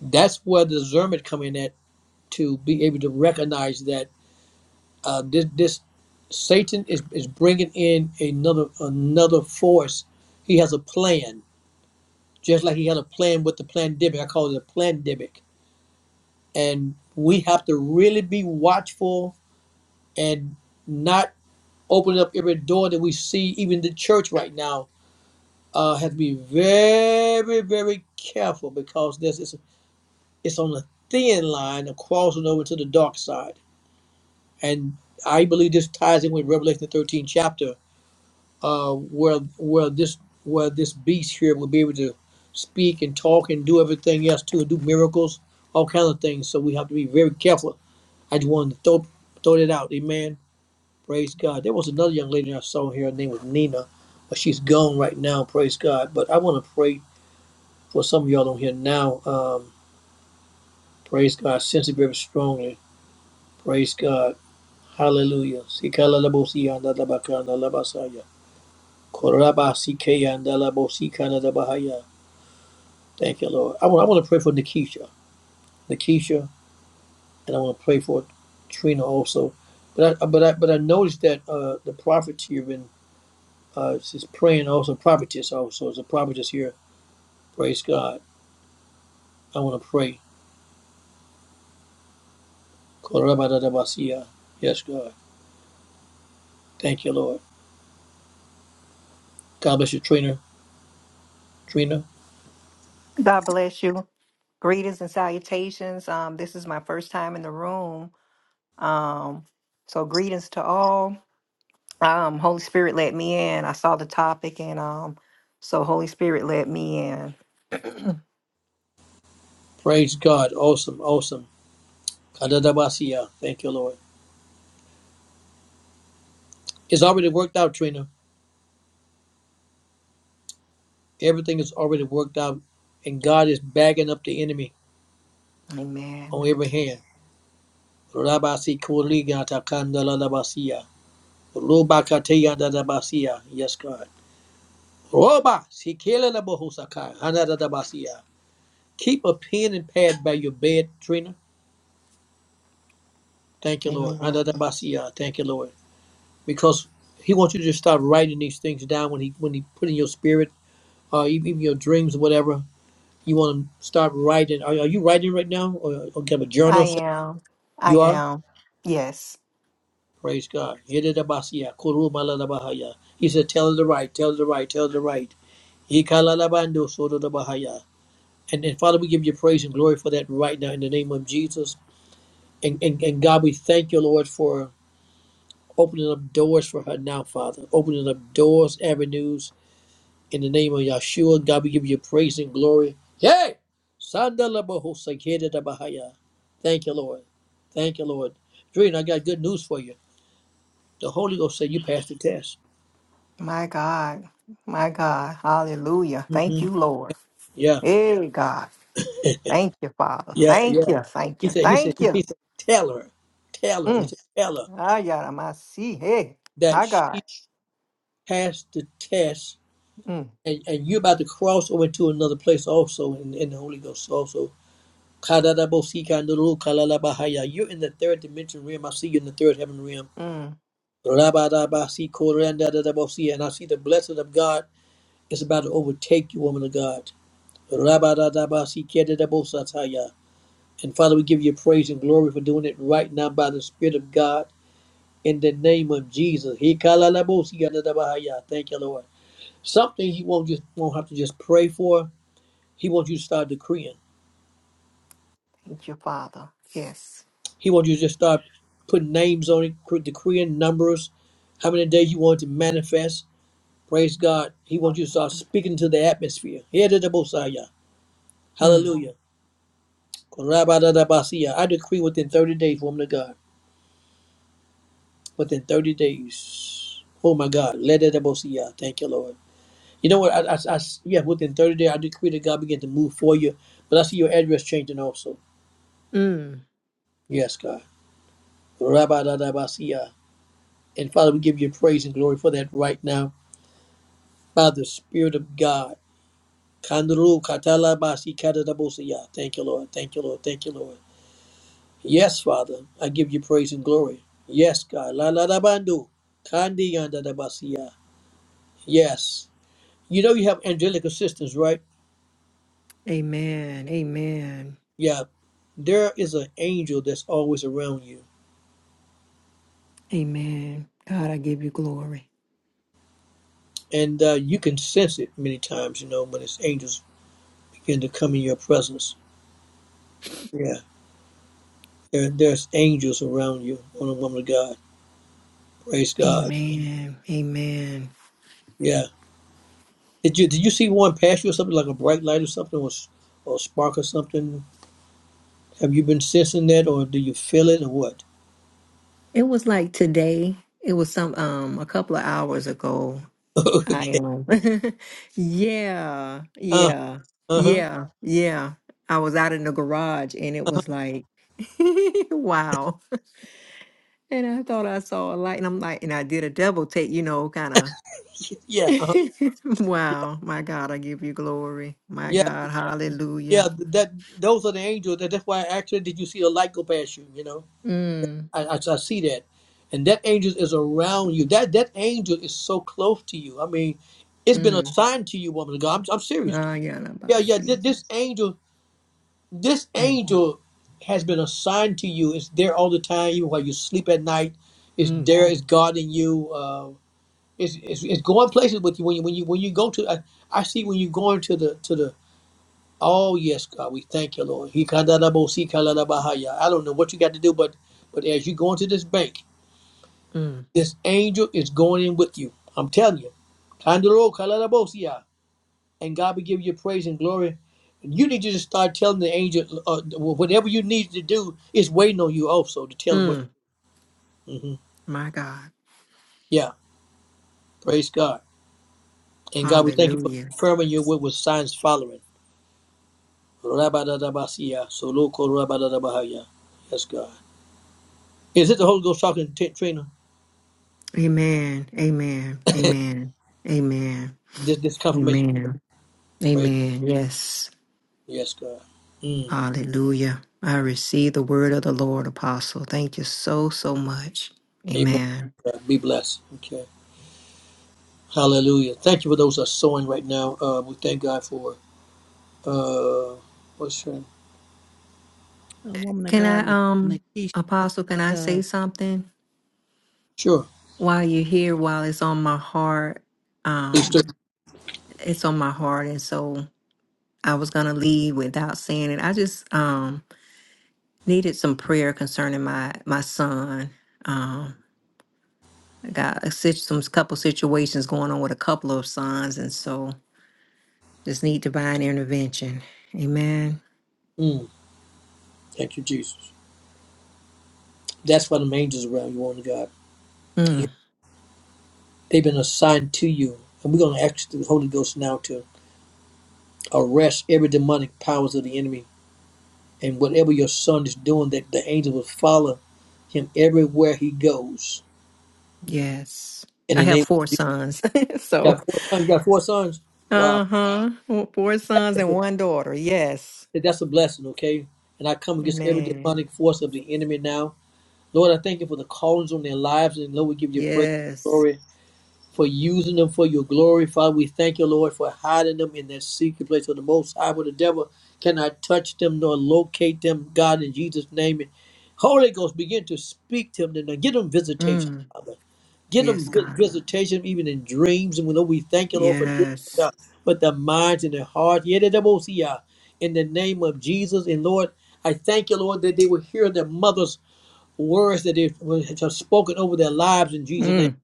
[SPEAKER 1] that's where the discernment come in at to be able to recognize that uh, this, this Satan is, is bringing in another another force. He has a plan just like he had a plan with the pandemic. I call it a pandemic. And we have to really be watchful and not open up every door that we see. Even the church right now uh, has to be very, very careful because this is it's on a thin line of crossing over to the dark side. And I believe this ties in with Revelation 13 chapter uh, where where this where this beast here will be able to speak and talk and do everything else too, do miracles, all kinds of things. So we have to be very careful. I just wanted to throw throw that out. Amen. Praise God. There was another young lady I saw here. Her name was Nina, but she's gone right now. Praise God. But I want to pray for some of y'all on here now. Um, praise God. I Sense it very strongly. Praise God. Hallelujah. Sikalalabosi andalabakandalabasaya. Korabasikeya andalabosikanadabahaya. Thank you, Lord. I want, I want to pray for Nikisha, Nikisha, and I want to pray for Trina also. But I, but I, but I noticed that uh, the prophet here been uh, is praying also prophetess also is a prophetess here. Praise God. I want to pray. Korabadadabasia. Yes, God. Thank you, Lord. God bless you, Trina. Trina.
[SPEAKER 8] God bless you. Greetings and salutations. Um, this is my first time in the room. Um, so greetings to all. Um, Holy Spirit let me in. I saw the topic and um, so Holy Spirit let me in.
[SPEAKER 1] Praise God. Awesome. Awesome. Kadadabasia. Thank you, Lord. It's already worked out, Trina. Everything is already worked out, and God is bagging up the enemy on
[SPEAKER 8] Amen.
[SPEAKER 1] every hand. Rabasi Kuriga Takandala Labasia. Roba Kateya Dadabasia. Yes, God. Roba Sikela Labohusaka. Hanadabasia. Keep a pen and pad by your bed, Trina. Thank you, Lord.
[SPEAKER 8] Amen.
[SPEAKER 1] Hanadabasia. Thank you, Lord. Because He wants you to start writing these things down when He when He put in your spirit, uh, even your dreams, or whatever. You want to start writing. Are, are you writing right now? Or, or you have a
[SPEAKER 8] I
[SPEAKER 1] journal?
[SPEAKER 8] am. I
[SPEAKER 1] You are?
[SPEAKER 8] am. Yes.
[SPEAKER 1] Praise God. Yededabasia, kurumalalabahaya. He said, Tell the right, tell the right, tell the right. Ikalalabando sododabahaya. And then, Father, we give you praise and glory for that right now in the name of Jesus. And, and, and God, we thank you, Lord, for opening up doors for her now, Father. Opening up doors, avenues in the name of Yahshua. God, we give you praise and glory. Yeah. Sandalabahosa, yededabahaya. Thank you, Lord. Thank you, Lord. Dreen, I got good news for you. The Holy Ghost said you passed the test.
[SPEAKER 8] My God. My God. Hallelujah.
[SPEAKER 1] hmm
[SPEAKER 8] Thank you, Lord.
[SPEAKER 1] Yeah.
[SPEAKER 8] Hey God. Thank you, Father.
[SPEAKER 1] Yeah, yeah.
[SPEAKER 8] Thank you. Thank
[SPEAKER 1] He
[SPEAKER 8] you.
[SPEAKER 1] said, he said,
[SPEAKER 8] Thank
[SPEAKER 1] he
[SPEAKER 8] you.
[SPEAKER 1] said, tell her, tell her. He
[SPEAKER 8] Mm.
[SPEAKER 1] said, tell her
[SPEAKER 8] Ah, yeah, my see. Hey,
[SPEAKER 1] that
[SPEAKER 8] my God.
[SPEAKER 1] she passed the test,
[SPEAKER 8] Mm,
[SPEAKER 1] and, and you're about to cross over to another place also in, in the Holy Ghost also. Kadadabosikandaru kalalabahaya. You're in the third dimension realm. I see you in the third heaven realm.
[SPEAKER 8] mm.
[SPEAKER 1] Rabadabasi korandadadabosi. And I see the blessing of God is about to overtake you, woman of God. Rabadadabasi kedadabosataya. And Father, we give you praise and glory for doing it right now by the Spirit of God. in the name of Jesus. He kalalabosi adadabahaya. Thank you, Lord. Something he won't just won't have to just pray for. He wants you to start decreeing.
[SPEAKER 8] Thank you, Father. Yes.
[SPEAKER 1] He wants you to just start putting names on it, cre- decreeing numbers, how many days you want to manifest. Praise God. He wants you to start speaking to the atmosphere. Yedadabosaya.
[SPEAKER 8] Mm,
[SPEAKER 1] Hallelujah. Korabadadabasiya. I decree within 30 days, woman of God. Within 30 days. Oh my God. Ledadabosiya. Thank you, Lord. You know what? I, I, I s- yeah, within 30 days, I decree that God begin to move for you. But I see your address changing also.
[SPEAKER 8] mm.
[SPEAKER 1] Yes, God. Rabbi Dadabasiya. And Father, we give you praise and glory for that right now by the Spirit of God. Kandru katalabasi kadadabosiya. Thank you, Lord. Thank you, Lord. Thank you, Lord. Yes, Father, I give you praise and glory. Yes, God. La la la bandu. Kandi yandadabasiya. Yes. You know you have angelic assistance, right?
[SPEAKER 8] Amen. Amen.
[SPEAKER 1] Yeah. There is an angel that's always around you
[SPEAKER 8] Amen. God, I give you glory.
[SPEAKER 1] and uh, you can sense it many times. You know when it's angels begin to come in your presence. Yeah, there, there's angels around you on a woman of God. Praise God.
[SPEAKER 8] Amen. Amen.
[SPEAKER 1] Yeah. Did you did you see one pass you or something like a bright light or something or s- or a spark or something? Have you been sensing that or do you feel it or what?
[SPEAKER 8] It was like today. It was some um a couple of hours ago. I
[SPEAKER 1] okay.
[SPEAKER 8] um yeah,
[SPEAKER 1] Uh
[SPEAKER 8] yeah,
[SPEAKER 1] huh.
[SPEAKER 8] yeah, yeah. I was out in the garage and it
[SPEAKER 1] Uh-huh.
[SPEAKER 8] was like wow. And I thought I saw a light and I'm like and I did a double take, you know, kind of
[SPEAKER 1] Yeah. Uh-huh.
[SPEAKER 8] wow. My God, I give you glory. My
[SPEAKER 1] Yeah.
[SPEAKER 8] God,
[SPEAKER 1] Yeah.
[SPEAKER 8] hallelujah.
[SPEAKER 1] th- That those are the angels. That that's why actually did you see a light go past you? You know.
[SPEAKER 8] Mm,
[SPEAKER 1] I, I, I see that. And that angel is around you. That that angel is so close to you. I mean, it's been
[SPEAKER 8] mm.
[SPEAKER 1] assigned to you, woman of God. I'm, I'm serious.
[SPEAKER 8] Ah, yeah, la, ba,
[SPEAKER 1] Yeah, yeah.
[SPEAKER 8] si.
[SPEAKER 1] This, this angel, this
[SPEAKER 8] Mm,
[SPEAKER 1] angel has been assigned to you. It's there all the time, even while you sleep at night. It's
[SPEAKER 8] mm,
[SPEAKER 1] there. It's guarding you. Uh, it's, it's it's going places with you when you when you when you go to. I, I see when you're going to the to the. Oh yes, God, we thank you, Lord. He I don't know what you got to do, but but as you go into this bank.
[SPEAKER 8] mm,
[SPEAKER 1] This angel is going in with you. I'm telling you. Kandoro kalalabosia. And God will give you praise and glory. And you need to just start telling the angel uh, whatever you need to do is waiting on you also to tell him what.
[SPEAKER 8] mm.
[SPEAKER 1] hmm
[SPEAKER 8] My God,
[SPEAKER 1] Yeah, praise God. And God, we thank you for
[SPEAKER 8] hallelujah.
[SPEAKER 1] confirming your word with signs following. Rabadadabasia, soloko rabadadabahaya. Yes, God. Is it the Holy Ghost talking to Trina?
[SPEAKER 8] Amen, amen, amen, amen,
[SPEAKER 1] This, this confirmation.
[SPEAKER 8] amen,
[SPEAKER 1] Praise.
[SPEAKER 8] amen. Yes,
[SPEAKER 1] Yes, God. Mm.
[SPEAKER 8] hallelujah. I receive the word of the Lord, Apostle. Thank you so, so much.
[SPEAKER 1] Amen.
[SPEAKER 8] Amen.
[SPEAKER 1] God, be blessed. Okay. Hallelujah. Thank you for those that are sowing right now. Uh, we thank God for uh, what's her name?
[SPEAKER 2] A woman of
[SPEAKER 8] Can
[SPEAKER 2] God,
[SPEAKER 8] I, um,
[SPEAKER 2] Nikisha.
[SPEAKER 8] Apostle, can I
[SPEAKER 2] Uh,
[SPEAKER 8] say something?
[SPEAKER 1] Sure.
[SPEAKER 8] while you're here, while it's on my heart,
[SPEAKER 1] Please do.
[SPEAKER 8] um, it's on my heart, and so I was gonna leave without saying it. I just um needed some prayer concerning my my son. Um, I got a sit- some couple situations going on with a couple of sons, and so just need divine intervention. Amen.
[SPEAKER 1] Mm, thank you, Jesus. That's why the angels around you, on God.
[SPEAKER 8] Mm,
[SPEAKER 1] They've been assigned to you. And we're going to ask the Holy Ghost now to arrest every demonic powers of the enemy. And whatever your son is doing, that the angel will follow him everywhere he goes.
[SPEAKER 8] yes.
[SPEAKER 1] In
[SPEAKER 8] I
[SPEAKER 1] the
[SPEAKER 8] have
[SPEAKER 1] name
[SPEAKER 8] four sons,
[SPEAKER 1] you
[SPEAKER 8] so
[SPEAKER 1] got four sons. You got four sons? Wow.
[SPEAKER 8] uh huh, four sons
[SPEAKER 1] That's
[SPEAKER 8] and
[SPEAKER 1] a,
[SPEAKER 8] one daughter. Yes,
[SPEAKER 1] that's a blessing, okay? And I come against every
[SPEAKER 8] amen.
[SPEAKER 1] demonic force of the enemy now Lord, I thank you for the callings on their lives. And Lord, we give you praise and
[SPEAKER 8] Yes.
[SPEAKER 1] glory for using them for your glory. Father, we thank you, Lord, for hiding them in that secret place of the Most High, where the devil cannot touch them nor locate them, God, in Jesus' name. And Holy Ghost, begin to speak to them. And give them visitation,
[SPEAKER 8] Mm.
[SPEAKER 1] Father. Give them
[SPEAKER 8] Yes,
[SPEAKER 1] vi-
[SPEAKER 8] God.
[SPEAKER 1] visitation even in dreams. And we know we thank you, Lord, for doing it,
[SPEAKER 8] Yes.
[SPEAKER 1] God, with their minds and their hearts. Yeah, that will see, uh, in the name of Jesus. And Lord, I thank you, Lord, that they will hear their mothers words that they have spoken over their lives in Jesus' name.
[SPEAKER 8] Mm.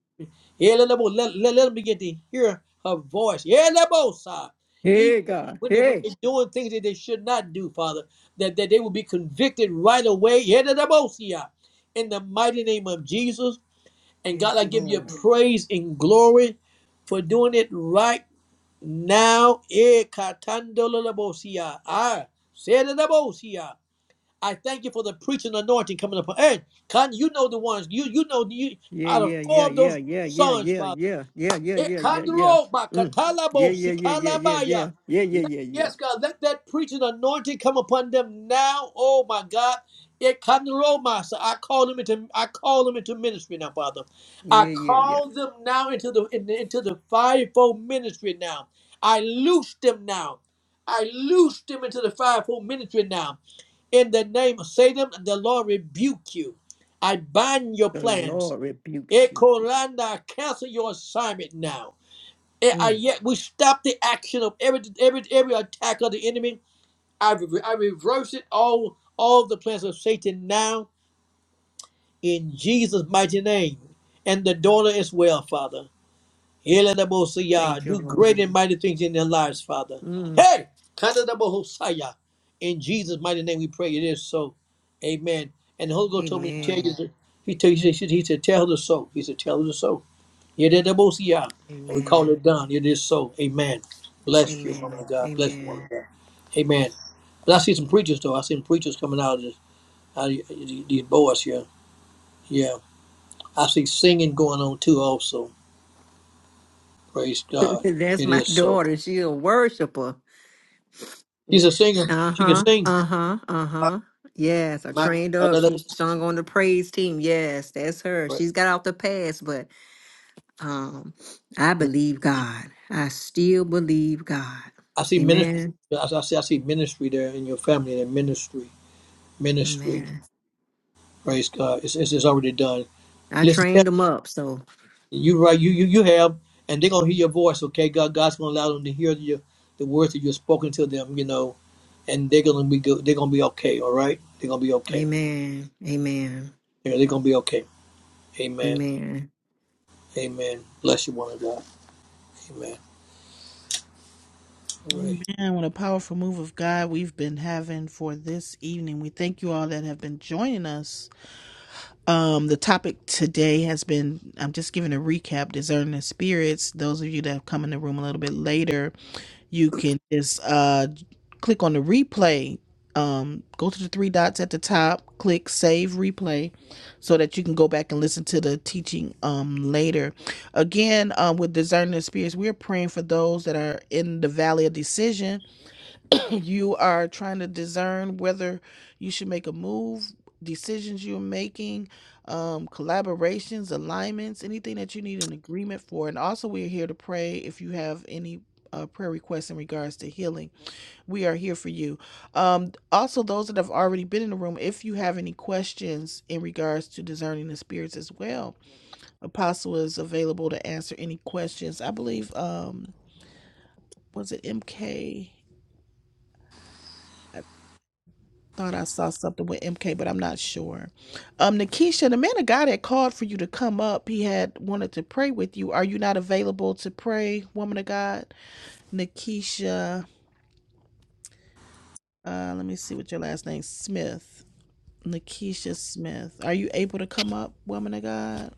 [SPEAKER 1] Yeah, let, them- let, let, let them begin to hear her voice. Yeah, let them, side. Even
[SPEAKER 8] Hey, God.
[SPEAKER 1] when, they, when
[SPEAKER 8] Hey.
[SPEAKER 1] they're doing things that they should not do, Father, that, that they will be convicted right away. Yeah, let them, see ya. in the mighty name of Jesus. And God,
[SPEAKER 8] Yes,
[SPEAKER 1] I give you
[SPEAKER 8] Lord.
[SPEAKER 1] praise and glory for doing it right now. Eh, katando, let them, see ya. Ah, say, let them, see ya. I thank you for the preaching anointing coming upon. Hey, Con, you know the ones. You you know you
[SPEAKER 8] Yeah,
[SPEAKER 1] out of
[SPEAKER 8] yeah, yeah,
[SPEAKER 1] four of
[SPEAKER 8] yeah,
[SPEAKER 1] those
[SPEAKER 8] yeah, yeah,
[SPEAKER 1] sons,
[SPEAKER 8] yeah,
[SPEAKER 1] Father.
[SPEAKER 8] yeah, yeah, yeah,
[SPEAKER 1] Eh,
[SPEAKER 8] yeah, yeah, yeah.
[SPEAKER 1] Kandro,
[SPEAKER 8] Mm. Yeah, yeah, yeah, yeah, yeah, yeah,
[SPEAKER 1] Sikalabaya.
[SPEAKER 8] yeah, yeah, yeah, yeah,
[SPEAKER 1] Yes, God, let that preaching anointing come upon them now. Oh my God. It come to roll, master. I call them into I call them into ministry now, Father. I
[SPEAKER 8] yeah, yeah, yeah.
[SPEAKER 1] call them now into the in- into the fivefold ministry now. I loose them now. I loose them into the fivefold ministry now. In the name of Satan, the Lord rebuke you. I bind your
[SPEAKER 8] The
[SPEAKER 1] plans.
[SPEAKER 8] Lord rebukes you.
[SPEAKER 1] Ekoranda, cancel your assignment now. And I
[SPEAKER 8] Mm.
[SPEAKER 1] yet we stop the action of every every every attack of the enemy. I, re- I reverse it all all the plans of Satan now in Jesus' mighty name. And the daughter as well, Father.
[SPEAKER 8] Thank
[SPEAKER 1] Eladabosia,
[SPEAKER 8] you,
[SPEAKER 1] Do
[SPEAKER 8] Lord.
[SPEAKER 1] great and mighty things in their lives, Father.
[SPEAKER 8] Mm.
[SPEAKER 1] Hey! Kadadabohosaya. In Jesus' mighty name we pray it is so. Amen. And the Holy Ghost told me to tell you
[SPEAKER 8] Amen.
[SPEAKER 1] that he, told, he, said, he said, tell her so. He said, tell her so. You did the most, yeah. And we call it
[SPEAKER 8] Amen.
[SPEAKER 1] done. It is so. Amen. Bless you, woman
[SPEAKER 8] Amen.
[SPEAKER 1] of God. Bless you, woman of
[SPEAKER 8] Amen.
[SPEAKER 1] God. Amen. But I see some preachers though. I see preachers coming out of, this, out of these these boys here. Yeah. I see singing going on too. Also, praise God.
[SPEAKER 8] That's
[SPEAKER 1] It
[SPEAKER 8] my
[SPEAKER 1] is so.
[SPEAKER 8] daughter. She a worshiper.
[SPEAKER 1] She's
[SPEAKER 8] Mhm.
[SPEAKER 1] a singer. She can
[SPEAKER 8] Uh-huh.
[SPEAKER 1] sing.
[SPEAKER 8] Uh-huh. Uh-huh. Yes, I trained up. She
[SPEAKER 1] I
[SPEAKER 8] sung on the praise team. Yes, that's her. She's got out the past, but um I believe God. I still believe God.
[SPEAKER 1] see ministry.
[SPEAKER 8] Amen.
[SPEAKER 1] I I see. I see ministry there in your family. There ministry. Ministry.
[SPEAKER 8] Amen.
[SPEAKER 1] Praise God. It's, it's, it's already done.
[SPEAKER 8] I
[SPEAKER 1] Listen.
[SPEAKER 8] trained them up, so
[SPEAKER 1] You right, you you you have, and they're gonna hear your voice. Okay, God, God's gonna allow them to hear your the words that you've spoken to them. You know, and they're gonna be good. They're gonna be okay. All right, they're gonna be okay.
[SPEAKER 8] amen. Amen.
[SPEAKER 1] They're, they're gonna be okay. Amen.
[SPEAKER 8] Amen.
[SPEAKER 1] Amen. Bless you, one of God. Amen. All right.
[SPEAKER 2] man, what a powerful move of God we've been having for this evening. We thank you all that have been joining us Um, the topic today has been I'm just giving a recap, discerning the spirits. Those of you that have come in the room a little bit later, you can just uh click on the replay. Um, go to the three dots at the top, click save replay so that you can go back and listen to the teaching um later. Again, um with discerning the spirits, we're praying for those that are in the valley of decision you are trying to discern whether you should make a move, decisions you're making, um, collaborations, alignments, anything that you need an agreement for. And also, we're here to pray if you have any. Uh, prayer requests in regards to healing. We are here for you. Um, also, those that have already been in the room, if you have any questions in regards to discerning the spirits as well, Apostle is available to answer any questions. I believe, um, was it MK? Thought I saw something with MK, but I'm not sure. Um, Nikisha, the man of God had called for you to come up. He had wanted to pray with you. Are you not available to pray, woman of God? Nikisha, uh, let me see what your last name Smith. Nikisha Smith. Are you able to come up, woman of God?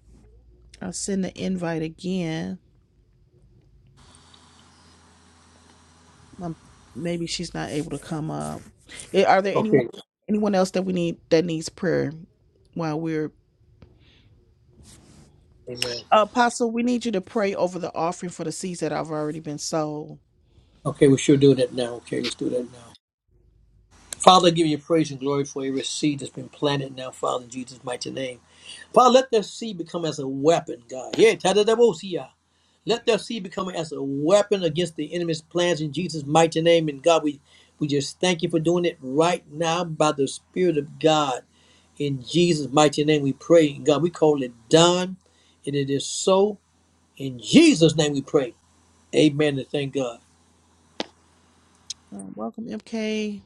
[SPEAKER 2] I'll send the invite again. Um, maybe she's not able to come up. Eh, Are there anyone
[SPEAKER 1] Okay.
[SPEAKER 2] anyone else that we need that needs prayer while we're
[SPEAKER 1] Amen.
[SPEAKER 2] Apostle, we need you to pray over the offering for the seeds that have already been sold.
[SPEAKER 1] Okay, we should do that now. Okay, let's do that now. Father, I give you praise and glory for every seed that's been planted now, Father, in Jesus' mighty name. Father, let that seed become as a weapon, God. Yeah, da bo Let their seed become as a weapon against the enemy's plans in Jesus' mighty name. And God, we, we just thank you for doing it right now by the Spirit of God. In Jesus' mighty name we pray. And God, we call it done. And it is so. In Jesus' name we pray. Amen and thank God.
[SPEAKER 2] Uh, welcome, MK.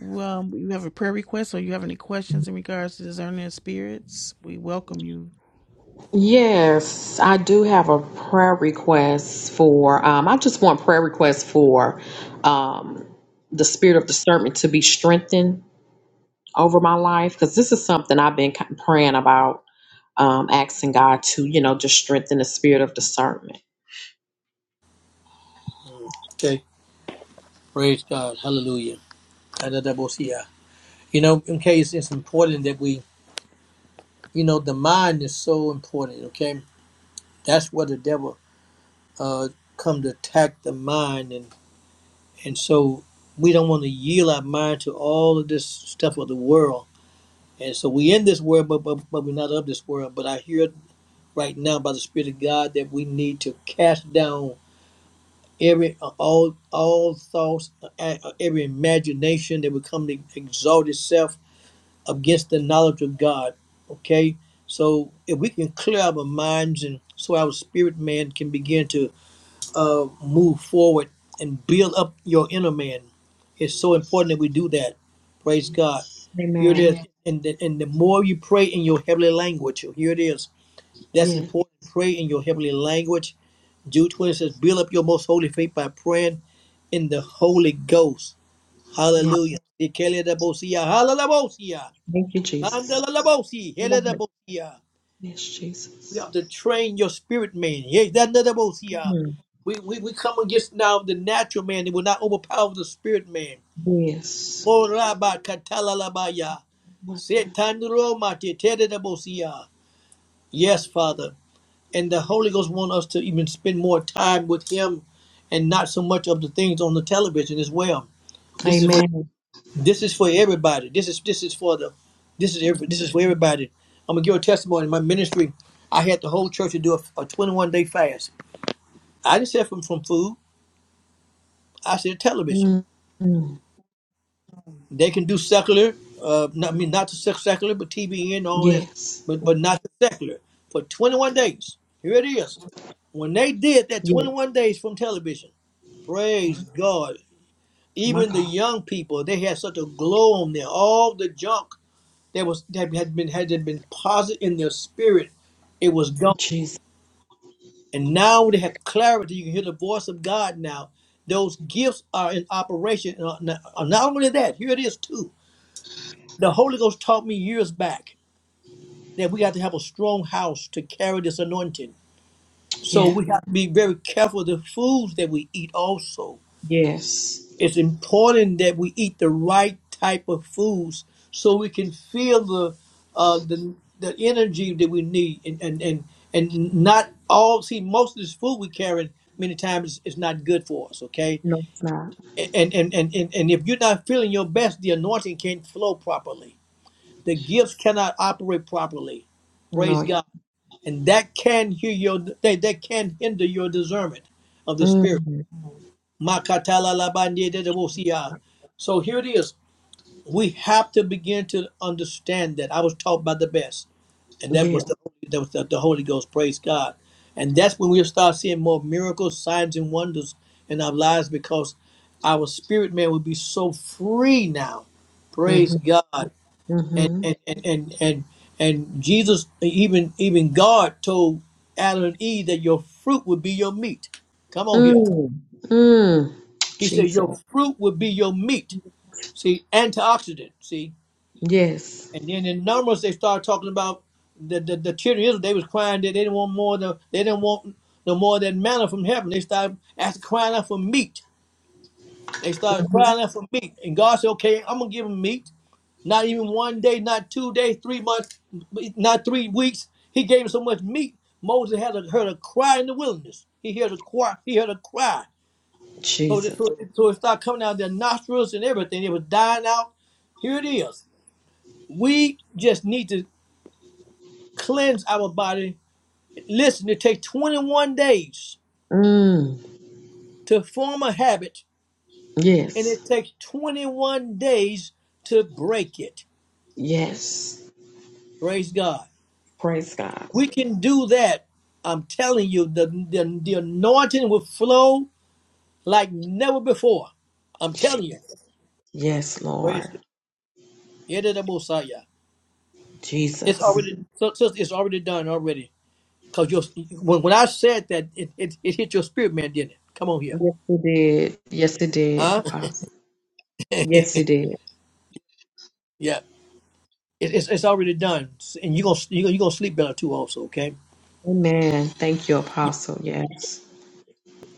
[SPEAKER 2] Um, you have a prayer request or you have any questions in regards to discerning of spirits? We welcome you.
[SPEAKER 9] Yes, I do have a prayer request for, um, I just want prayer requests for um, the spirit of discernment to be strengthened over my life because this is something I've been ki- praying about, um, asking God to, you know, just strengthen the spirit of discernment.
[SPEAKER 1] Okay. Praise God. Hallelujah. Adadabosia. You know, in case it's important that we, you know, the mind is so important, okay? That's where the devil uh come to attack the mind and. And so we don't want to yield our mind to all of this stuff of the world. And so we in this world, but, but, but we're not of this world. But I hear right now by the Spirit of God that we need to cast down every all all thoughts, uh, uh, every imagination that would come to exalt itself against the knowledge of God. Okay, so if we can clear our minds and so our spirit man can begin to uh, move forward and build up your inner man. It's so important that we do that. Praise God. Here it is.
[SPEAKER 9] Amen.
[SPEAKER 1] Amen. And the, and the more you pray in your heavenly language, here it is. That's
[SPEAKER 9] Yeah,
[SPEAKER 1] important. Pray in your heavenly language. Jude 20 says, Build up your most holy faith by praying in the Holy Ghost.
[SPEAKER 9] yeah.
[SPEAKER 1] Hallelujah.
[SPEAKER 9] Thank you, Jesus. Lord.
[SPEAKER 1] Hallelujah.
[SPEAKER 9] Yes,
[SPEAKER 1] We
[SPEAKER 9] Jesus.
[SPEAKER 1] have to train your spirit man. Hey, that another most here.
[SPEAKER 9] Mm,
[SPEAKER 1] We, we we come against now the natural man. It will not overpower the spirit man.
[SPEAKER 9] Yes.
[SPEAKER 1] Moraba katalalabaya. Setanduromate tededebosia. Yes, Father. And the Holy Ghost wants us to even spend more time with Him and not so much of the things on the television as well. This is for,
[SPEAKER 9] Amen.
[SPEAKER 1] this is for everybody. This is this is for the this is every, this is for everybody. I'm gonna give a testimony. In My ministry, I had the whole church to do a, a 21 day fast I didn't save them from food. I said television.
[SPEAKER 9] Mm, mm,
[SPEAKER 1] They can do secular. Uh, not, I mean, not the sec- secular, but TBN and all this,
[SPEAKER 9] Yes.
[SPEAKER 1] but but not the secular for 21 days. Here it is. When they did that
[SPEAKER 9] Yeah.
[SPEAKER 1] 21 days from television, praise God.
[SPEAKER 9] My
[SPEAKER 1] Even the
[SPEAKER 9] God.
[SPEAKER 1] young people, they had such a glow on them. All the junk that was that had been had been positive in their spirit, it was gone.
[SPEAKER 9] Jesus.
[SPEAKER 1] And now they have clarity. You can hear the voice of God now. Those gifts are in operation. And are Not uh, not only that, here it is too. The Holy Ghost taught me years back that we got to have a strong house to carry this anointing. So we got to be very careful of the foods that we eat also.
[SPEAKER 9] Yes.
[SPEAKER 1] It's important that we eat the right type of foods so we can feel the uh, the the energy that we need and and and, and not all see most of this food we carry many times is not good for us okay
[SPEAKER 9] No, it's not.
[SPEAKER 1] and and, and and and if you're not feeling your best the anointing can't flow properly the gifts cannot operate properly praise
[SPEAKER 9] No.
[SPEAKER 1] god and that can hear your that, that can hinder your discernment of the spirit
[SPEAKER 9] Mm.
[SPEAKER 1] Makatala labandedebosia. so here it is we have to begin to understand that I was taught by the best, and that
[SPEAKER 9] Yeah.
[SPEAKER 1] was the that was the, the Holy Ghost. Praise God, and that's when we'll start seeing more miracles, signs, and wonders in our lives because our spirit man will be so free now. Praise
[SPEAKER 9] Mm-hmm.
[SPEAKER 1] God, and
[SPEAKER 9] Mm-hmm.
[SPEAKER 1] and and and and, and Jesus, even even God told Adam and Eve that your fruit would be your meat. Come on here,
[SPEAKER 9] Mm. Mm.
[SPEAKER 1] He said
[SPEAKER 9] Jesus.
[SPEAKER 1] your fruit would be your meat. See, antioxidant. See,
[SPEAKER 9] Yes.
[SPEAKER 1] And then in Numbers, they started talking about the, the, the children of Israel. They was crying that they didn't want more. Than, they didn't want no more than manna from heaven. They started asking, crying out for meat. They started
[SPEAKER 9] Mm-hmm.
[SPEAKER 1] crying out for meat. And God said, "Okay, I'm gonna give them meat. Not even one day, not two days, three months, not three weeks. He gave them so much meat. Moses had a, heard a cry in the wilderness. He heard a cry. He heard a cry. So, that,
[SPEAKER 9] Jesus.
[SPEAKER 1] so, so it started coming out of their nostrils and everything. It was dying out. Here it is. We just need to. cleanse our body. Listen, it takes 21 days
[SPEAKER 9] Mm.
[SPEAKER 1] to form a habit, and
[SPEAKER 9] Yes.
[SPEAKER 1] it takes 21 days to break it.
[SPEAKER 9] Yes.
[SPEAKER 1] Praise God.
[SPEAKER 9] Praise God.
[SPEAKER 1] We can do that. I'm telling you, the, the, the anointing will flow like never before. I'm telling you.
[SPEAKER 9] Yes,
[SPEAKER 1] Praise
[SPEAKER 9] Lord.
[SPEAKER 1] God. Yedidabushaya. It's
[SPEAKER 9] Jesus.
[SPEAKER 1] already so- so it's already done already. Cause your when, when I said that, it, it, it hit your spirit man, didn't it? Come on here,
[SPEAKER 9] Yes, it did. Yes, it did,
[SPEAKER 1] huh?
[SPEAKER 9] Apostle. Yes, it did.
[SPEAKER 1] It, it's, it's already done, and you gonna you gonna, you gonna sleep better too. Also, okay.
[SPEAKER 9] Amen. Thank you,
[SPEAKER 1] Yeah.
[SPEAKER 9] Apostle. Yes.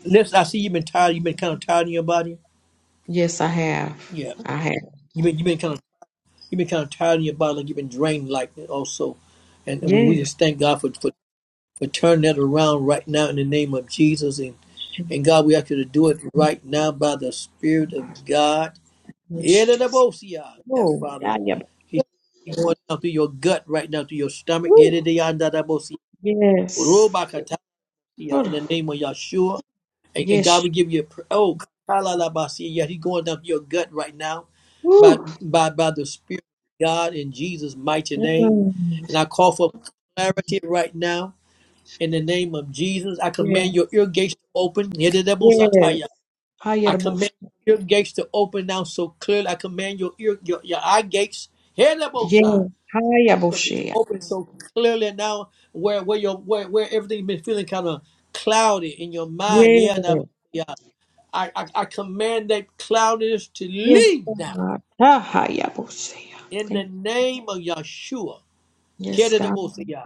[SPEAKER 1] Liz, I see you've been tired. You've been kind of tired in your body.
[SPEAKER 9] Yes, I have.
[SPEAKER 1] Yeah,
[SPEAKER 9] I have.
[SPEAKER 1] you've been you've been kind of you've been kind of tired in your body. Like you've been drained, like that also. And, and we, we
[SPEAKER 9] Yes,
[SPEAKER 1] just thank God for, for for turning that around right now in the name of Jesus. And
[SPEAKER 9] Jesus.
[SPEAKER 1] and God, we ask you to do it right now by the Spirit of God. Yeah,
[SPEAKER 9] Yes,
[SPEAKER 1] the
[SPEAKER 9] Jesus.
[SPEAKER 1] Bosia. Yes,
[SPEAKER 9] Oh,
[SPEAKER 1] Father.
[SPEAKER 9] God, yeah.
[SPEAKER 1] He, he going down through your gut right now, through your stomach.
[SPEAKER 9] Woo.
[SPEAKER 1] Yeah, the Bosia.
[SPEAKER 9] Yes.
[SPEAKER 1] Robakatasia, In
[SPEAKER 9] Oh,
[SPEAKER 1] the name of Yahshua. and, and God
[SPEAKER 9] yes.
[SPEAKER 1] will give you a pr- oh kalalabasi. Yeah, He's going down your gut right now by
[SPEAKER 9] Woo.
[SPEAKER 1] by by the Spirit of God in Jesus' mighty name.
[SPEAKER 9] Mm.
[SPEAKER 1] And I call for clarity right now in the name of Jesus. I
[SPEAKER 9] Yeah.
[SPEAKER 1] command your ear gates to open.
[SPEAKER 9] Yes.
[SPEAKER 1] Yedidebosataya. I
[SPEAKER 9] Higher bush.
[SPEAKER 1] command your ear gates to open now so clearly. I command your ear your, your eye gates yedidebosa,
[SPEAKER 9] Yes. Higher
[SPEAKER 1] to
[SPEAKER 9] bush.
[SPEAKER 1] be
[SPEAKER 9] Yes.
[SPEAKER 1] open so clearly now where where your where, where everything been feeling kind of cloudy in your mind. Yeah, now, I, I, I command that cloudiness to
[SPEAKER 9] Yes,
[SPEAKER 1] leave now
[SPEAKER 9] God. Ah, higher bush.
[SPEAKER 1] in the
[SPEAKER 9] Thank you.
[SPEAKER 1] name of Yeshua.
[SPEAKER 9] Yes, God.
[SPEAKER 1] Kededemosia.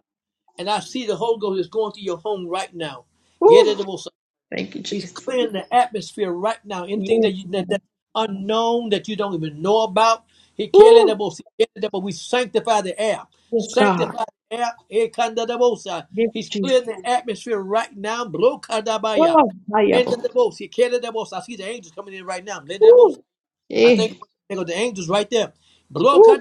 [SPEAKER 1] And I see the Holy Ghost is going through your home right now.
[SPEAKER 9] Woo.
[SPEAKER 1] Kededemosia.
[SPEAKER 9] Thank you,
[SPEAKER 1] He's
[SPEAKER 9] Jesus.
[SPEAKER 1] clearing the atmosphere right now. Anything
[SPEAKER 9] Yes,
[SPEAKER 1] that you that,
[SPEAKER 9] God.
[SPEAKER 1] that's unknown that you don't even know about. He
[SPEAKER 9] Woo.
[SPEAKER 1] kededemosia. Kededemosia. We sanctify the air.
[SPEAKER 9] Yes, God.
[SPEAKER 1] Sanctify the air. Ekandedemosia.
[SPEAKER 9] Yes,
[SPEAKER 1] He's
[SPEAKER 9] Jesus.
[SPEAKER 1] clearing the atmosphere right now. Blokadabaya.
[SPEAKER 9] Oh, higher
[SPEAKER 1] In the
[SPEAKER 9] bush.
[SPEAKER 1] most, he can the most. I see the angels coming in right now.
[SPEAKER 9] Woo.
[SPEAKER 1] I
[SPEAKER 9] Eh.
[SPEAKER 1] think they go the angels right there.
[SPEAKER 9] Woo.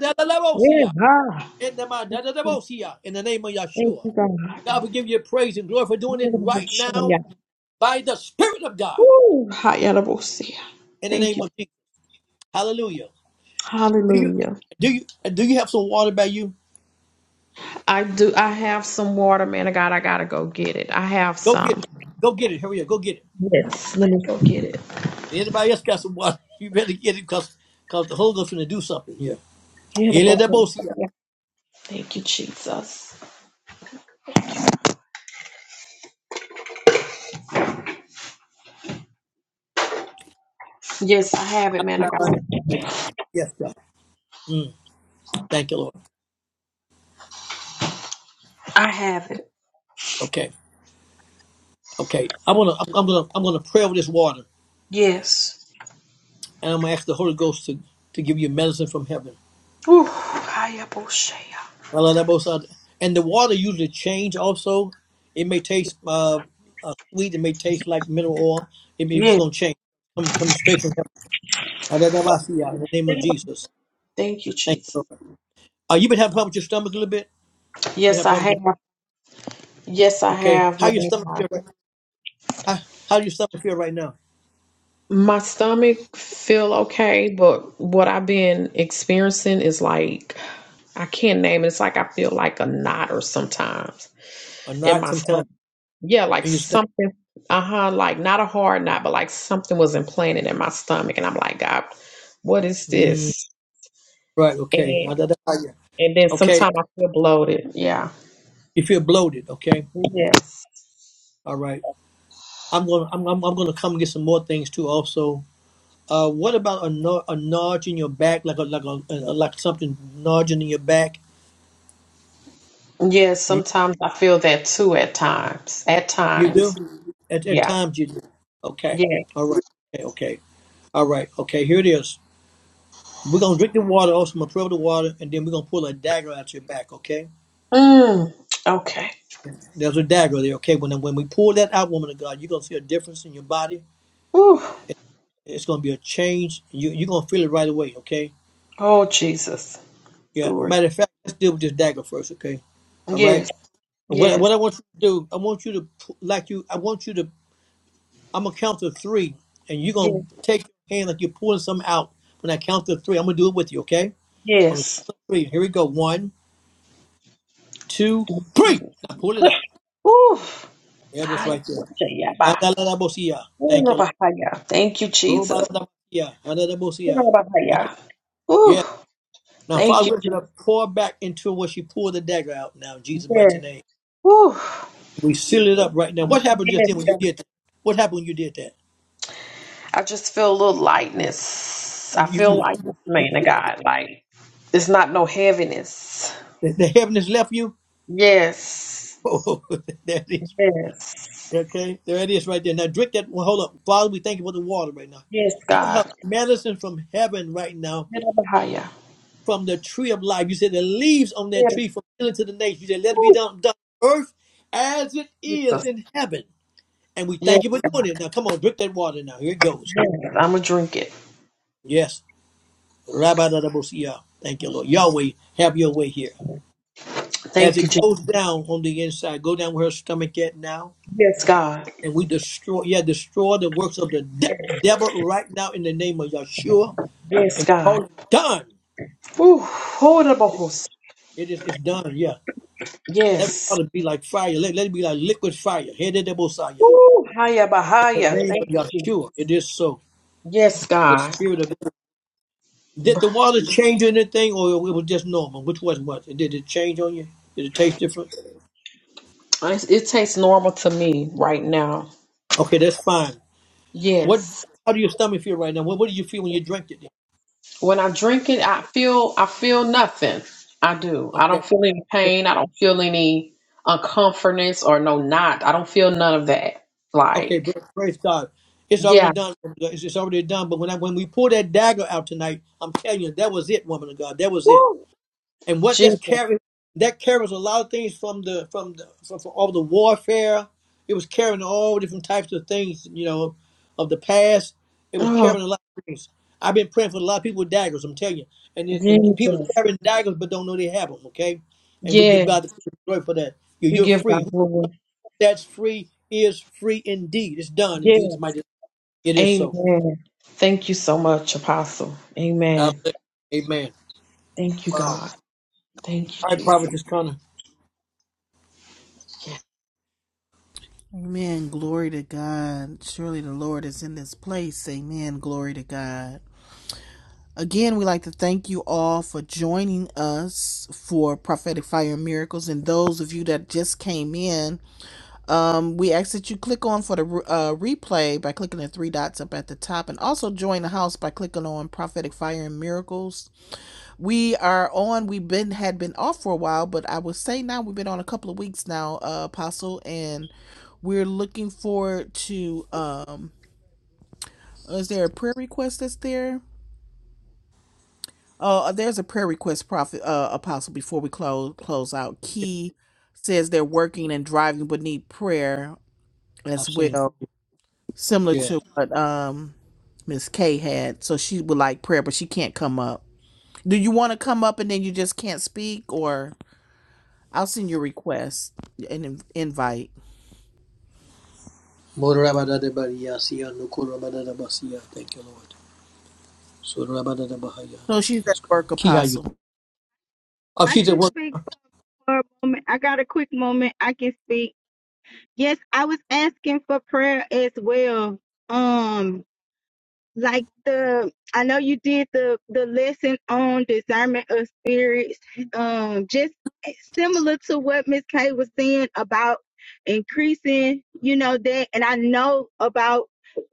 [SPEAKER 9] Yeah. Ah.
[SPEAKER 1] Endemanadadabosia. In the name of
[SPEAKER 9] Thank
[SPEAKER 1] Yeshua.
[SPEAKER 9] you, God.
[SPEAKER 1] God will give you praise and glory for doing it right now by the Spirit of God.
[SPEAKER 9] Woo! Hayarabosia.
[SPEAKER 1] In the
[SPEAKER 9] Thank
[SPEAKER 1] name
[SPEAKER 9] you.
[SPEAKER 1] of Jesus. Hallelujah. Do you
[SPEAKER 9] Hallelujah.
[SPEAKER 1] do you do you have some water by you?
[SPEAKER 9] I do. I have some water, man of God. I gotta go get it. I have
[SPEAKER 1] Go get
[SPEAKER 9] some.
[SPEAKER 1] it. Go get it. Hurry up. Go get it.
[SPEAKER 9] Yes. Let me go get it.
[SPEAKER 1] Anybody else got some water? You better get it because because the Holy Ghost gonna do something here.
[SPEAKER 9] Hayarabosia.
[SPEAKER 1] Eladabosia.
[SPEAKER 9] Thank you, Jesus. Yes, I have it, man of God.
[SPEAKER 1] Yes, God. Mm, thank you, Lord.
[SPEAKER 9] I have it.
[SPEAKER 1] Okay. Okay. I wanna I'm I'm gonna I'm gonna pray over this water.
[SPEAKER 9] Yes.
[SPEAKER 1] And I'm going to ask the Holy Ghost to, to give you medicine from heaven.
[SPEAKER 9] Woo! Hayarabosia.
[SPEAKER 1] Alabosada. And the water usually change also. It may taste uh, uh, sweet. It may taste like mineral oil. It may, it's
[SPEAKER 9] Yes.
[SPEAKER 1] going to change. Come, coming straight from heaven. Alabosada, In the name of Jesus.
[SPEAKER 9] Thank you,
[SPEAKER 1] Thank
[SPEAKER 9] Jesus.
[SPEAKER 1] you, Lord. Uh, you been having a problem with your stomach a little bit? You Been
[SPEAKER 9] Yes,
[SPEAKER 1] having
[SPEAKER 9] I
[SPEAKER 1] problem.
[SPEAKER 9] have.
[SPEAKER 1] with-
[SPEAKER 9] Yes, I
[SPEAKER 1] Okay.
[SPEAKER 9] have,
[SPEAKER 1] How
[SPEAKER 9] man
[SPEAKER 1] your
[SPEAKER 9] of
[SPEAKER 1] stomach
[SPEAKER 9] God.
[SPEAKER 1] feel right? How, how your stomach feel right now?
[SPEAKER 9] My stomach feel okay, but what I've been experiencing is like I can't name it. It's like I feel like a knot or sometimes
[SPEAKER 1] Or
[SPEAKER 9] in
[SPEAKER 1] not?
[SPEAKER 9] my
[SPEAKER 1] Sometimes
[SPEAKER 9] stomach. Yeah, like
[SPEAKER 1] in your stomach.
[SPEAKER 9] something, uh huh, like not a hard knot, but like something was implanted in my stomach. And I'm like, God, what is
[SPEAKER 1] Mm,
[SPEAKER 9] this?
[SPEAKER 1] right. Okay.
[SPEAKER 9] And
[SPEAKER 1] Alabosada.
[SPEAKER 9] and then
[SPEAKER 1] Okay.
[SPEAKER 9] sometimes I feel bloated. Yeah.
[SPEAKER 1] You feel bloated. Okay.
[SPEAKER 9] Yes.
[SPEAKER 1] All right. I'm gonna I'm, I'm, I'm gonna come and get some more things too. Also, uh, what about a, no, a nudge in your back, like a like a, uh like something nudging in your back?
[SPEAKER 9] Yes,
[SPEAKER 1] You,
[SPEAKER 9] sometimes I feel that too at times. At
[SPEAKER 1] you
[SPEAKER 9] times.
[SPEAKER 1] do at, at
[SPEAKER 9] Yeah.
[SPEAKER 1] times you do. Okay,
[SPEAKER 9] Yeah.
[SPEAKER 1] all right, okay, okay, all right, okay. Here it is. We're gonna drink the water. Also, I'm gonna throw the water, and then we're gonna pull a dagger out your back. Okay,
[SPEAKER 9] Mm. Okay.
[SPEAKER 1] there's a dagger there. Okay, when when we pull that out, woman of God, you're gonna see a difference in your body.
[SPEAKER 9] Ooh.
[SPEAKER 1] It's gonna be a change. You you're gonna feel it right away. Okay.
[SPEAKER 9] Oh Jesus.
[SPEAKER 1] Yeah.
[SPEAKER 9] Glory.
[SPEAKER 1] Matter of fact, let's deal with this dagger first. Okay. All right.
[SPEAKER 9] Yes.
[SPEAKER 1] What
[SPEAKER 9] Yes.
[SPEAKER 1] what I want you to do, I want you to pu- like you. I want you to. I'm gonna count to three, and you're gonna take your hand like you're pulling something out. When I count to three, I'm gonna do it with you. Okay? I'm gonna count
[SPEAKER 9] Yes.
[SPEAKER 1] to three. Here we go. One, two, three.
[SPEAKER 9] Yes.
[SPEAKER 1] Now pull it out.
[SPEAKER 9] Oof.
[SPEAKER 1] There it is, right there.
[SPEAKER 9] Hayabashayaba.
[SPEAKER 1] Adalalabosia. Thank you,
[SPEAKER 9] Urabahaya. Thank you,
[SPEAKER 1] Lord.
[SPEAKER 9] Jesus.
[SPEAKER 1] Robadalabosia. Adalabosia. Thank you.
[SPEAKER 9] Urabahaya. Ooh.
[SPEAKER 1] Yeah. Now,
[SPEAKER 9] Thank
[SPEAKER 1] Father,
[SPEAKER 9] you,
[SPEAKER 1] we're gonna
[SPEAKER 9] Jesus.
[SPEAKER 1] pour back into what she pulled the dagger out. Now, in Jesus' mighty
[SPEAKER 9] Yes.
[SPEAKER 1] name,
[SPEAKER 9] Ooh.
[SPEAKER 1] we seal it up right now. What happened just
[SPEAKER 9] Yes.
[SPEAKER 1] then when you
[SPEAKER 9] God.
[SPEAKER 1] did that? What happened when you did that?
[SPEAKER 9] I just feel a little lightness. I
[SPEAKER 1] You,
[SPEAKER 9] feel
[SPEAKER 1] you,
[SPEAKER 9] lightness, man of God. Like it's not no heaviness.
[SPEAKER 1] the, the heaviness left you.
[SPEAKER 9] Yes.
[SPEAKER 1] Oh, there it is.
[SPEAKER 9] Yes.
[SPEAKER 1] Okay, there it is right there. Now drink that. Well, hold up, Father. We thank you for the water right now.
[SPEAKER 9] Yes,
[SPEAKER 1] Give her
[SPEAKER 9] God.
[SPEAKER 1] medicine from heaven right now,
[SPEAKER 9] Urabahaya.
[SPEAKER 1] from the tree of life. You said the leaves on that
[SPEAKER 9] Yes.
[SPEAKER 1] tree from healing to the nation. You said let it be
[SPEAKER 9] Ooh,
[SPEAKER 1] done, done on earth as it is
[SPEAKER 9] Jesus.
[SPEAKER 1] in heaven. And we
[SPEAKER 9] Yes,
[SPEAKER 1] thank you for doing it. Now come on, drink that water now. Here it goes.
[SPEAKER 9] yes. I'm gonna drink it.
[SPEAKER 1] Yes, Rabbi Dadabosia. Thank you, Lord. Yahweh, have your way here. As
[SPEAKER 9] Thank you,
[SPEAKER 1] it
[SPEAKER 9] Jesus.
[SPEAKER 1] goes down on the inside, go down where her stomach at now.
[SPEAKER 9] Yes, God.
[SPEAKER 1] And we destroy, yeah, destroy the works of the de- devil right now in the name of Yeshua.
[SPEAKER 9] Yes,
[SPEAKER 1] And we
[SPEAKER 9] God.
[SPEAKER 1] call it done.
[SPEAKER 9] Ooh,
[SPEAKER 1] It is it's done, yeah. That ought
[SPEAKER 9] Yes.
[SPEAKER 1] to be like fire. Let, let it be like liquid fire. Headed the Messiah.
[SPEAKER 9] Woo, higher,
[SPEAKER 1] In the
[SPEAKER 9] Bahaya.
[SPEAKER 1] name
[SPEAKER 9] Thank
[SPEAKER 1] of
[SPEAKER 9] you, Jesus.
[SPEAKER 1] Yeshua. It is so.
[SPEAKER 9] Yes,
[SPEAKER 1] The
[SPEAKER 9] God.
[SPEAKER 1] spirit of
[SPEAKER 9] Br-
[SPEAKER 1] Did the water change anything or it was just normal? Which was what? And did it change on you? Did it taste different?
[SPEAKER 9] It's, it tastes normal to me right now.
[SPEAKER 1] Okay, that's fine. What
[SPEAKER 9] Yes.
[SPEAKER 1] how do your stomach feel right now? What what do you feel when you drink
[SPEAKER 9] When I drink it, I feel I feel nothing. I do. I
[SPEAKER 1] it?
[SPEAKER 9] don't feel any pain. I don't feel any uncomfortness or no knot. I don't feel none of that.
[SPEAKER 1] Okay,
[SPEAKER 9] Like,
[SPEAKER 1] bra- praise God. It's already
[SPEAKER 9] yeah.
[SPEAKER 1] done. It's it's already done. But when I, when we pull that dagger out tonight, I'm telling you, that was it, woman of God. That was it.
[SPEAKER 9] Woo.
[SPEAKER 1] And what that's
[SPEAKER 9] Jesus.
[SPEAKER 1] carrying, that carries a lot of things from the from the from, from all the warfare. It was carrying all different types of things, you know, of the past. It was
[SPEAKER 9] Oh,
[SPEAKER 1] carrying a lot of things. I've been praying for a lot of people with daggers. I'm telling you, and it, and people
[SPEAKER 9] Jesus.
[SPEAKER 1] carrying daggers but don't know they have them. Okay, and we give
[SPEAKER 9] Yeah.
[SPEAKER 1] God the glory for that. You
[SPEAKER 9] We
[SPEAKER 1] you're
[SPEAKER 9] give
[SPEAKER 1] free
[SPEAKER 9] God glory.
[SPEAKER 1] that's free is free indeed. It's done in
[SPEAKER 9] Yes.
[SPEAKER 1] Jesus' mighty name. It is so.
[SPEAKER 9] Amen. Thank you so much, Apostle.
[SPEAKER 1] God
[SPEAKER 9] Amen.
[SPEAKER 1] bless. you. Amen.
[SPEAKER 9] Thank you,
[SPEAKER 1] Wow.
[SPEAKER 9] God. Thank you,
[SPEAKER 1] All right,
[SPEAKER 9] Jesus.
[SPEAKER 1] Prophet Connor,
[SPEAKER 2] Amen. Glory to God. Surely the Lord is in this place. Amen. Glory to God. Again, we'd like to thank you all for joining us for Prophetic Fire and Miracles. And those of you that just came in, Um, we ask that you click on for the uh, replay by clicking the three dots up at the top and also join the house by clicking on prophetic fire and miracles we are on we've been had been off for a while but i would say now we've been on a couple of weeks now uh, apostle and we're looking forward to um is there a prayer request that's there oh there's a prayer request prophet uh, apostle before we close close out key says they're working and driving but need prayer
[SPEAKER 1] I've
[SPEAKER 2] as
[SPEAKER 1] seen.
[SPEAKER 2] well similar
[SPEAKER 1] Yeah.
[SPEAKER 2] to what um Miss K had. So she would like prayer, but she can't come up. Do you want to come up and then you just can't speak, or I'll send you a request and invite.
[SPEAKER 1] Morabadadabariyasiya, nukurabadadabasiya. Thank you, Lord. Surabadadabahaya.
[SPEAKER 2] So she's at
[SPEAKER 1] Yes, God.
[SPEAKER 2] work,
[SPEAKER 1] Key how you.
[SPEAKER 2] Apostle.
[SPEAKER 1] Oh,
[SPEAKER 10] I
[SPEAKER 1] she's at
[SPEAKER 10] can
[SPEAKER 1] work.
[SPEAKER 10] speak for a moment. I got a quick moment. I can speak. Yes, I was asking for prayer as well. Um, like the I know you did the the lesson on discernment of spirits, um, just similar to what Miss Kay was saying about increasing, you know that, and I know about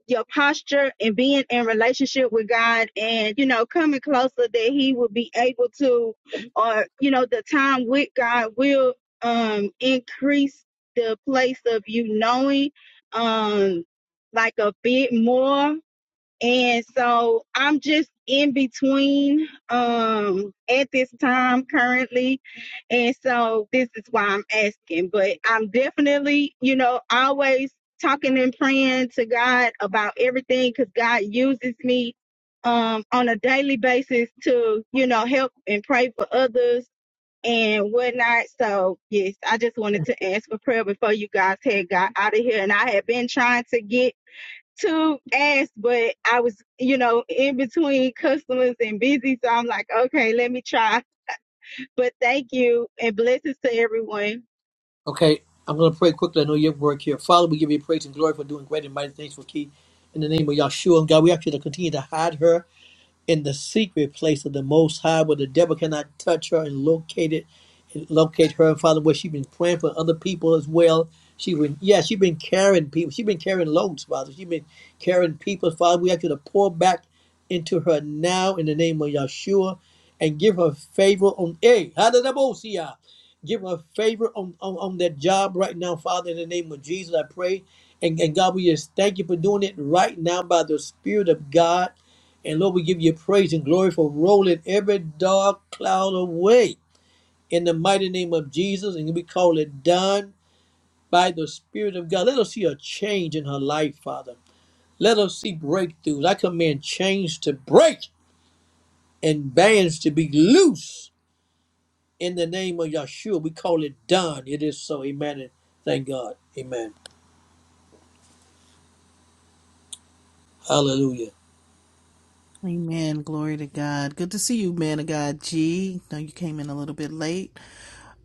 [SPEAKER 10] your posture and being in relationship with God, and you know coming closer that He will be able to, or you know the time with God will um increase the place of you knowing um like a bit more and so I'm just in between um at this time currently. And so this is why I'm asking. But I'm definitely, you know, always talking and praying to God about everything because God uses me um on a daily basis to, you know, help and pray for others and whatnot. So yes, I just wanted to ask for prayer before you guys had got out of here. And I had been trying to get to ask, but I was, you know, in between customers and busy. So I'm like, okay, let me try. But thank you and blessings to everyone.
[SPEAKER 1] Okay. I'm going to pray quickly. I know you have work here. Father, we give you praise and glory for doing great and mighty things for Key. In the name of Yahshua, and God, we ask you to continue to hide her. in the secret place of the Most High, where the devil cannot touch her and locate it, and locate her. And Father, where she's been praying for other people as well. She been, yeah, she's been carrying people. She's been carrying loads, Father. She's been carrying people, Father. We ask you to pour back into her now in the name of Yeshua, and give her favor on a Hadabosia. Give her favor on, on, on that job right now, Father, in the name of Jesus. I pray. And, and God, we just thank you for doing it right now by the Spirit of God and Lord, we give you praise and glory for rolling every dark cloud away in the mighty name of Jesus. And we call it done by the Spirit of God. Let us see a change in her life, Father. Let us see breakthroughs. I command chains to break and bands to be loose in the name of Yahshua. We call it done. It is so. Amen. And thank God. Amen. Hallelujah.
[SPEAKER 2] Amen. Glory to God. Good to see you, man of God. G. Know you came in a little bit late,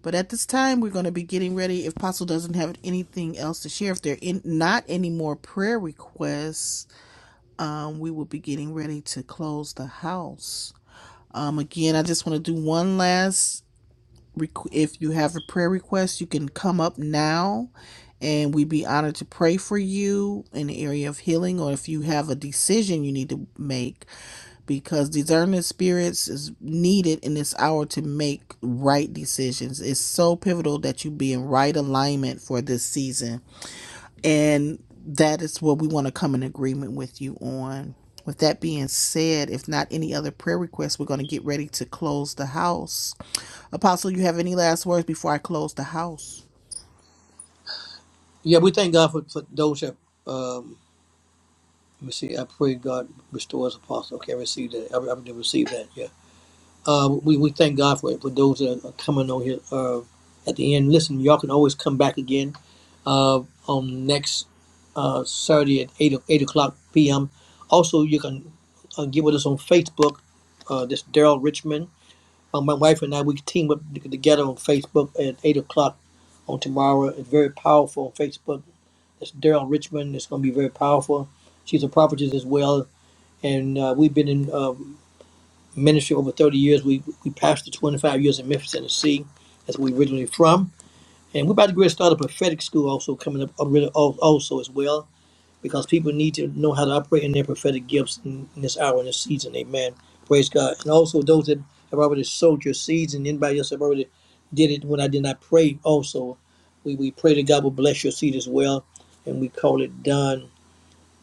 [SPEAKER 2] but at this time we're going to be getting ready. If Apostle doesn't have anything else to share, if there in, not any more prayer requests, um, we will be getting ready to close the house. Um, again, I just want to do one last requ- if you have a prayer request, you can come up now and we'd be honored to pray for you in the area of healing or if you have a decision you need to make because discernment spirits is needed in this hour to make right decisions. It's so pivotal that you be in right alignment for this season and that is what we want to come in agreement with you on. With that being said, if not any other prayer requests, we're going to get ready to close the house. Apostle, you have any last words before I close the house?
[SPEAKER 1] Yeah, we thank God for, for those that, um, let me see, I pray God restores apostle. Okay, I received that. I, I received that. Yeah. Uh, we, we thank God for, it. for those that are coming on here uh, at the end. Listen, y'all can always come back again uh, on next uh, Saturday at 8, o- 8 o'clock p.m. Also, you can uh, get with us on Facebook. Uh, this Daryl Richmond. Uh, my wife and I, we team up t- together on Facebook at 8 o'clock on tomorrow. It's very powerful on Facebook. It's Daryl Richmond. It's going to be very powerful. She's a prophetess as well. And uh, we've been in. uh, ministry over 30 years. We we pastored 25 years in Memphis, Tennessee. That's where we originally from. And we're about to go and start a prophetic school also coming up uh, really also as well because people need to know how to operate in their prophetic gifts in, in this hour in this season. Amen. Praise God. And also those that have already sowed your seeds and anybody else have already did it when I did not pray also. We, we pray that God will bless your seed as well. And we call it done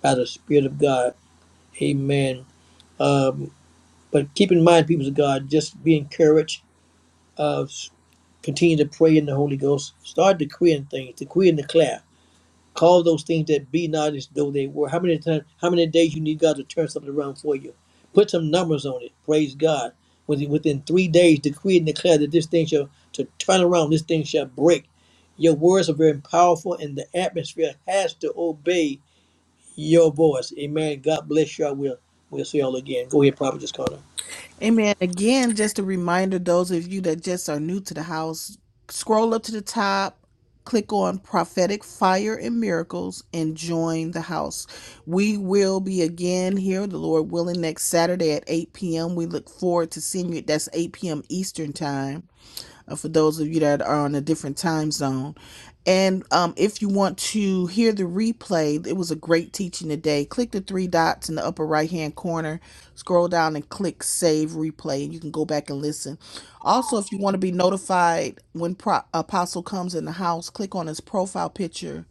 [SPEAKER 1] by the Spirit of God. Amen. Um, but keep in mind, people of God, just be encouraged. Uh, continue to pray in the Holy Ghost. Start decreeing things, decree and declare. Call those things that be not as though they were. How many times, how many days you need God to turn something around for you? Put some numbers on it. Praise God. Within, within three days, decree and declare that this thing shall to turn around. This thing shall break. Your words are very powerful, and the atmosphere has to obey your voice. Amen. God bless you. I will. We'll see y'all again. Go ahead, Prophet Connor.
[SPEAKER 2] Amen. Again, just a reminder those of you that just are new to the house, scroll up to the top, click on Prophetic Fire and Miracles, and join the house. We will be again here, the Lord willing, next Saturday at 8 p.m. We look forward to seeing you. That's 8 p.m. Eastern Time uh, for those of you that are on a different time zone. And um, if you want to hear the replay, it was a great teaching today. Click the three dots in the upper right hand corner, scroll down and click save replay, and you can go back and listen. Also, if you want to be notified when Pro- Apostle comes in the house, click on his profile picture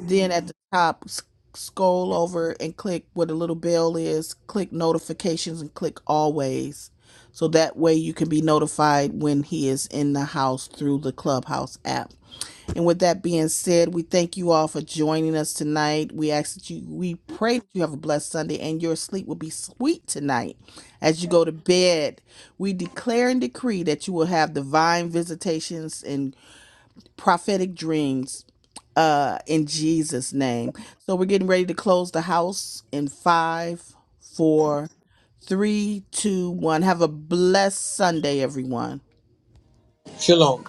[SPEAKER 2] then at the top, s- scroll over and click where the little bell is, click notifications and click always. So that way you can be notified when he is in the house through the Clubhouse app. And with that being said, we thank you all for joining us tonight. We ask that you, we pray that you have a blessed Sunday and your sleep will be sweet tonight as you go to bed. We declare and decree that you will have divine visitations and prophetic dreams uh in Jesus name. So we're getting ready to close the house in five, four, three, two, one. Have a blessed Sunday, everyone.
[SPEAKER 1] Shalom.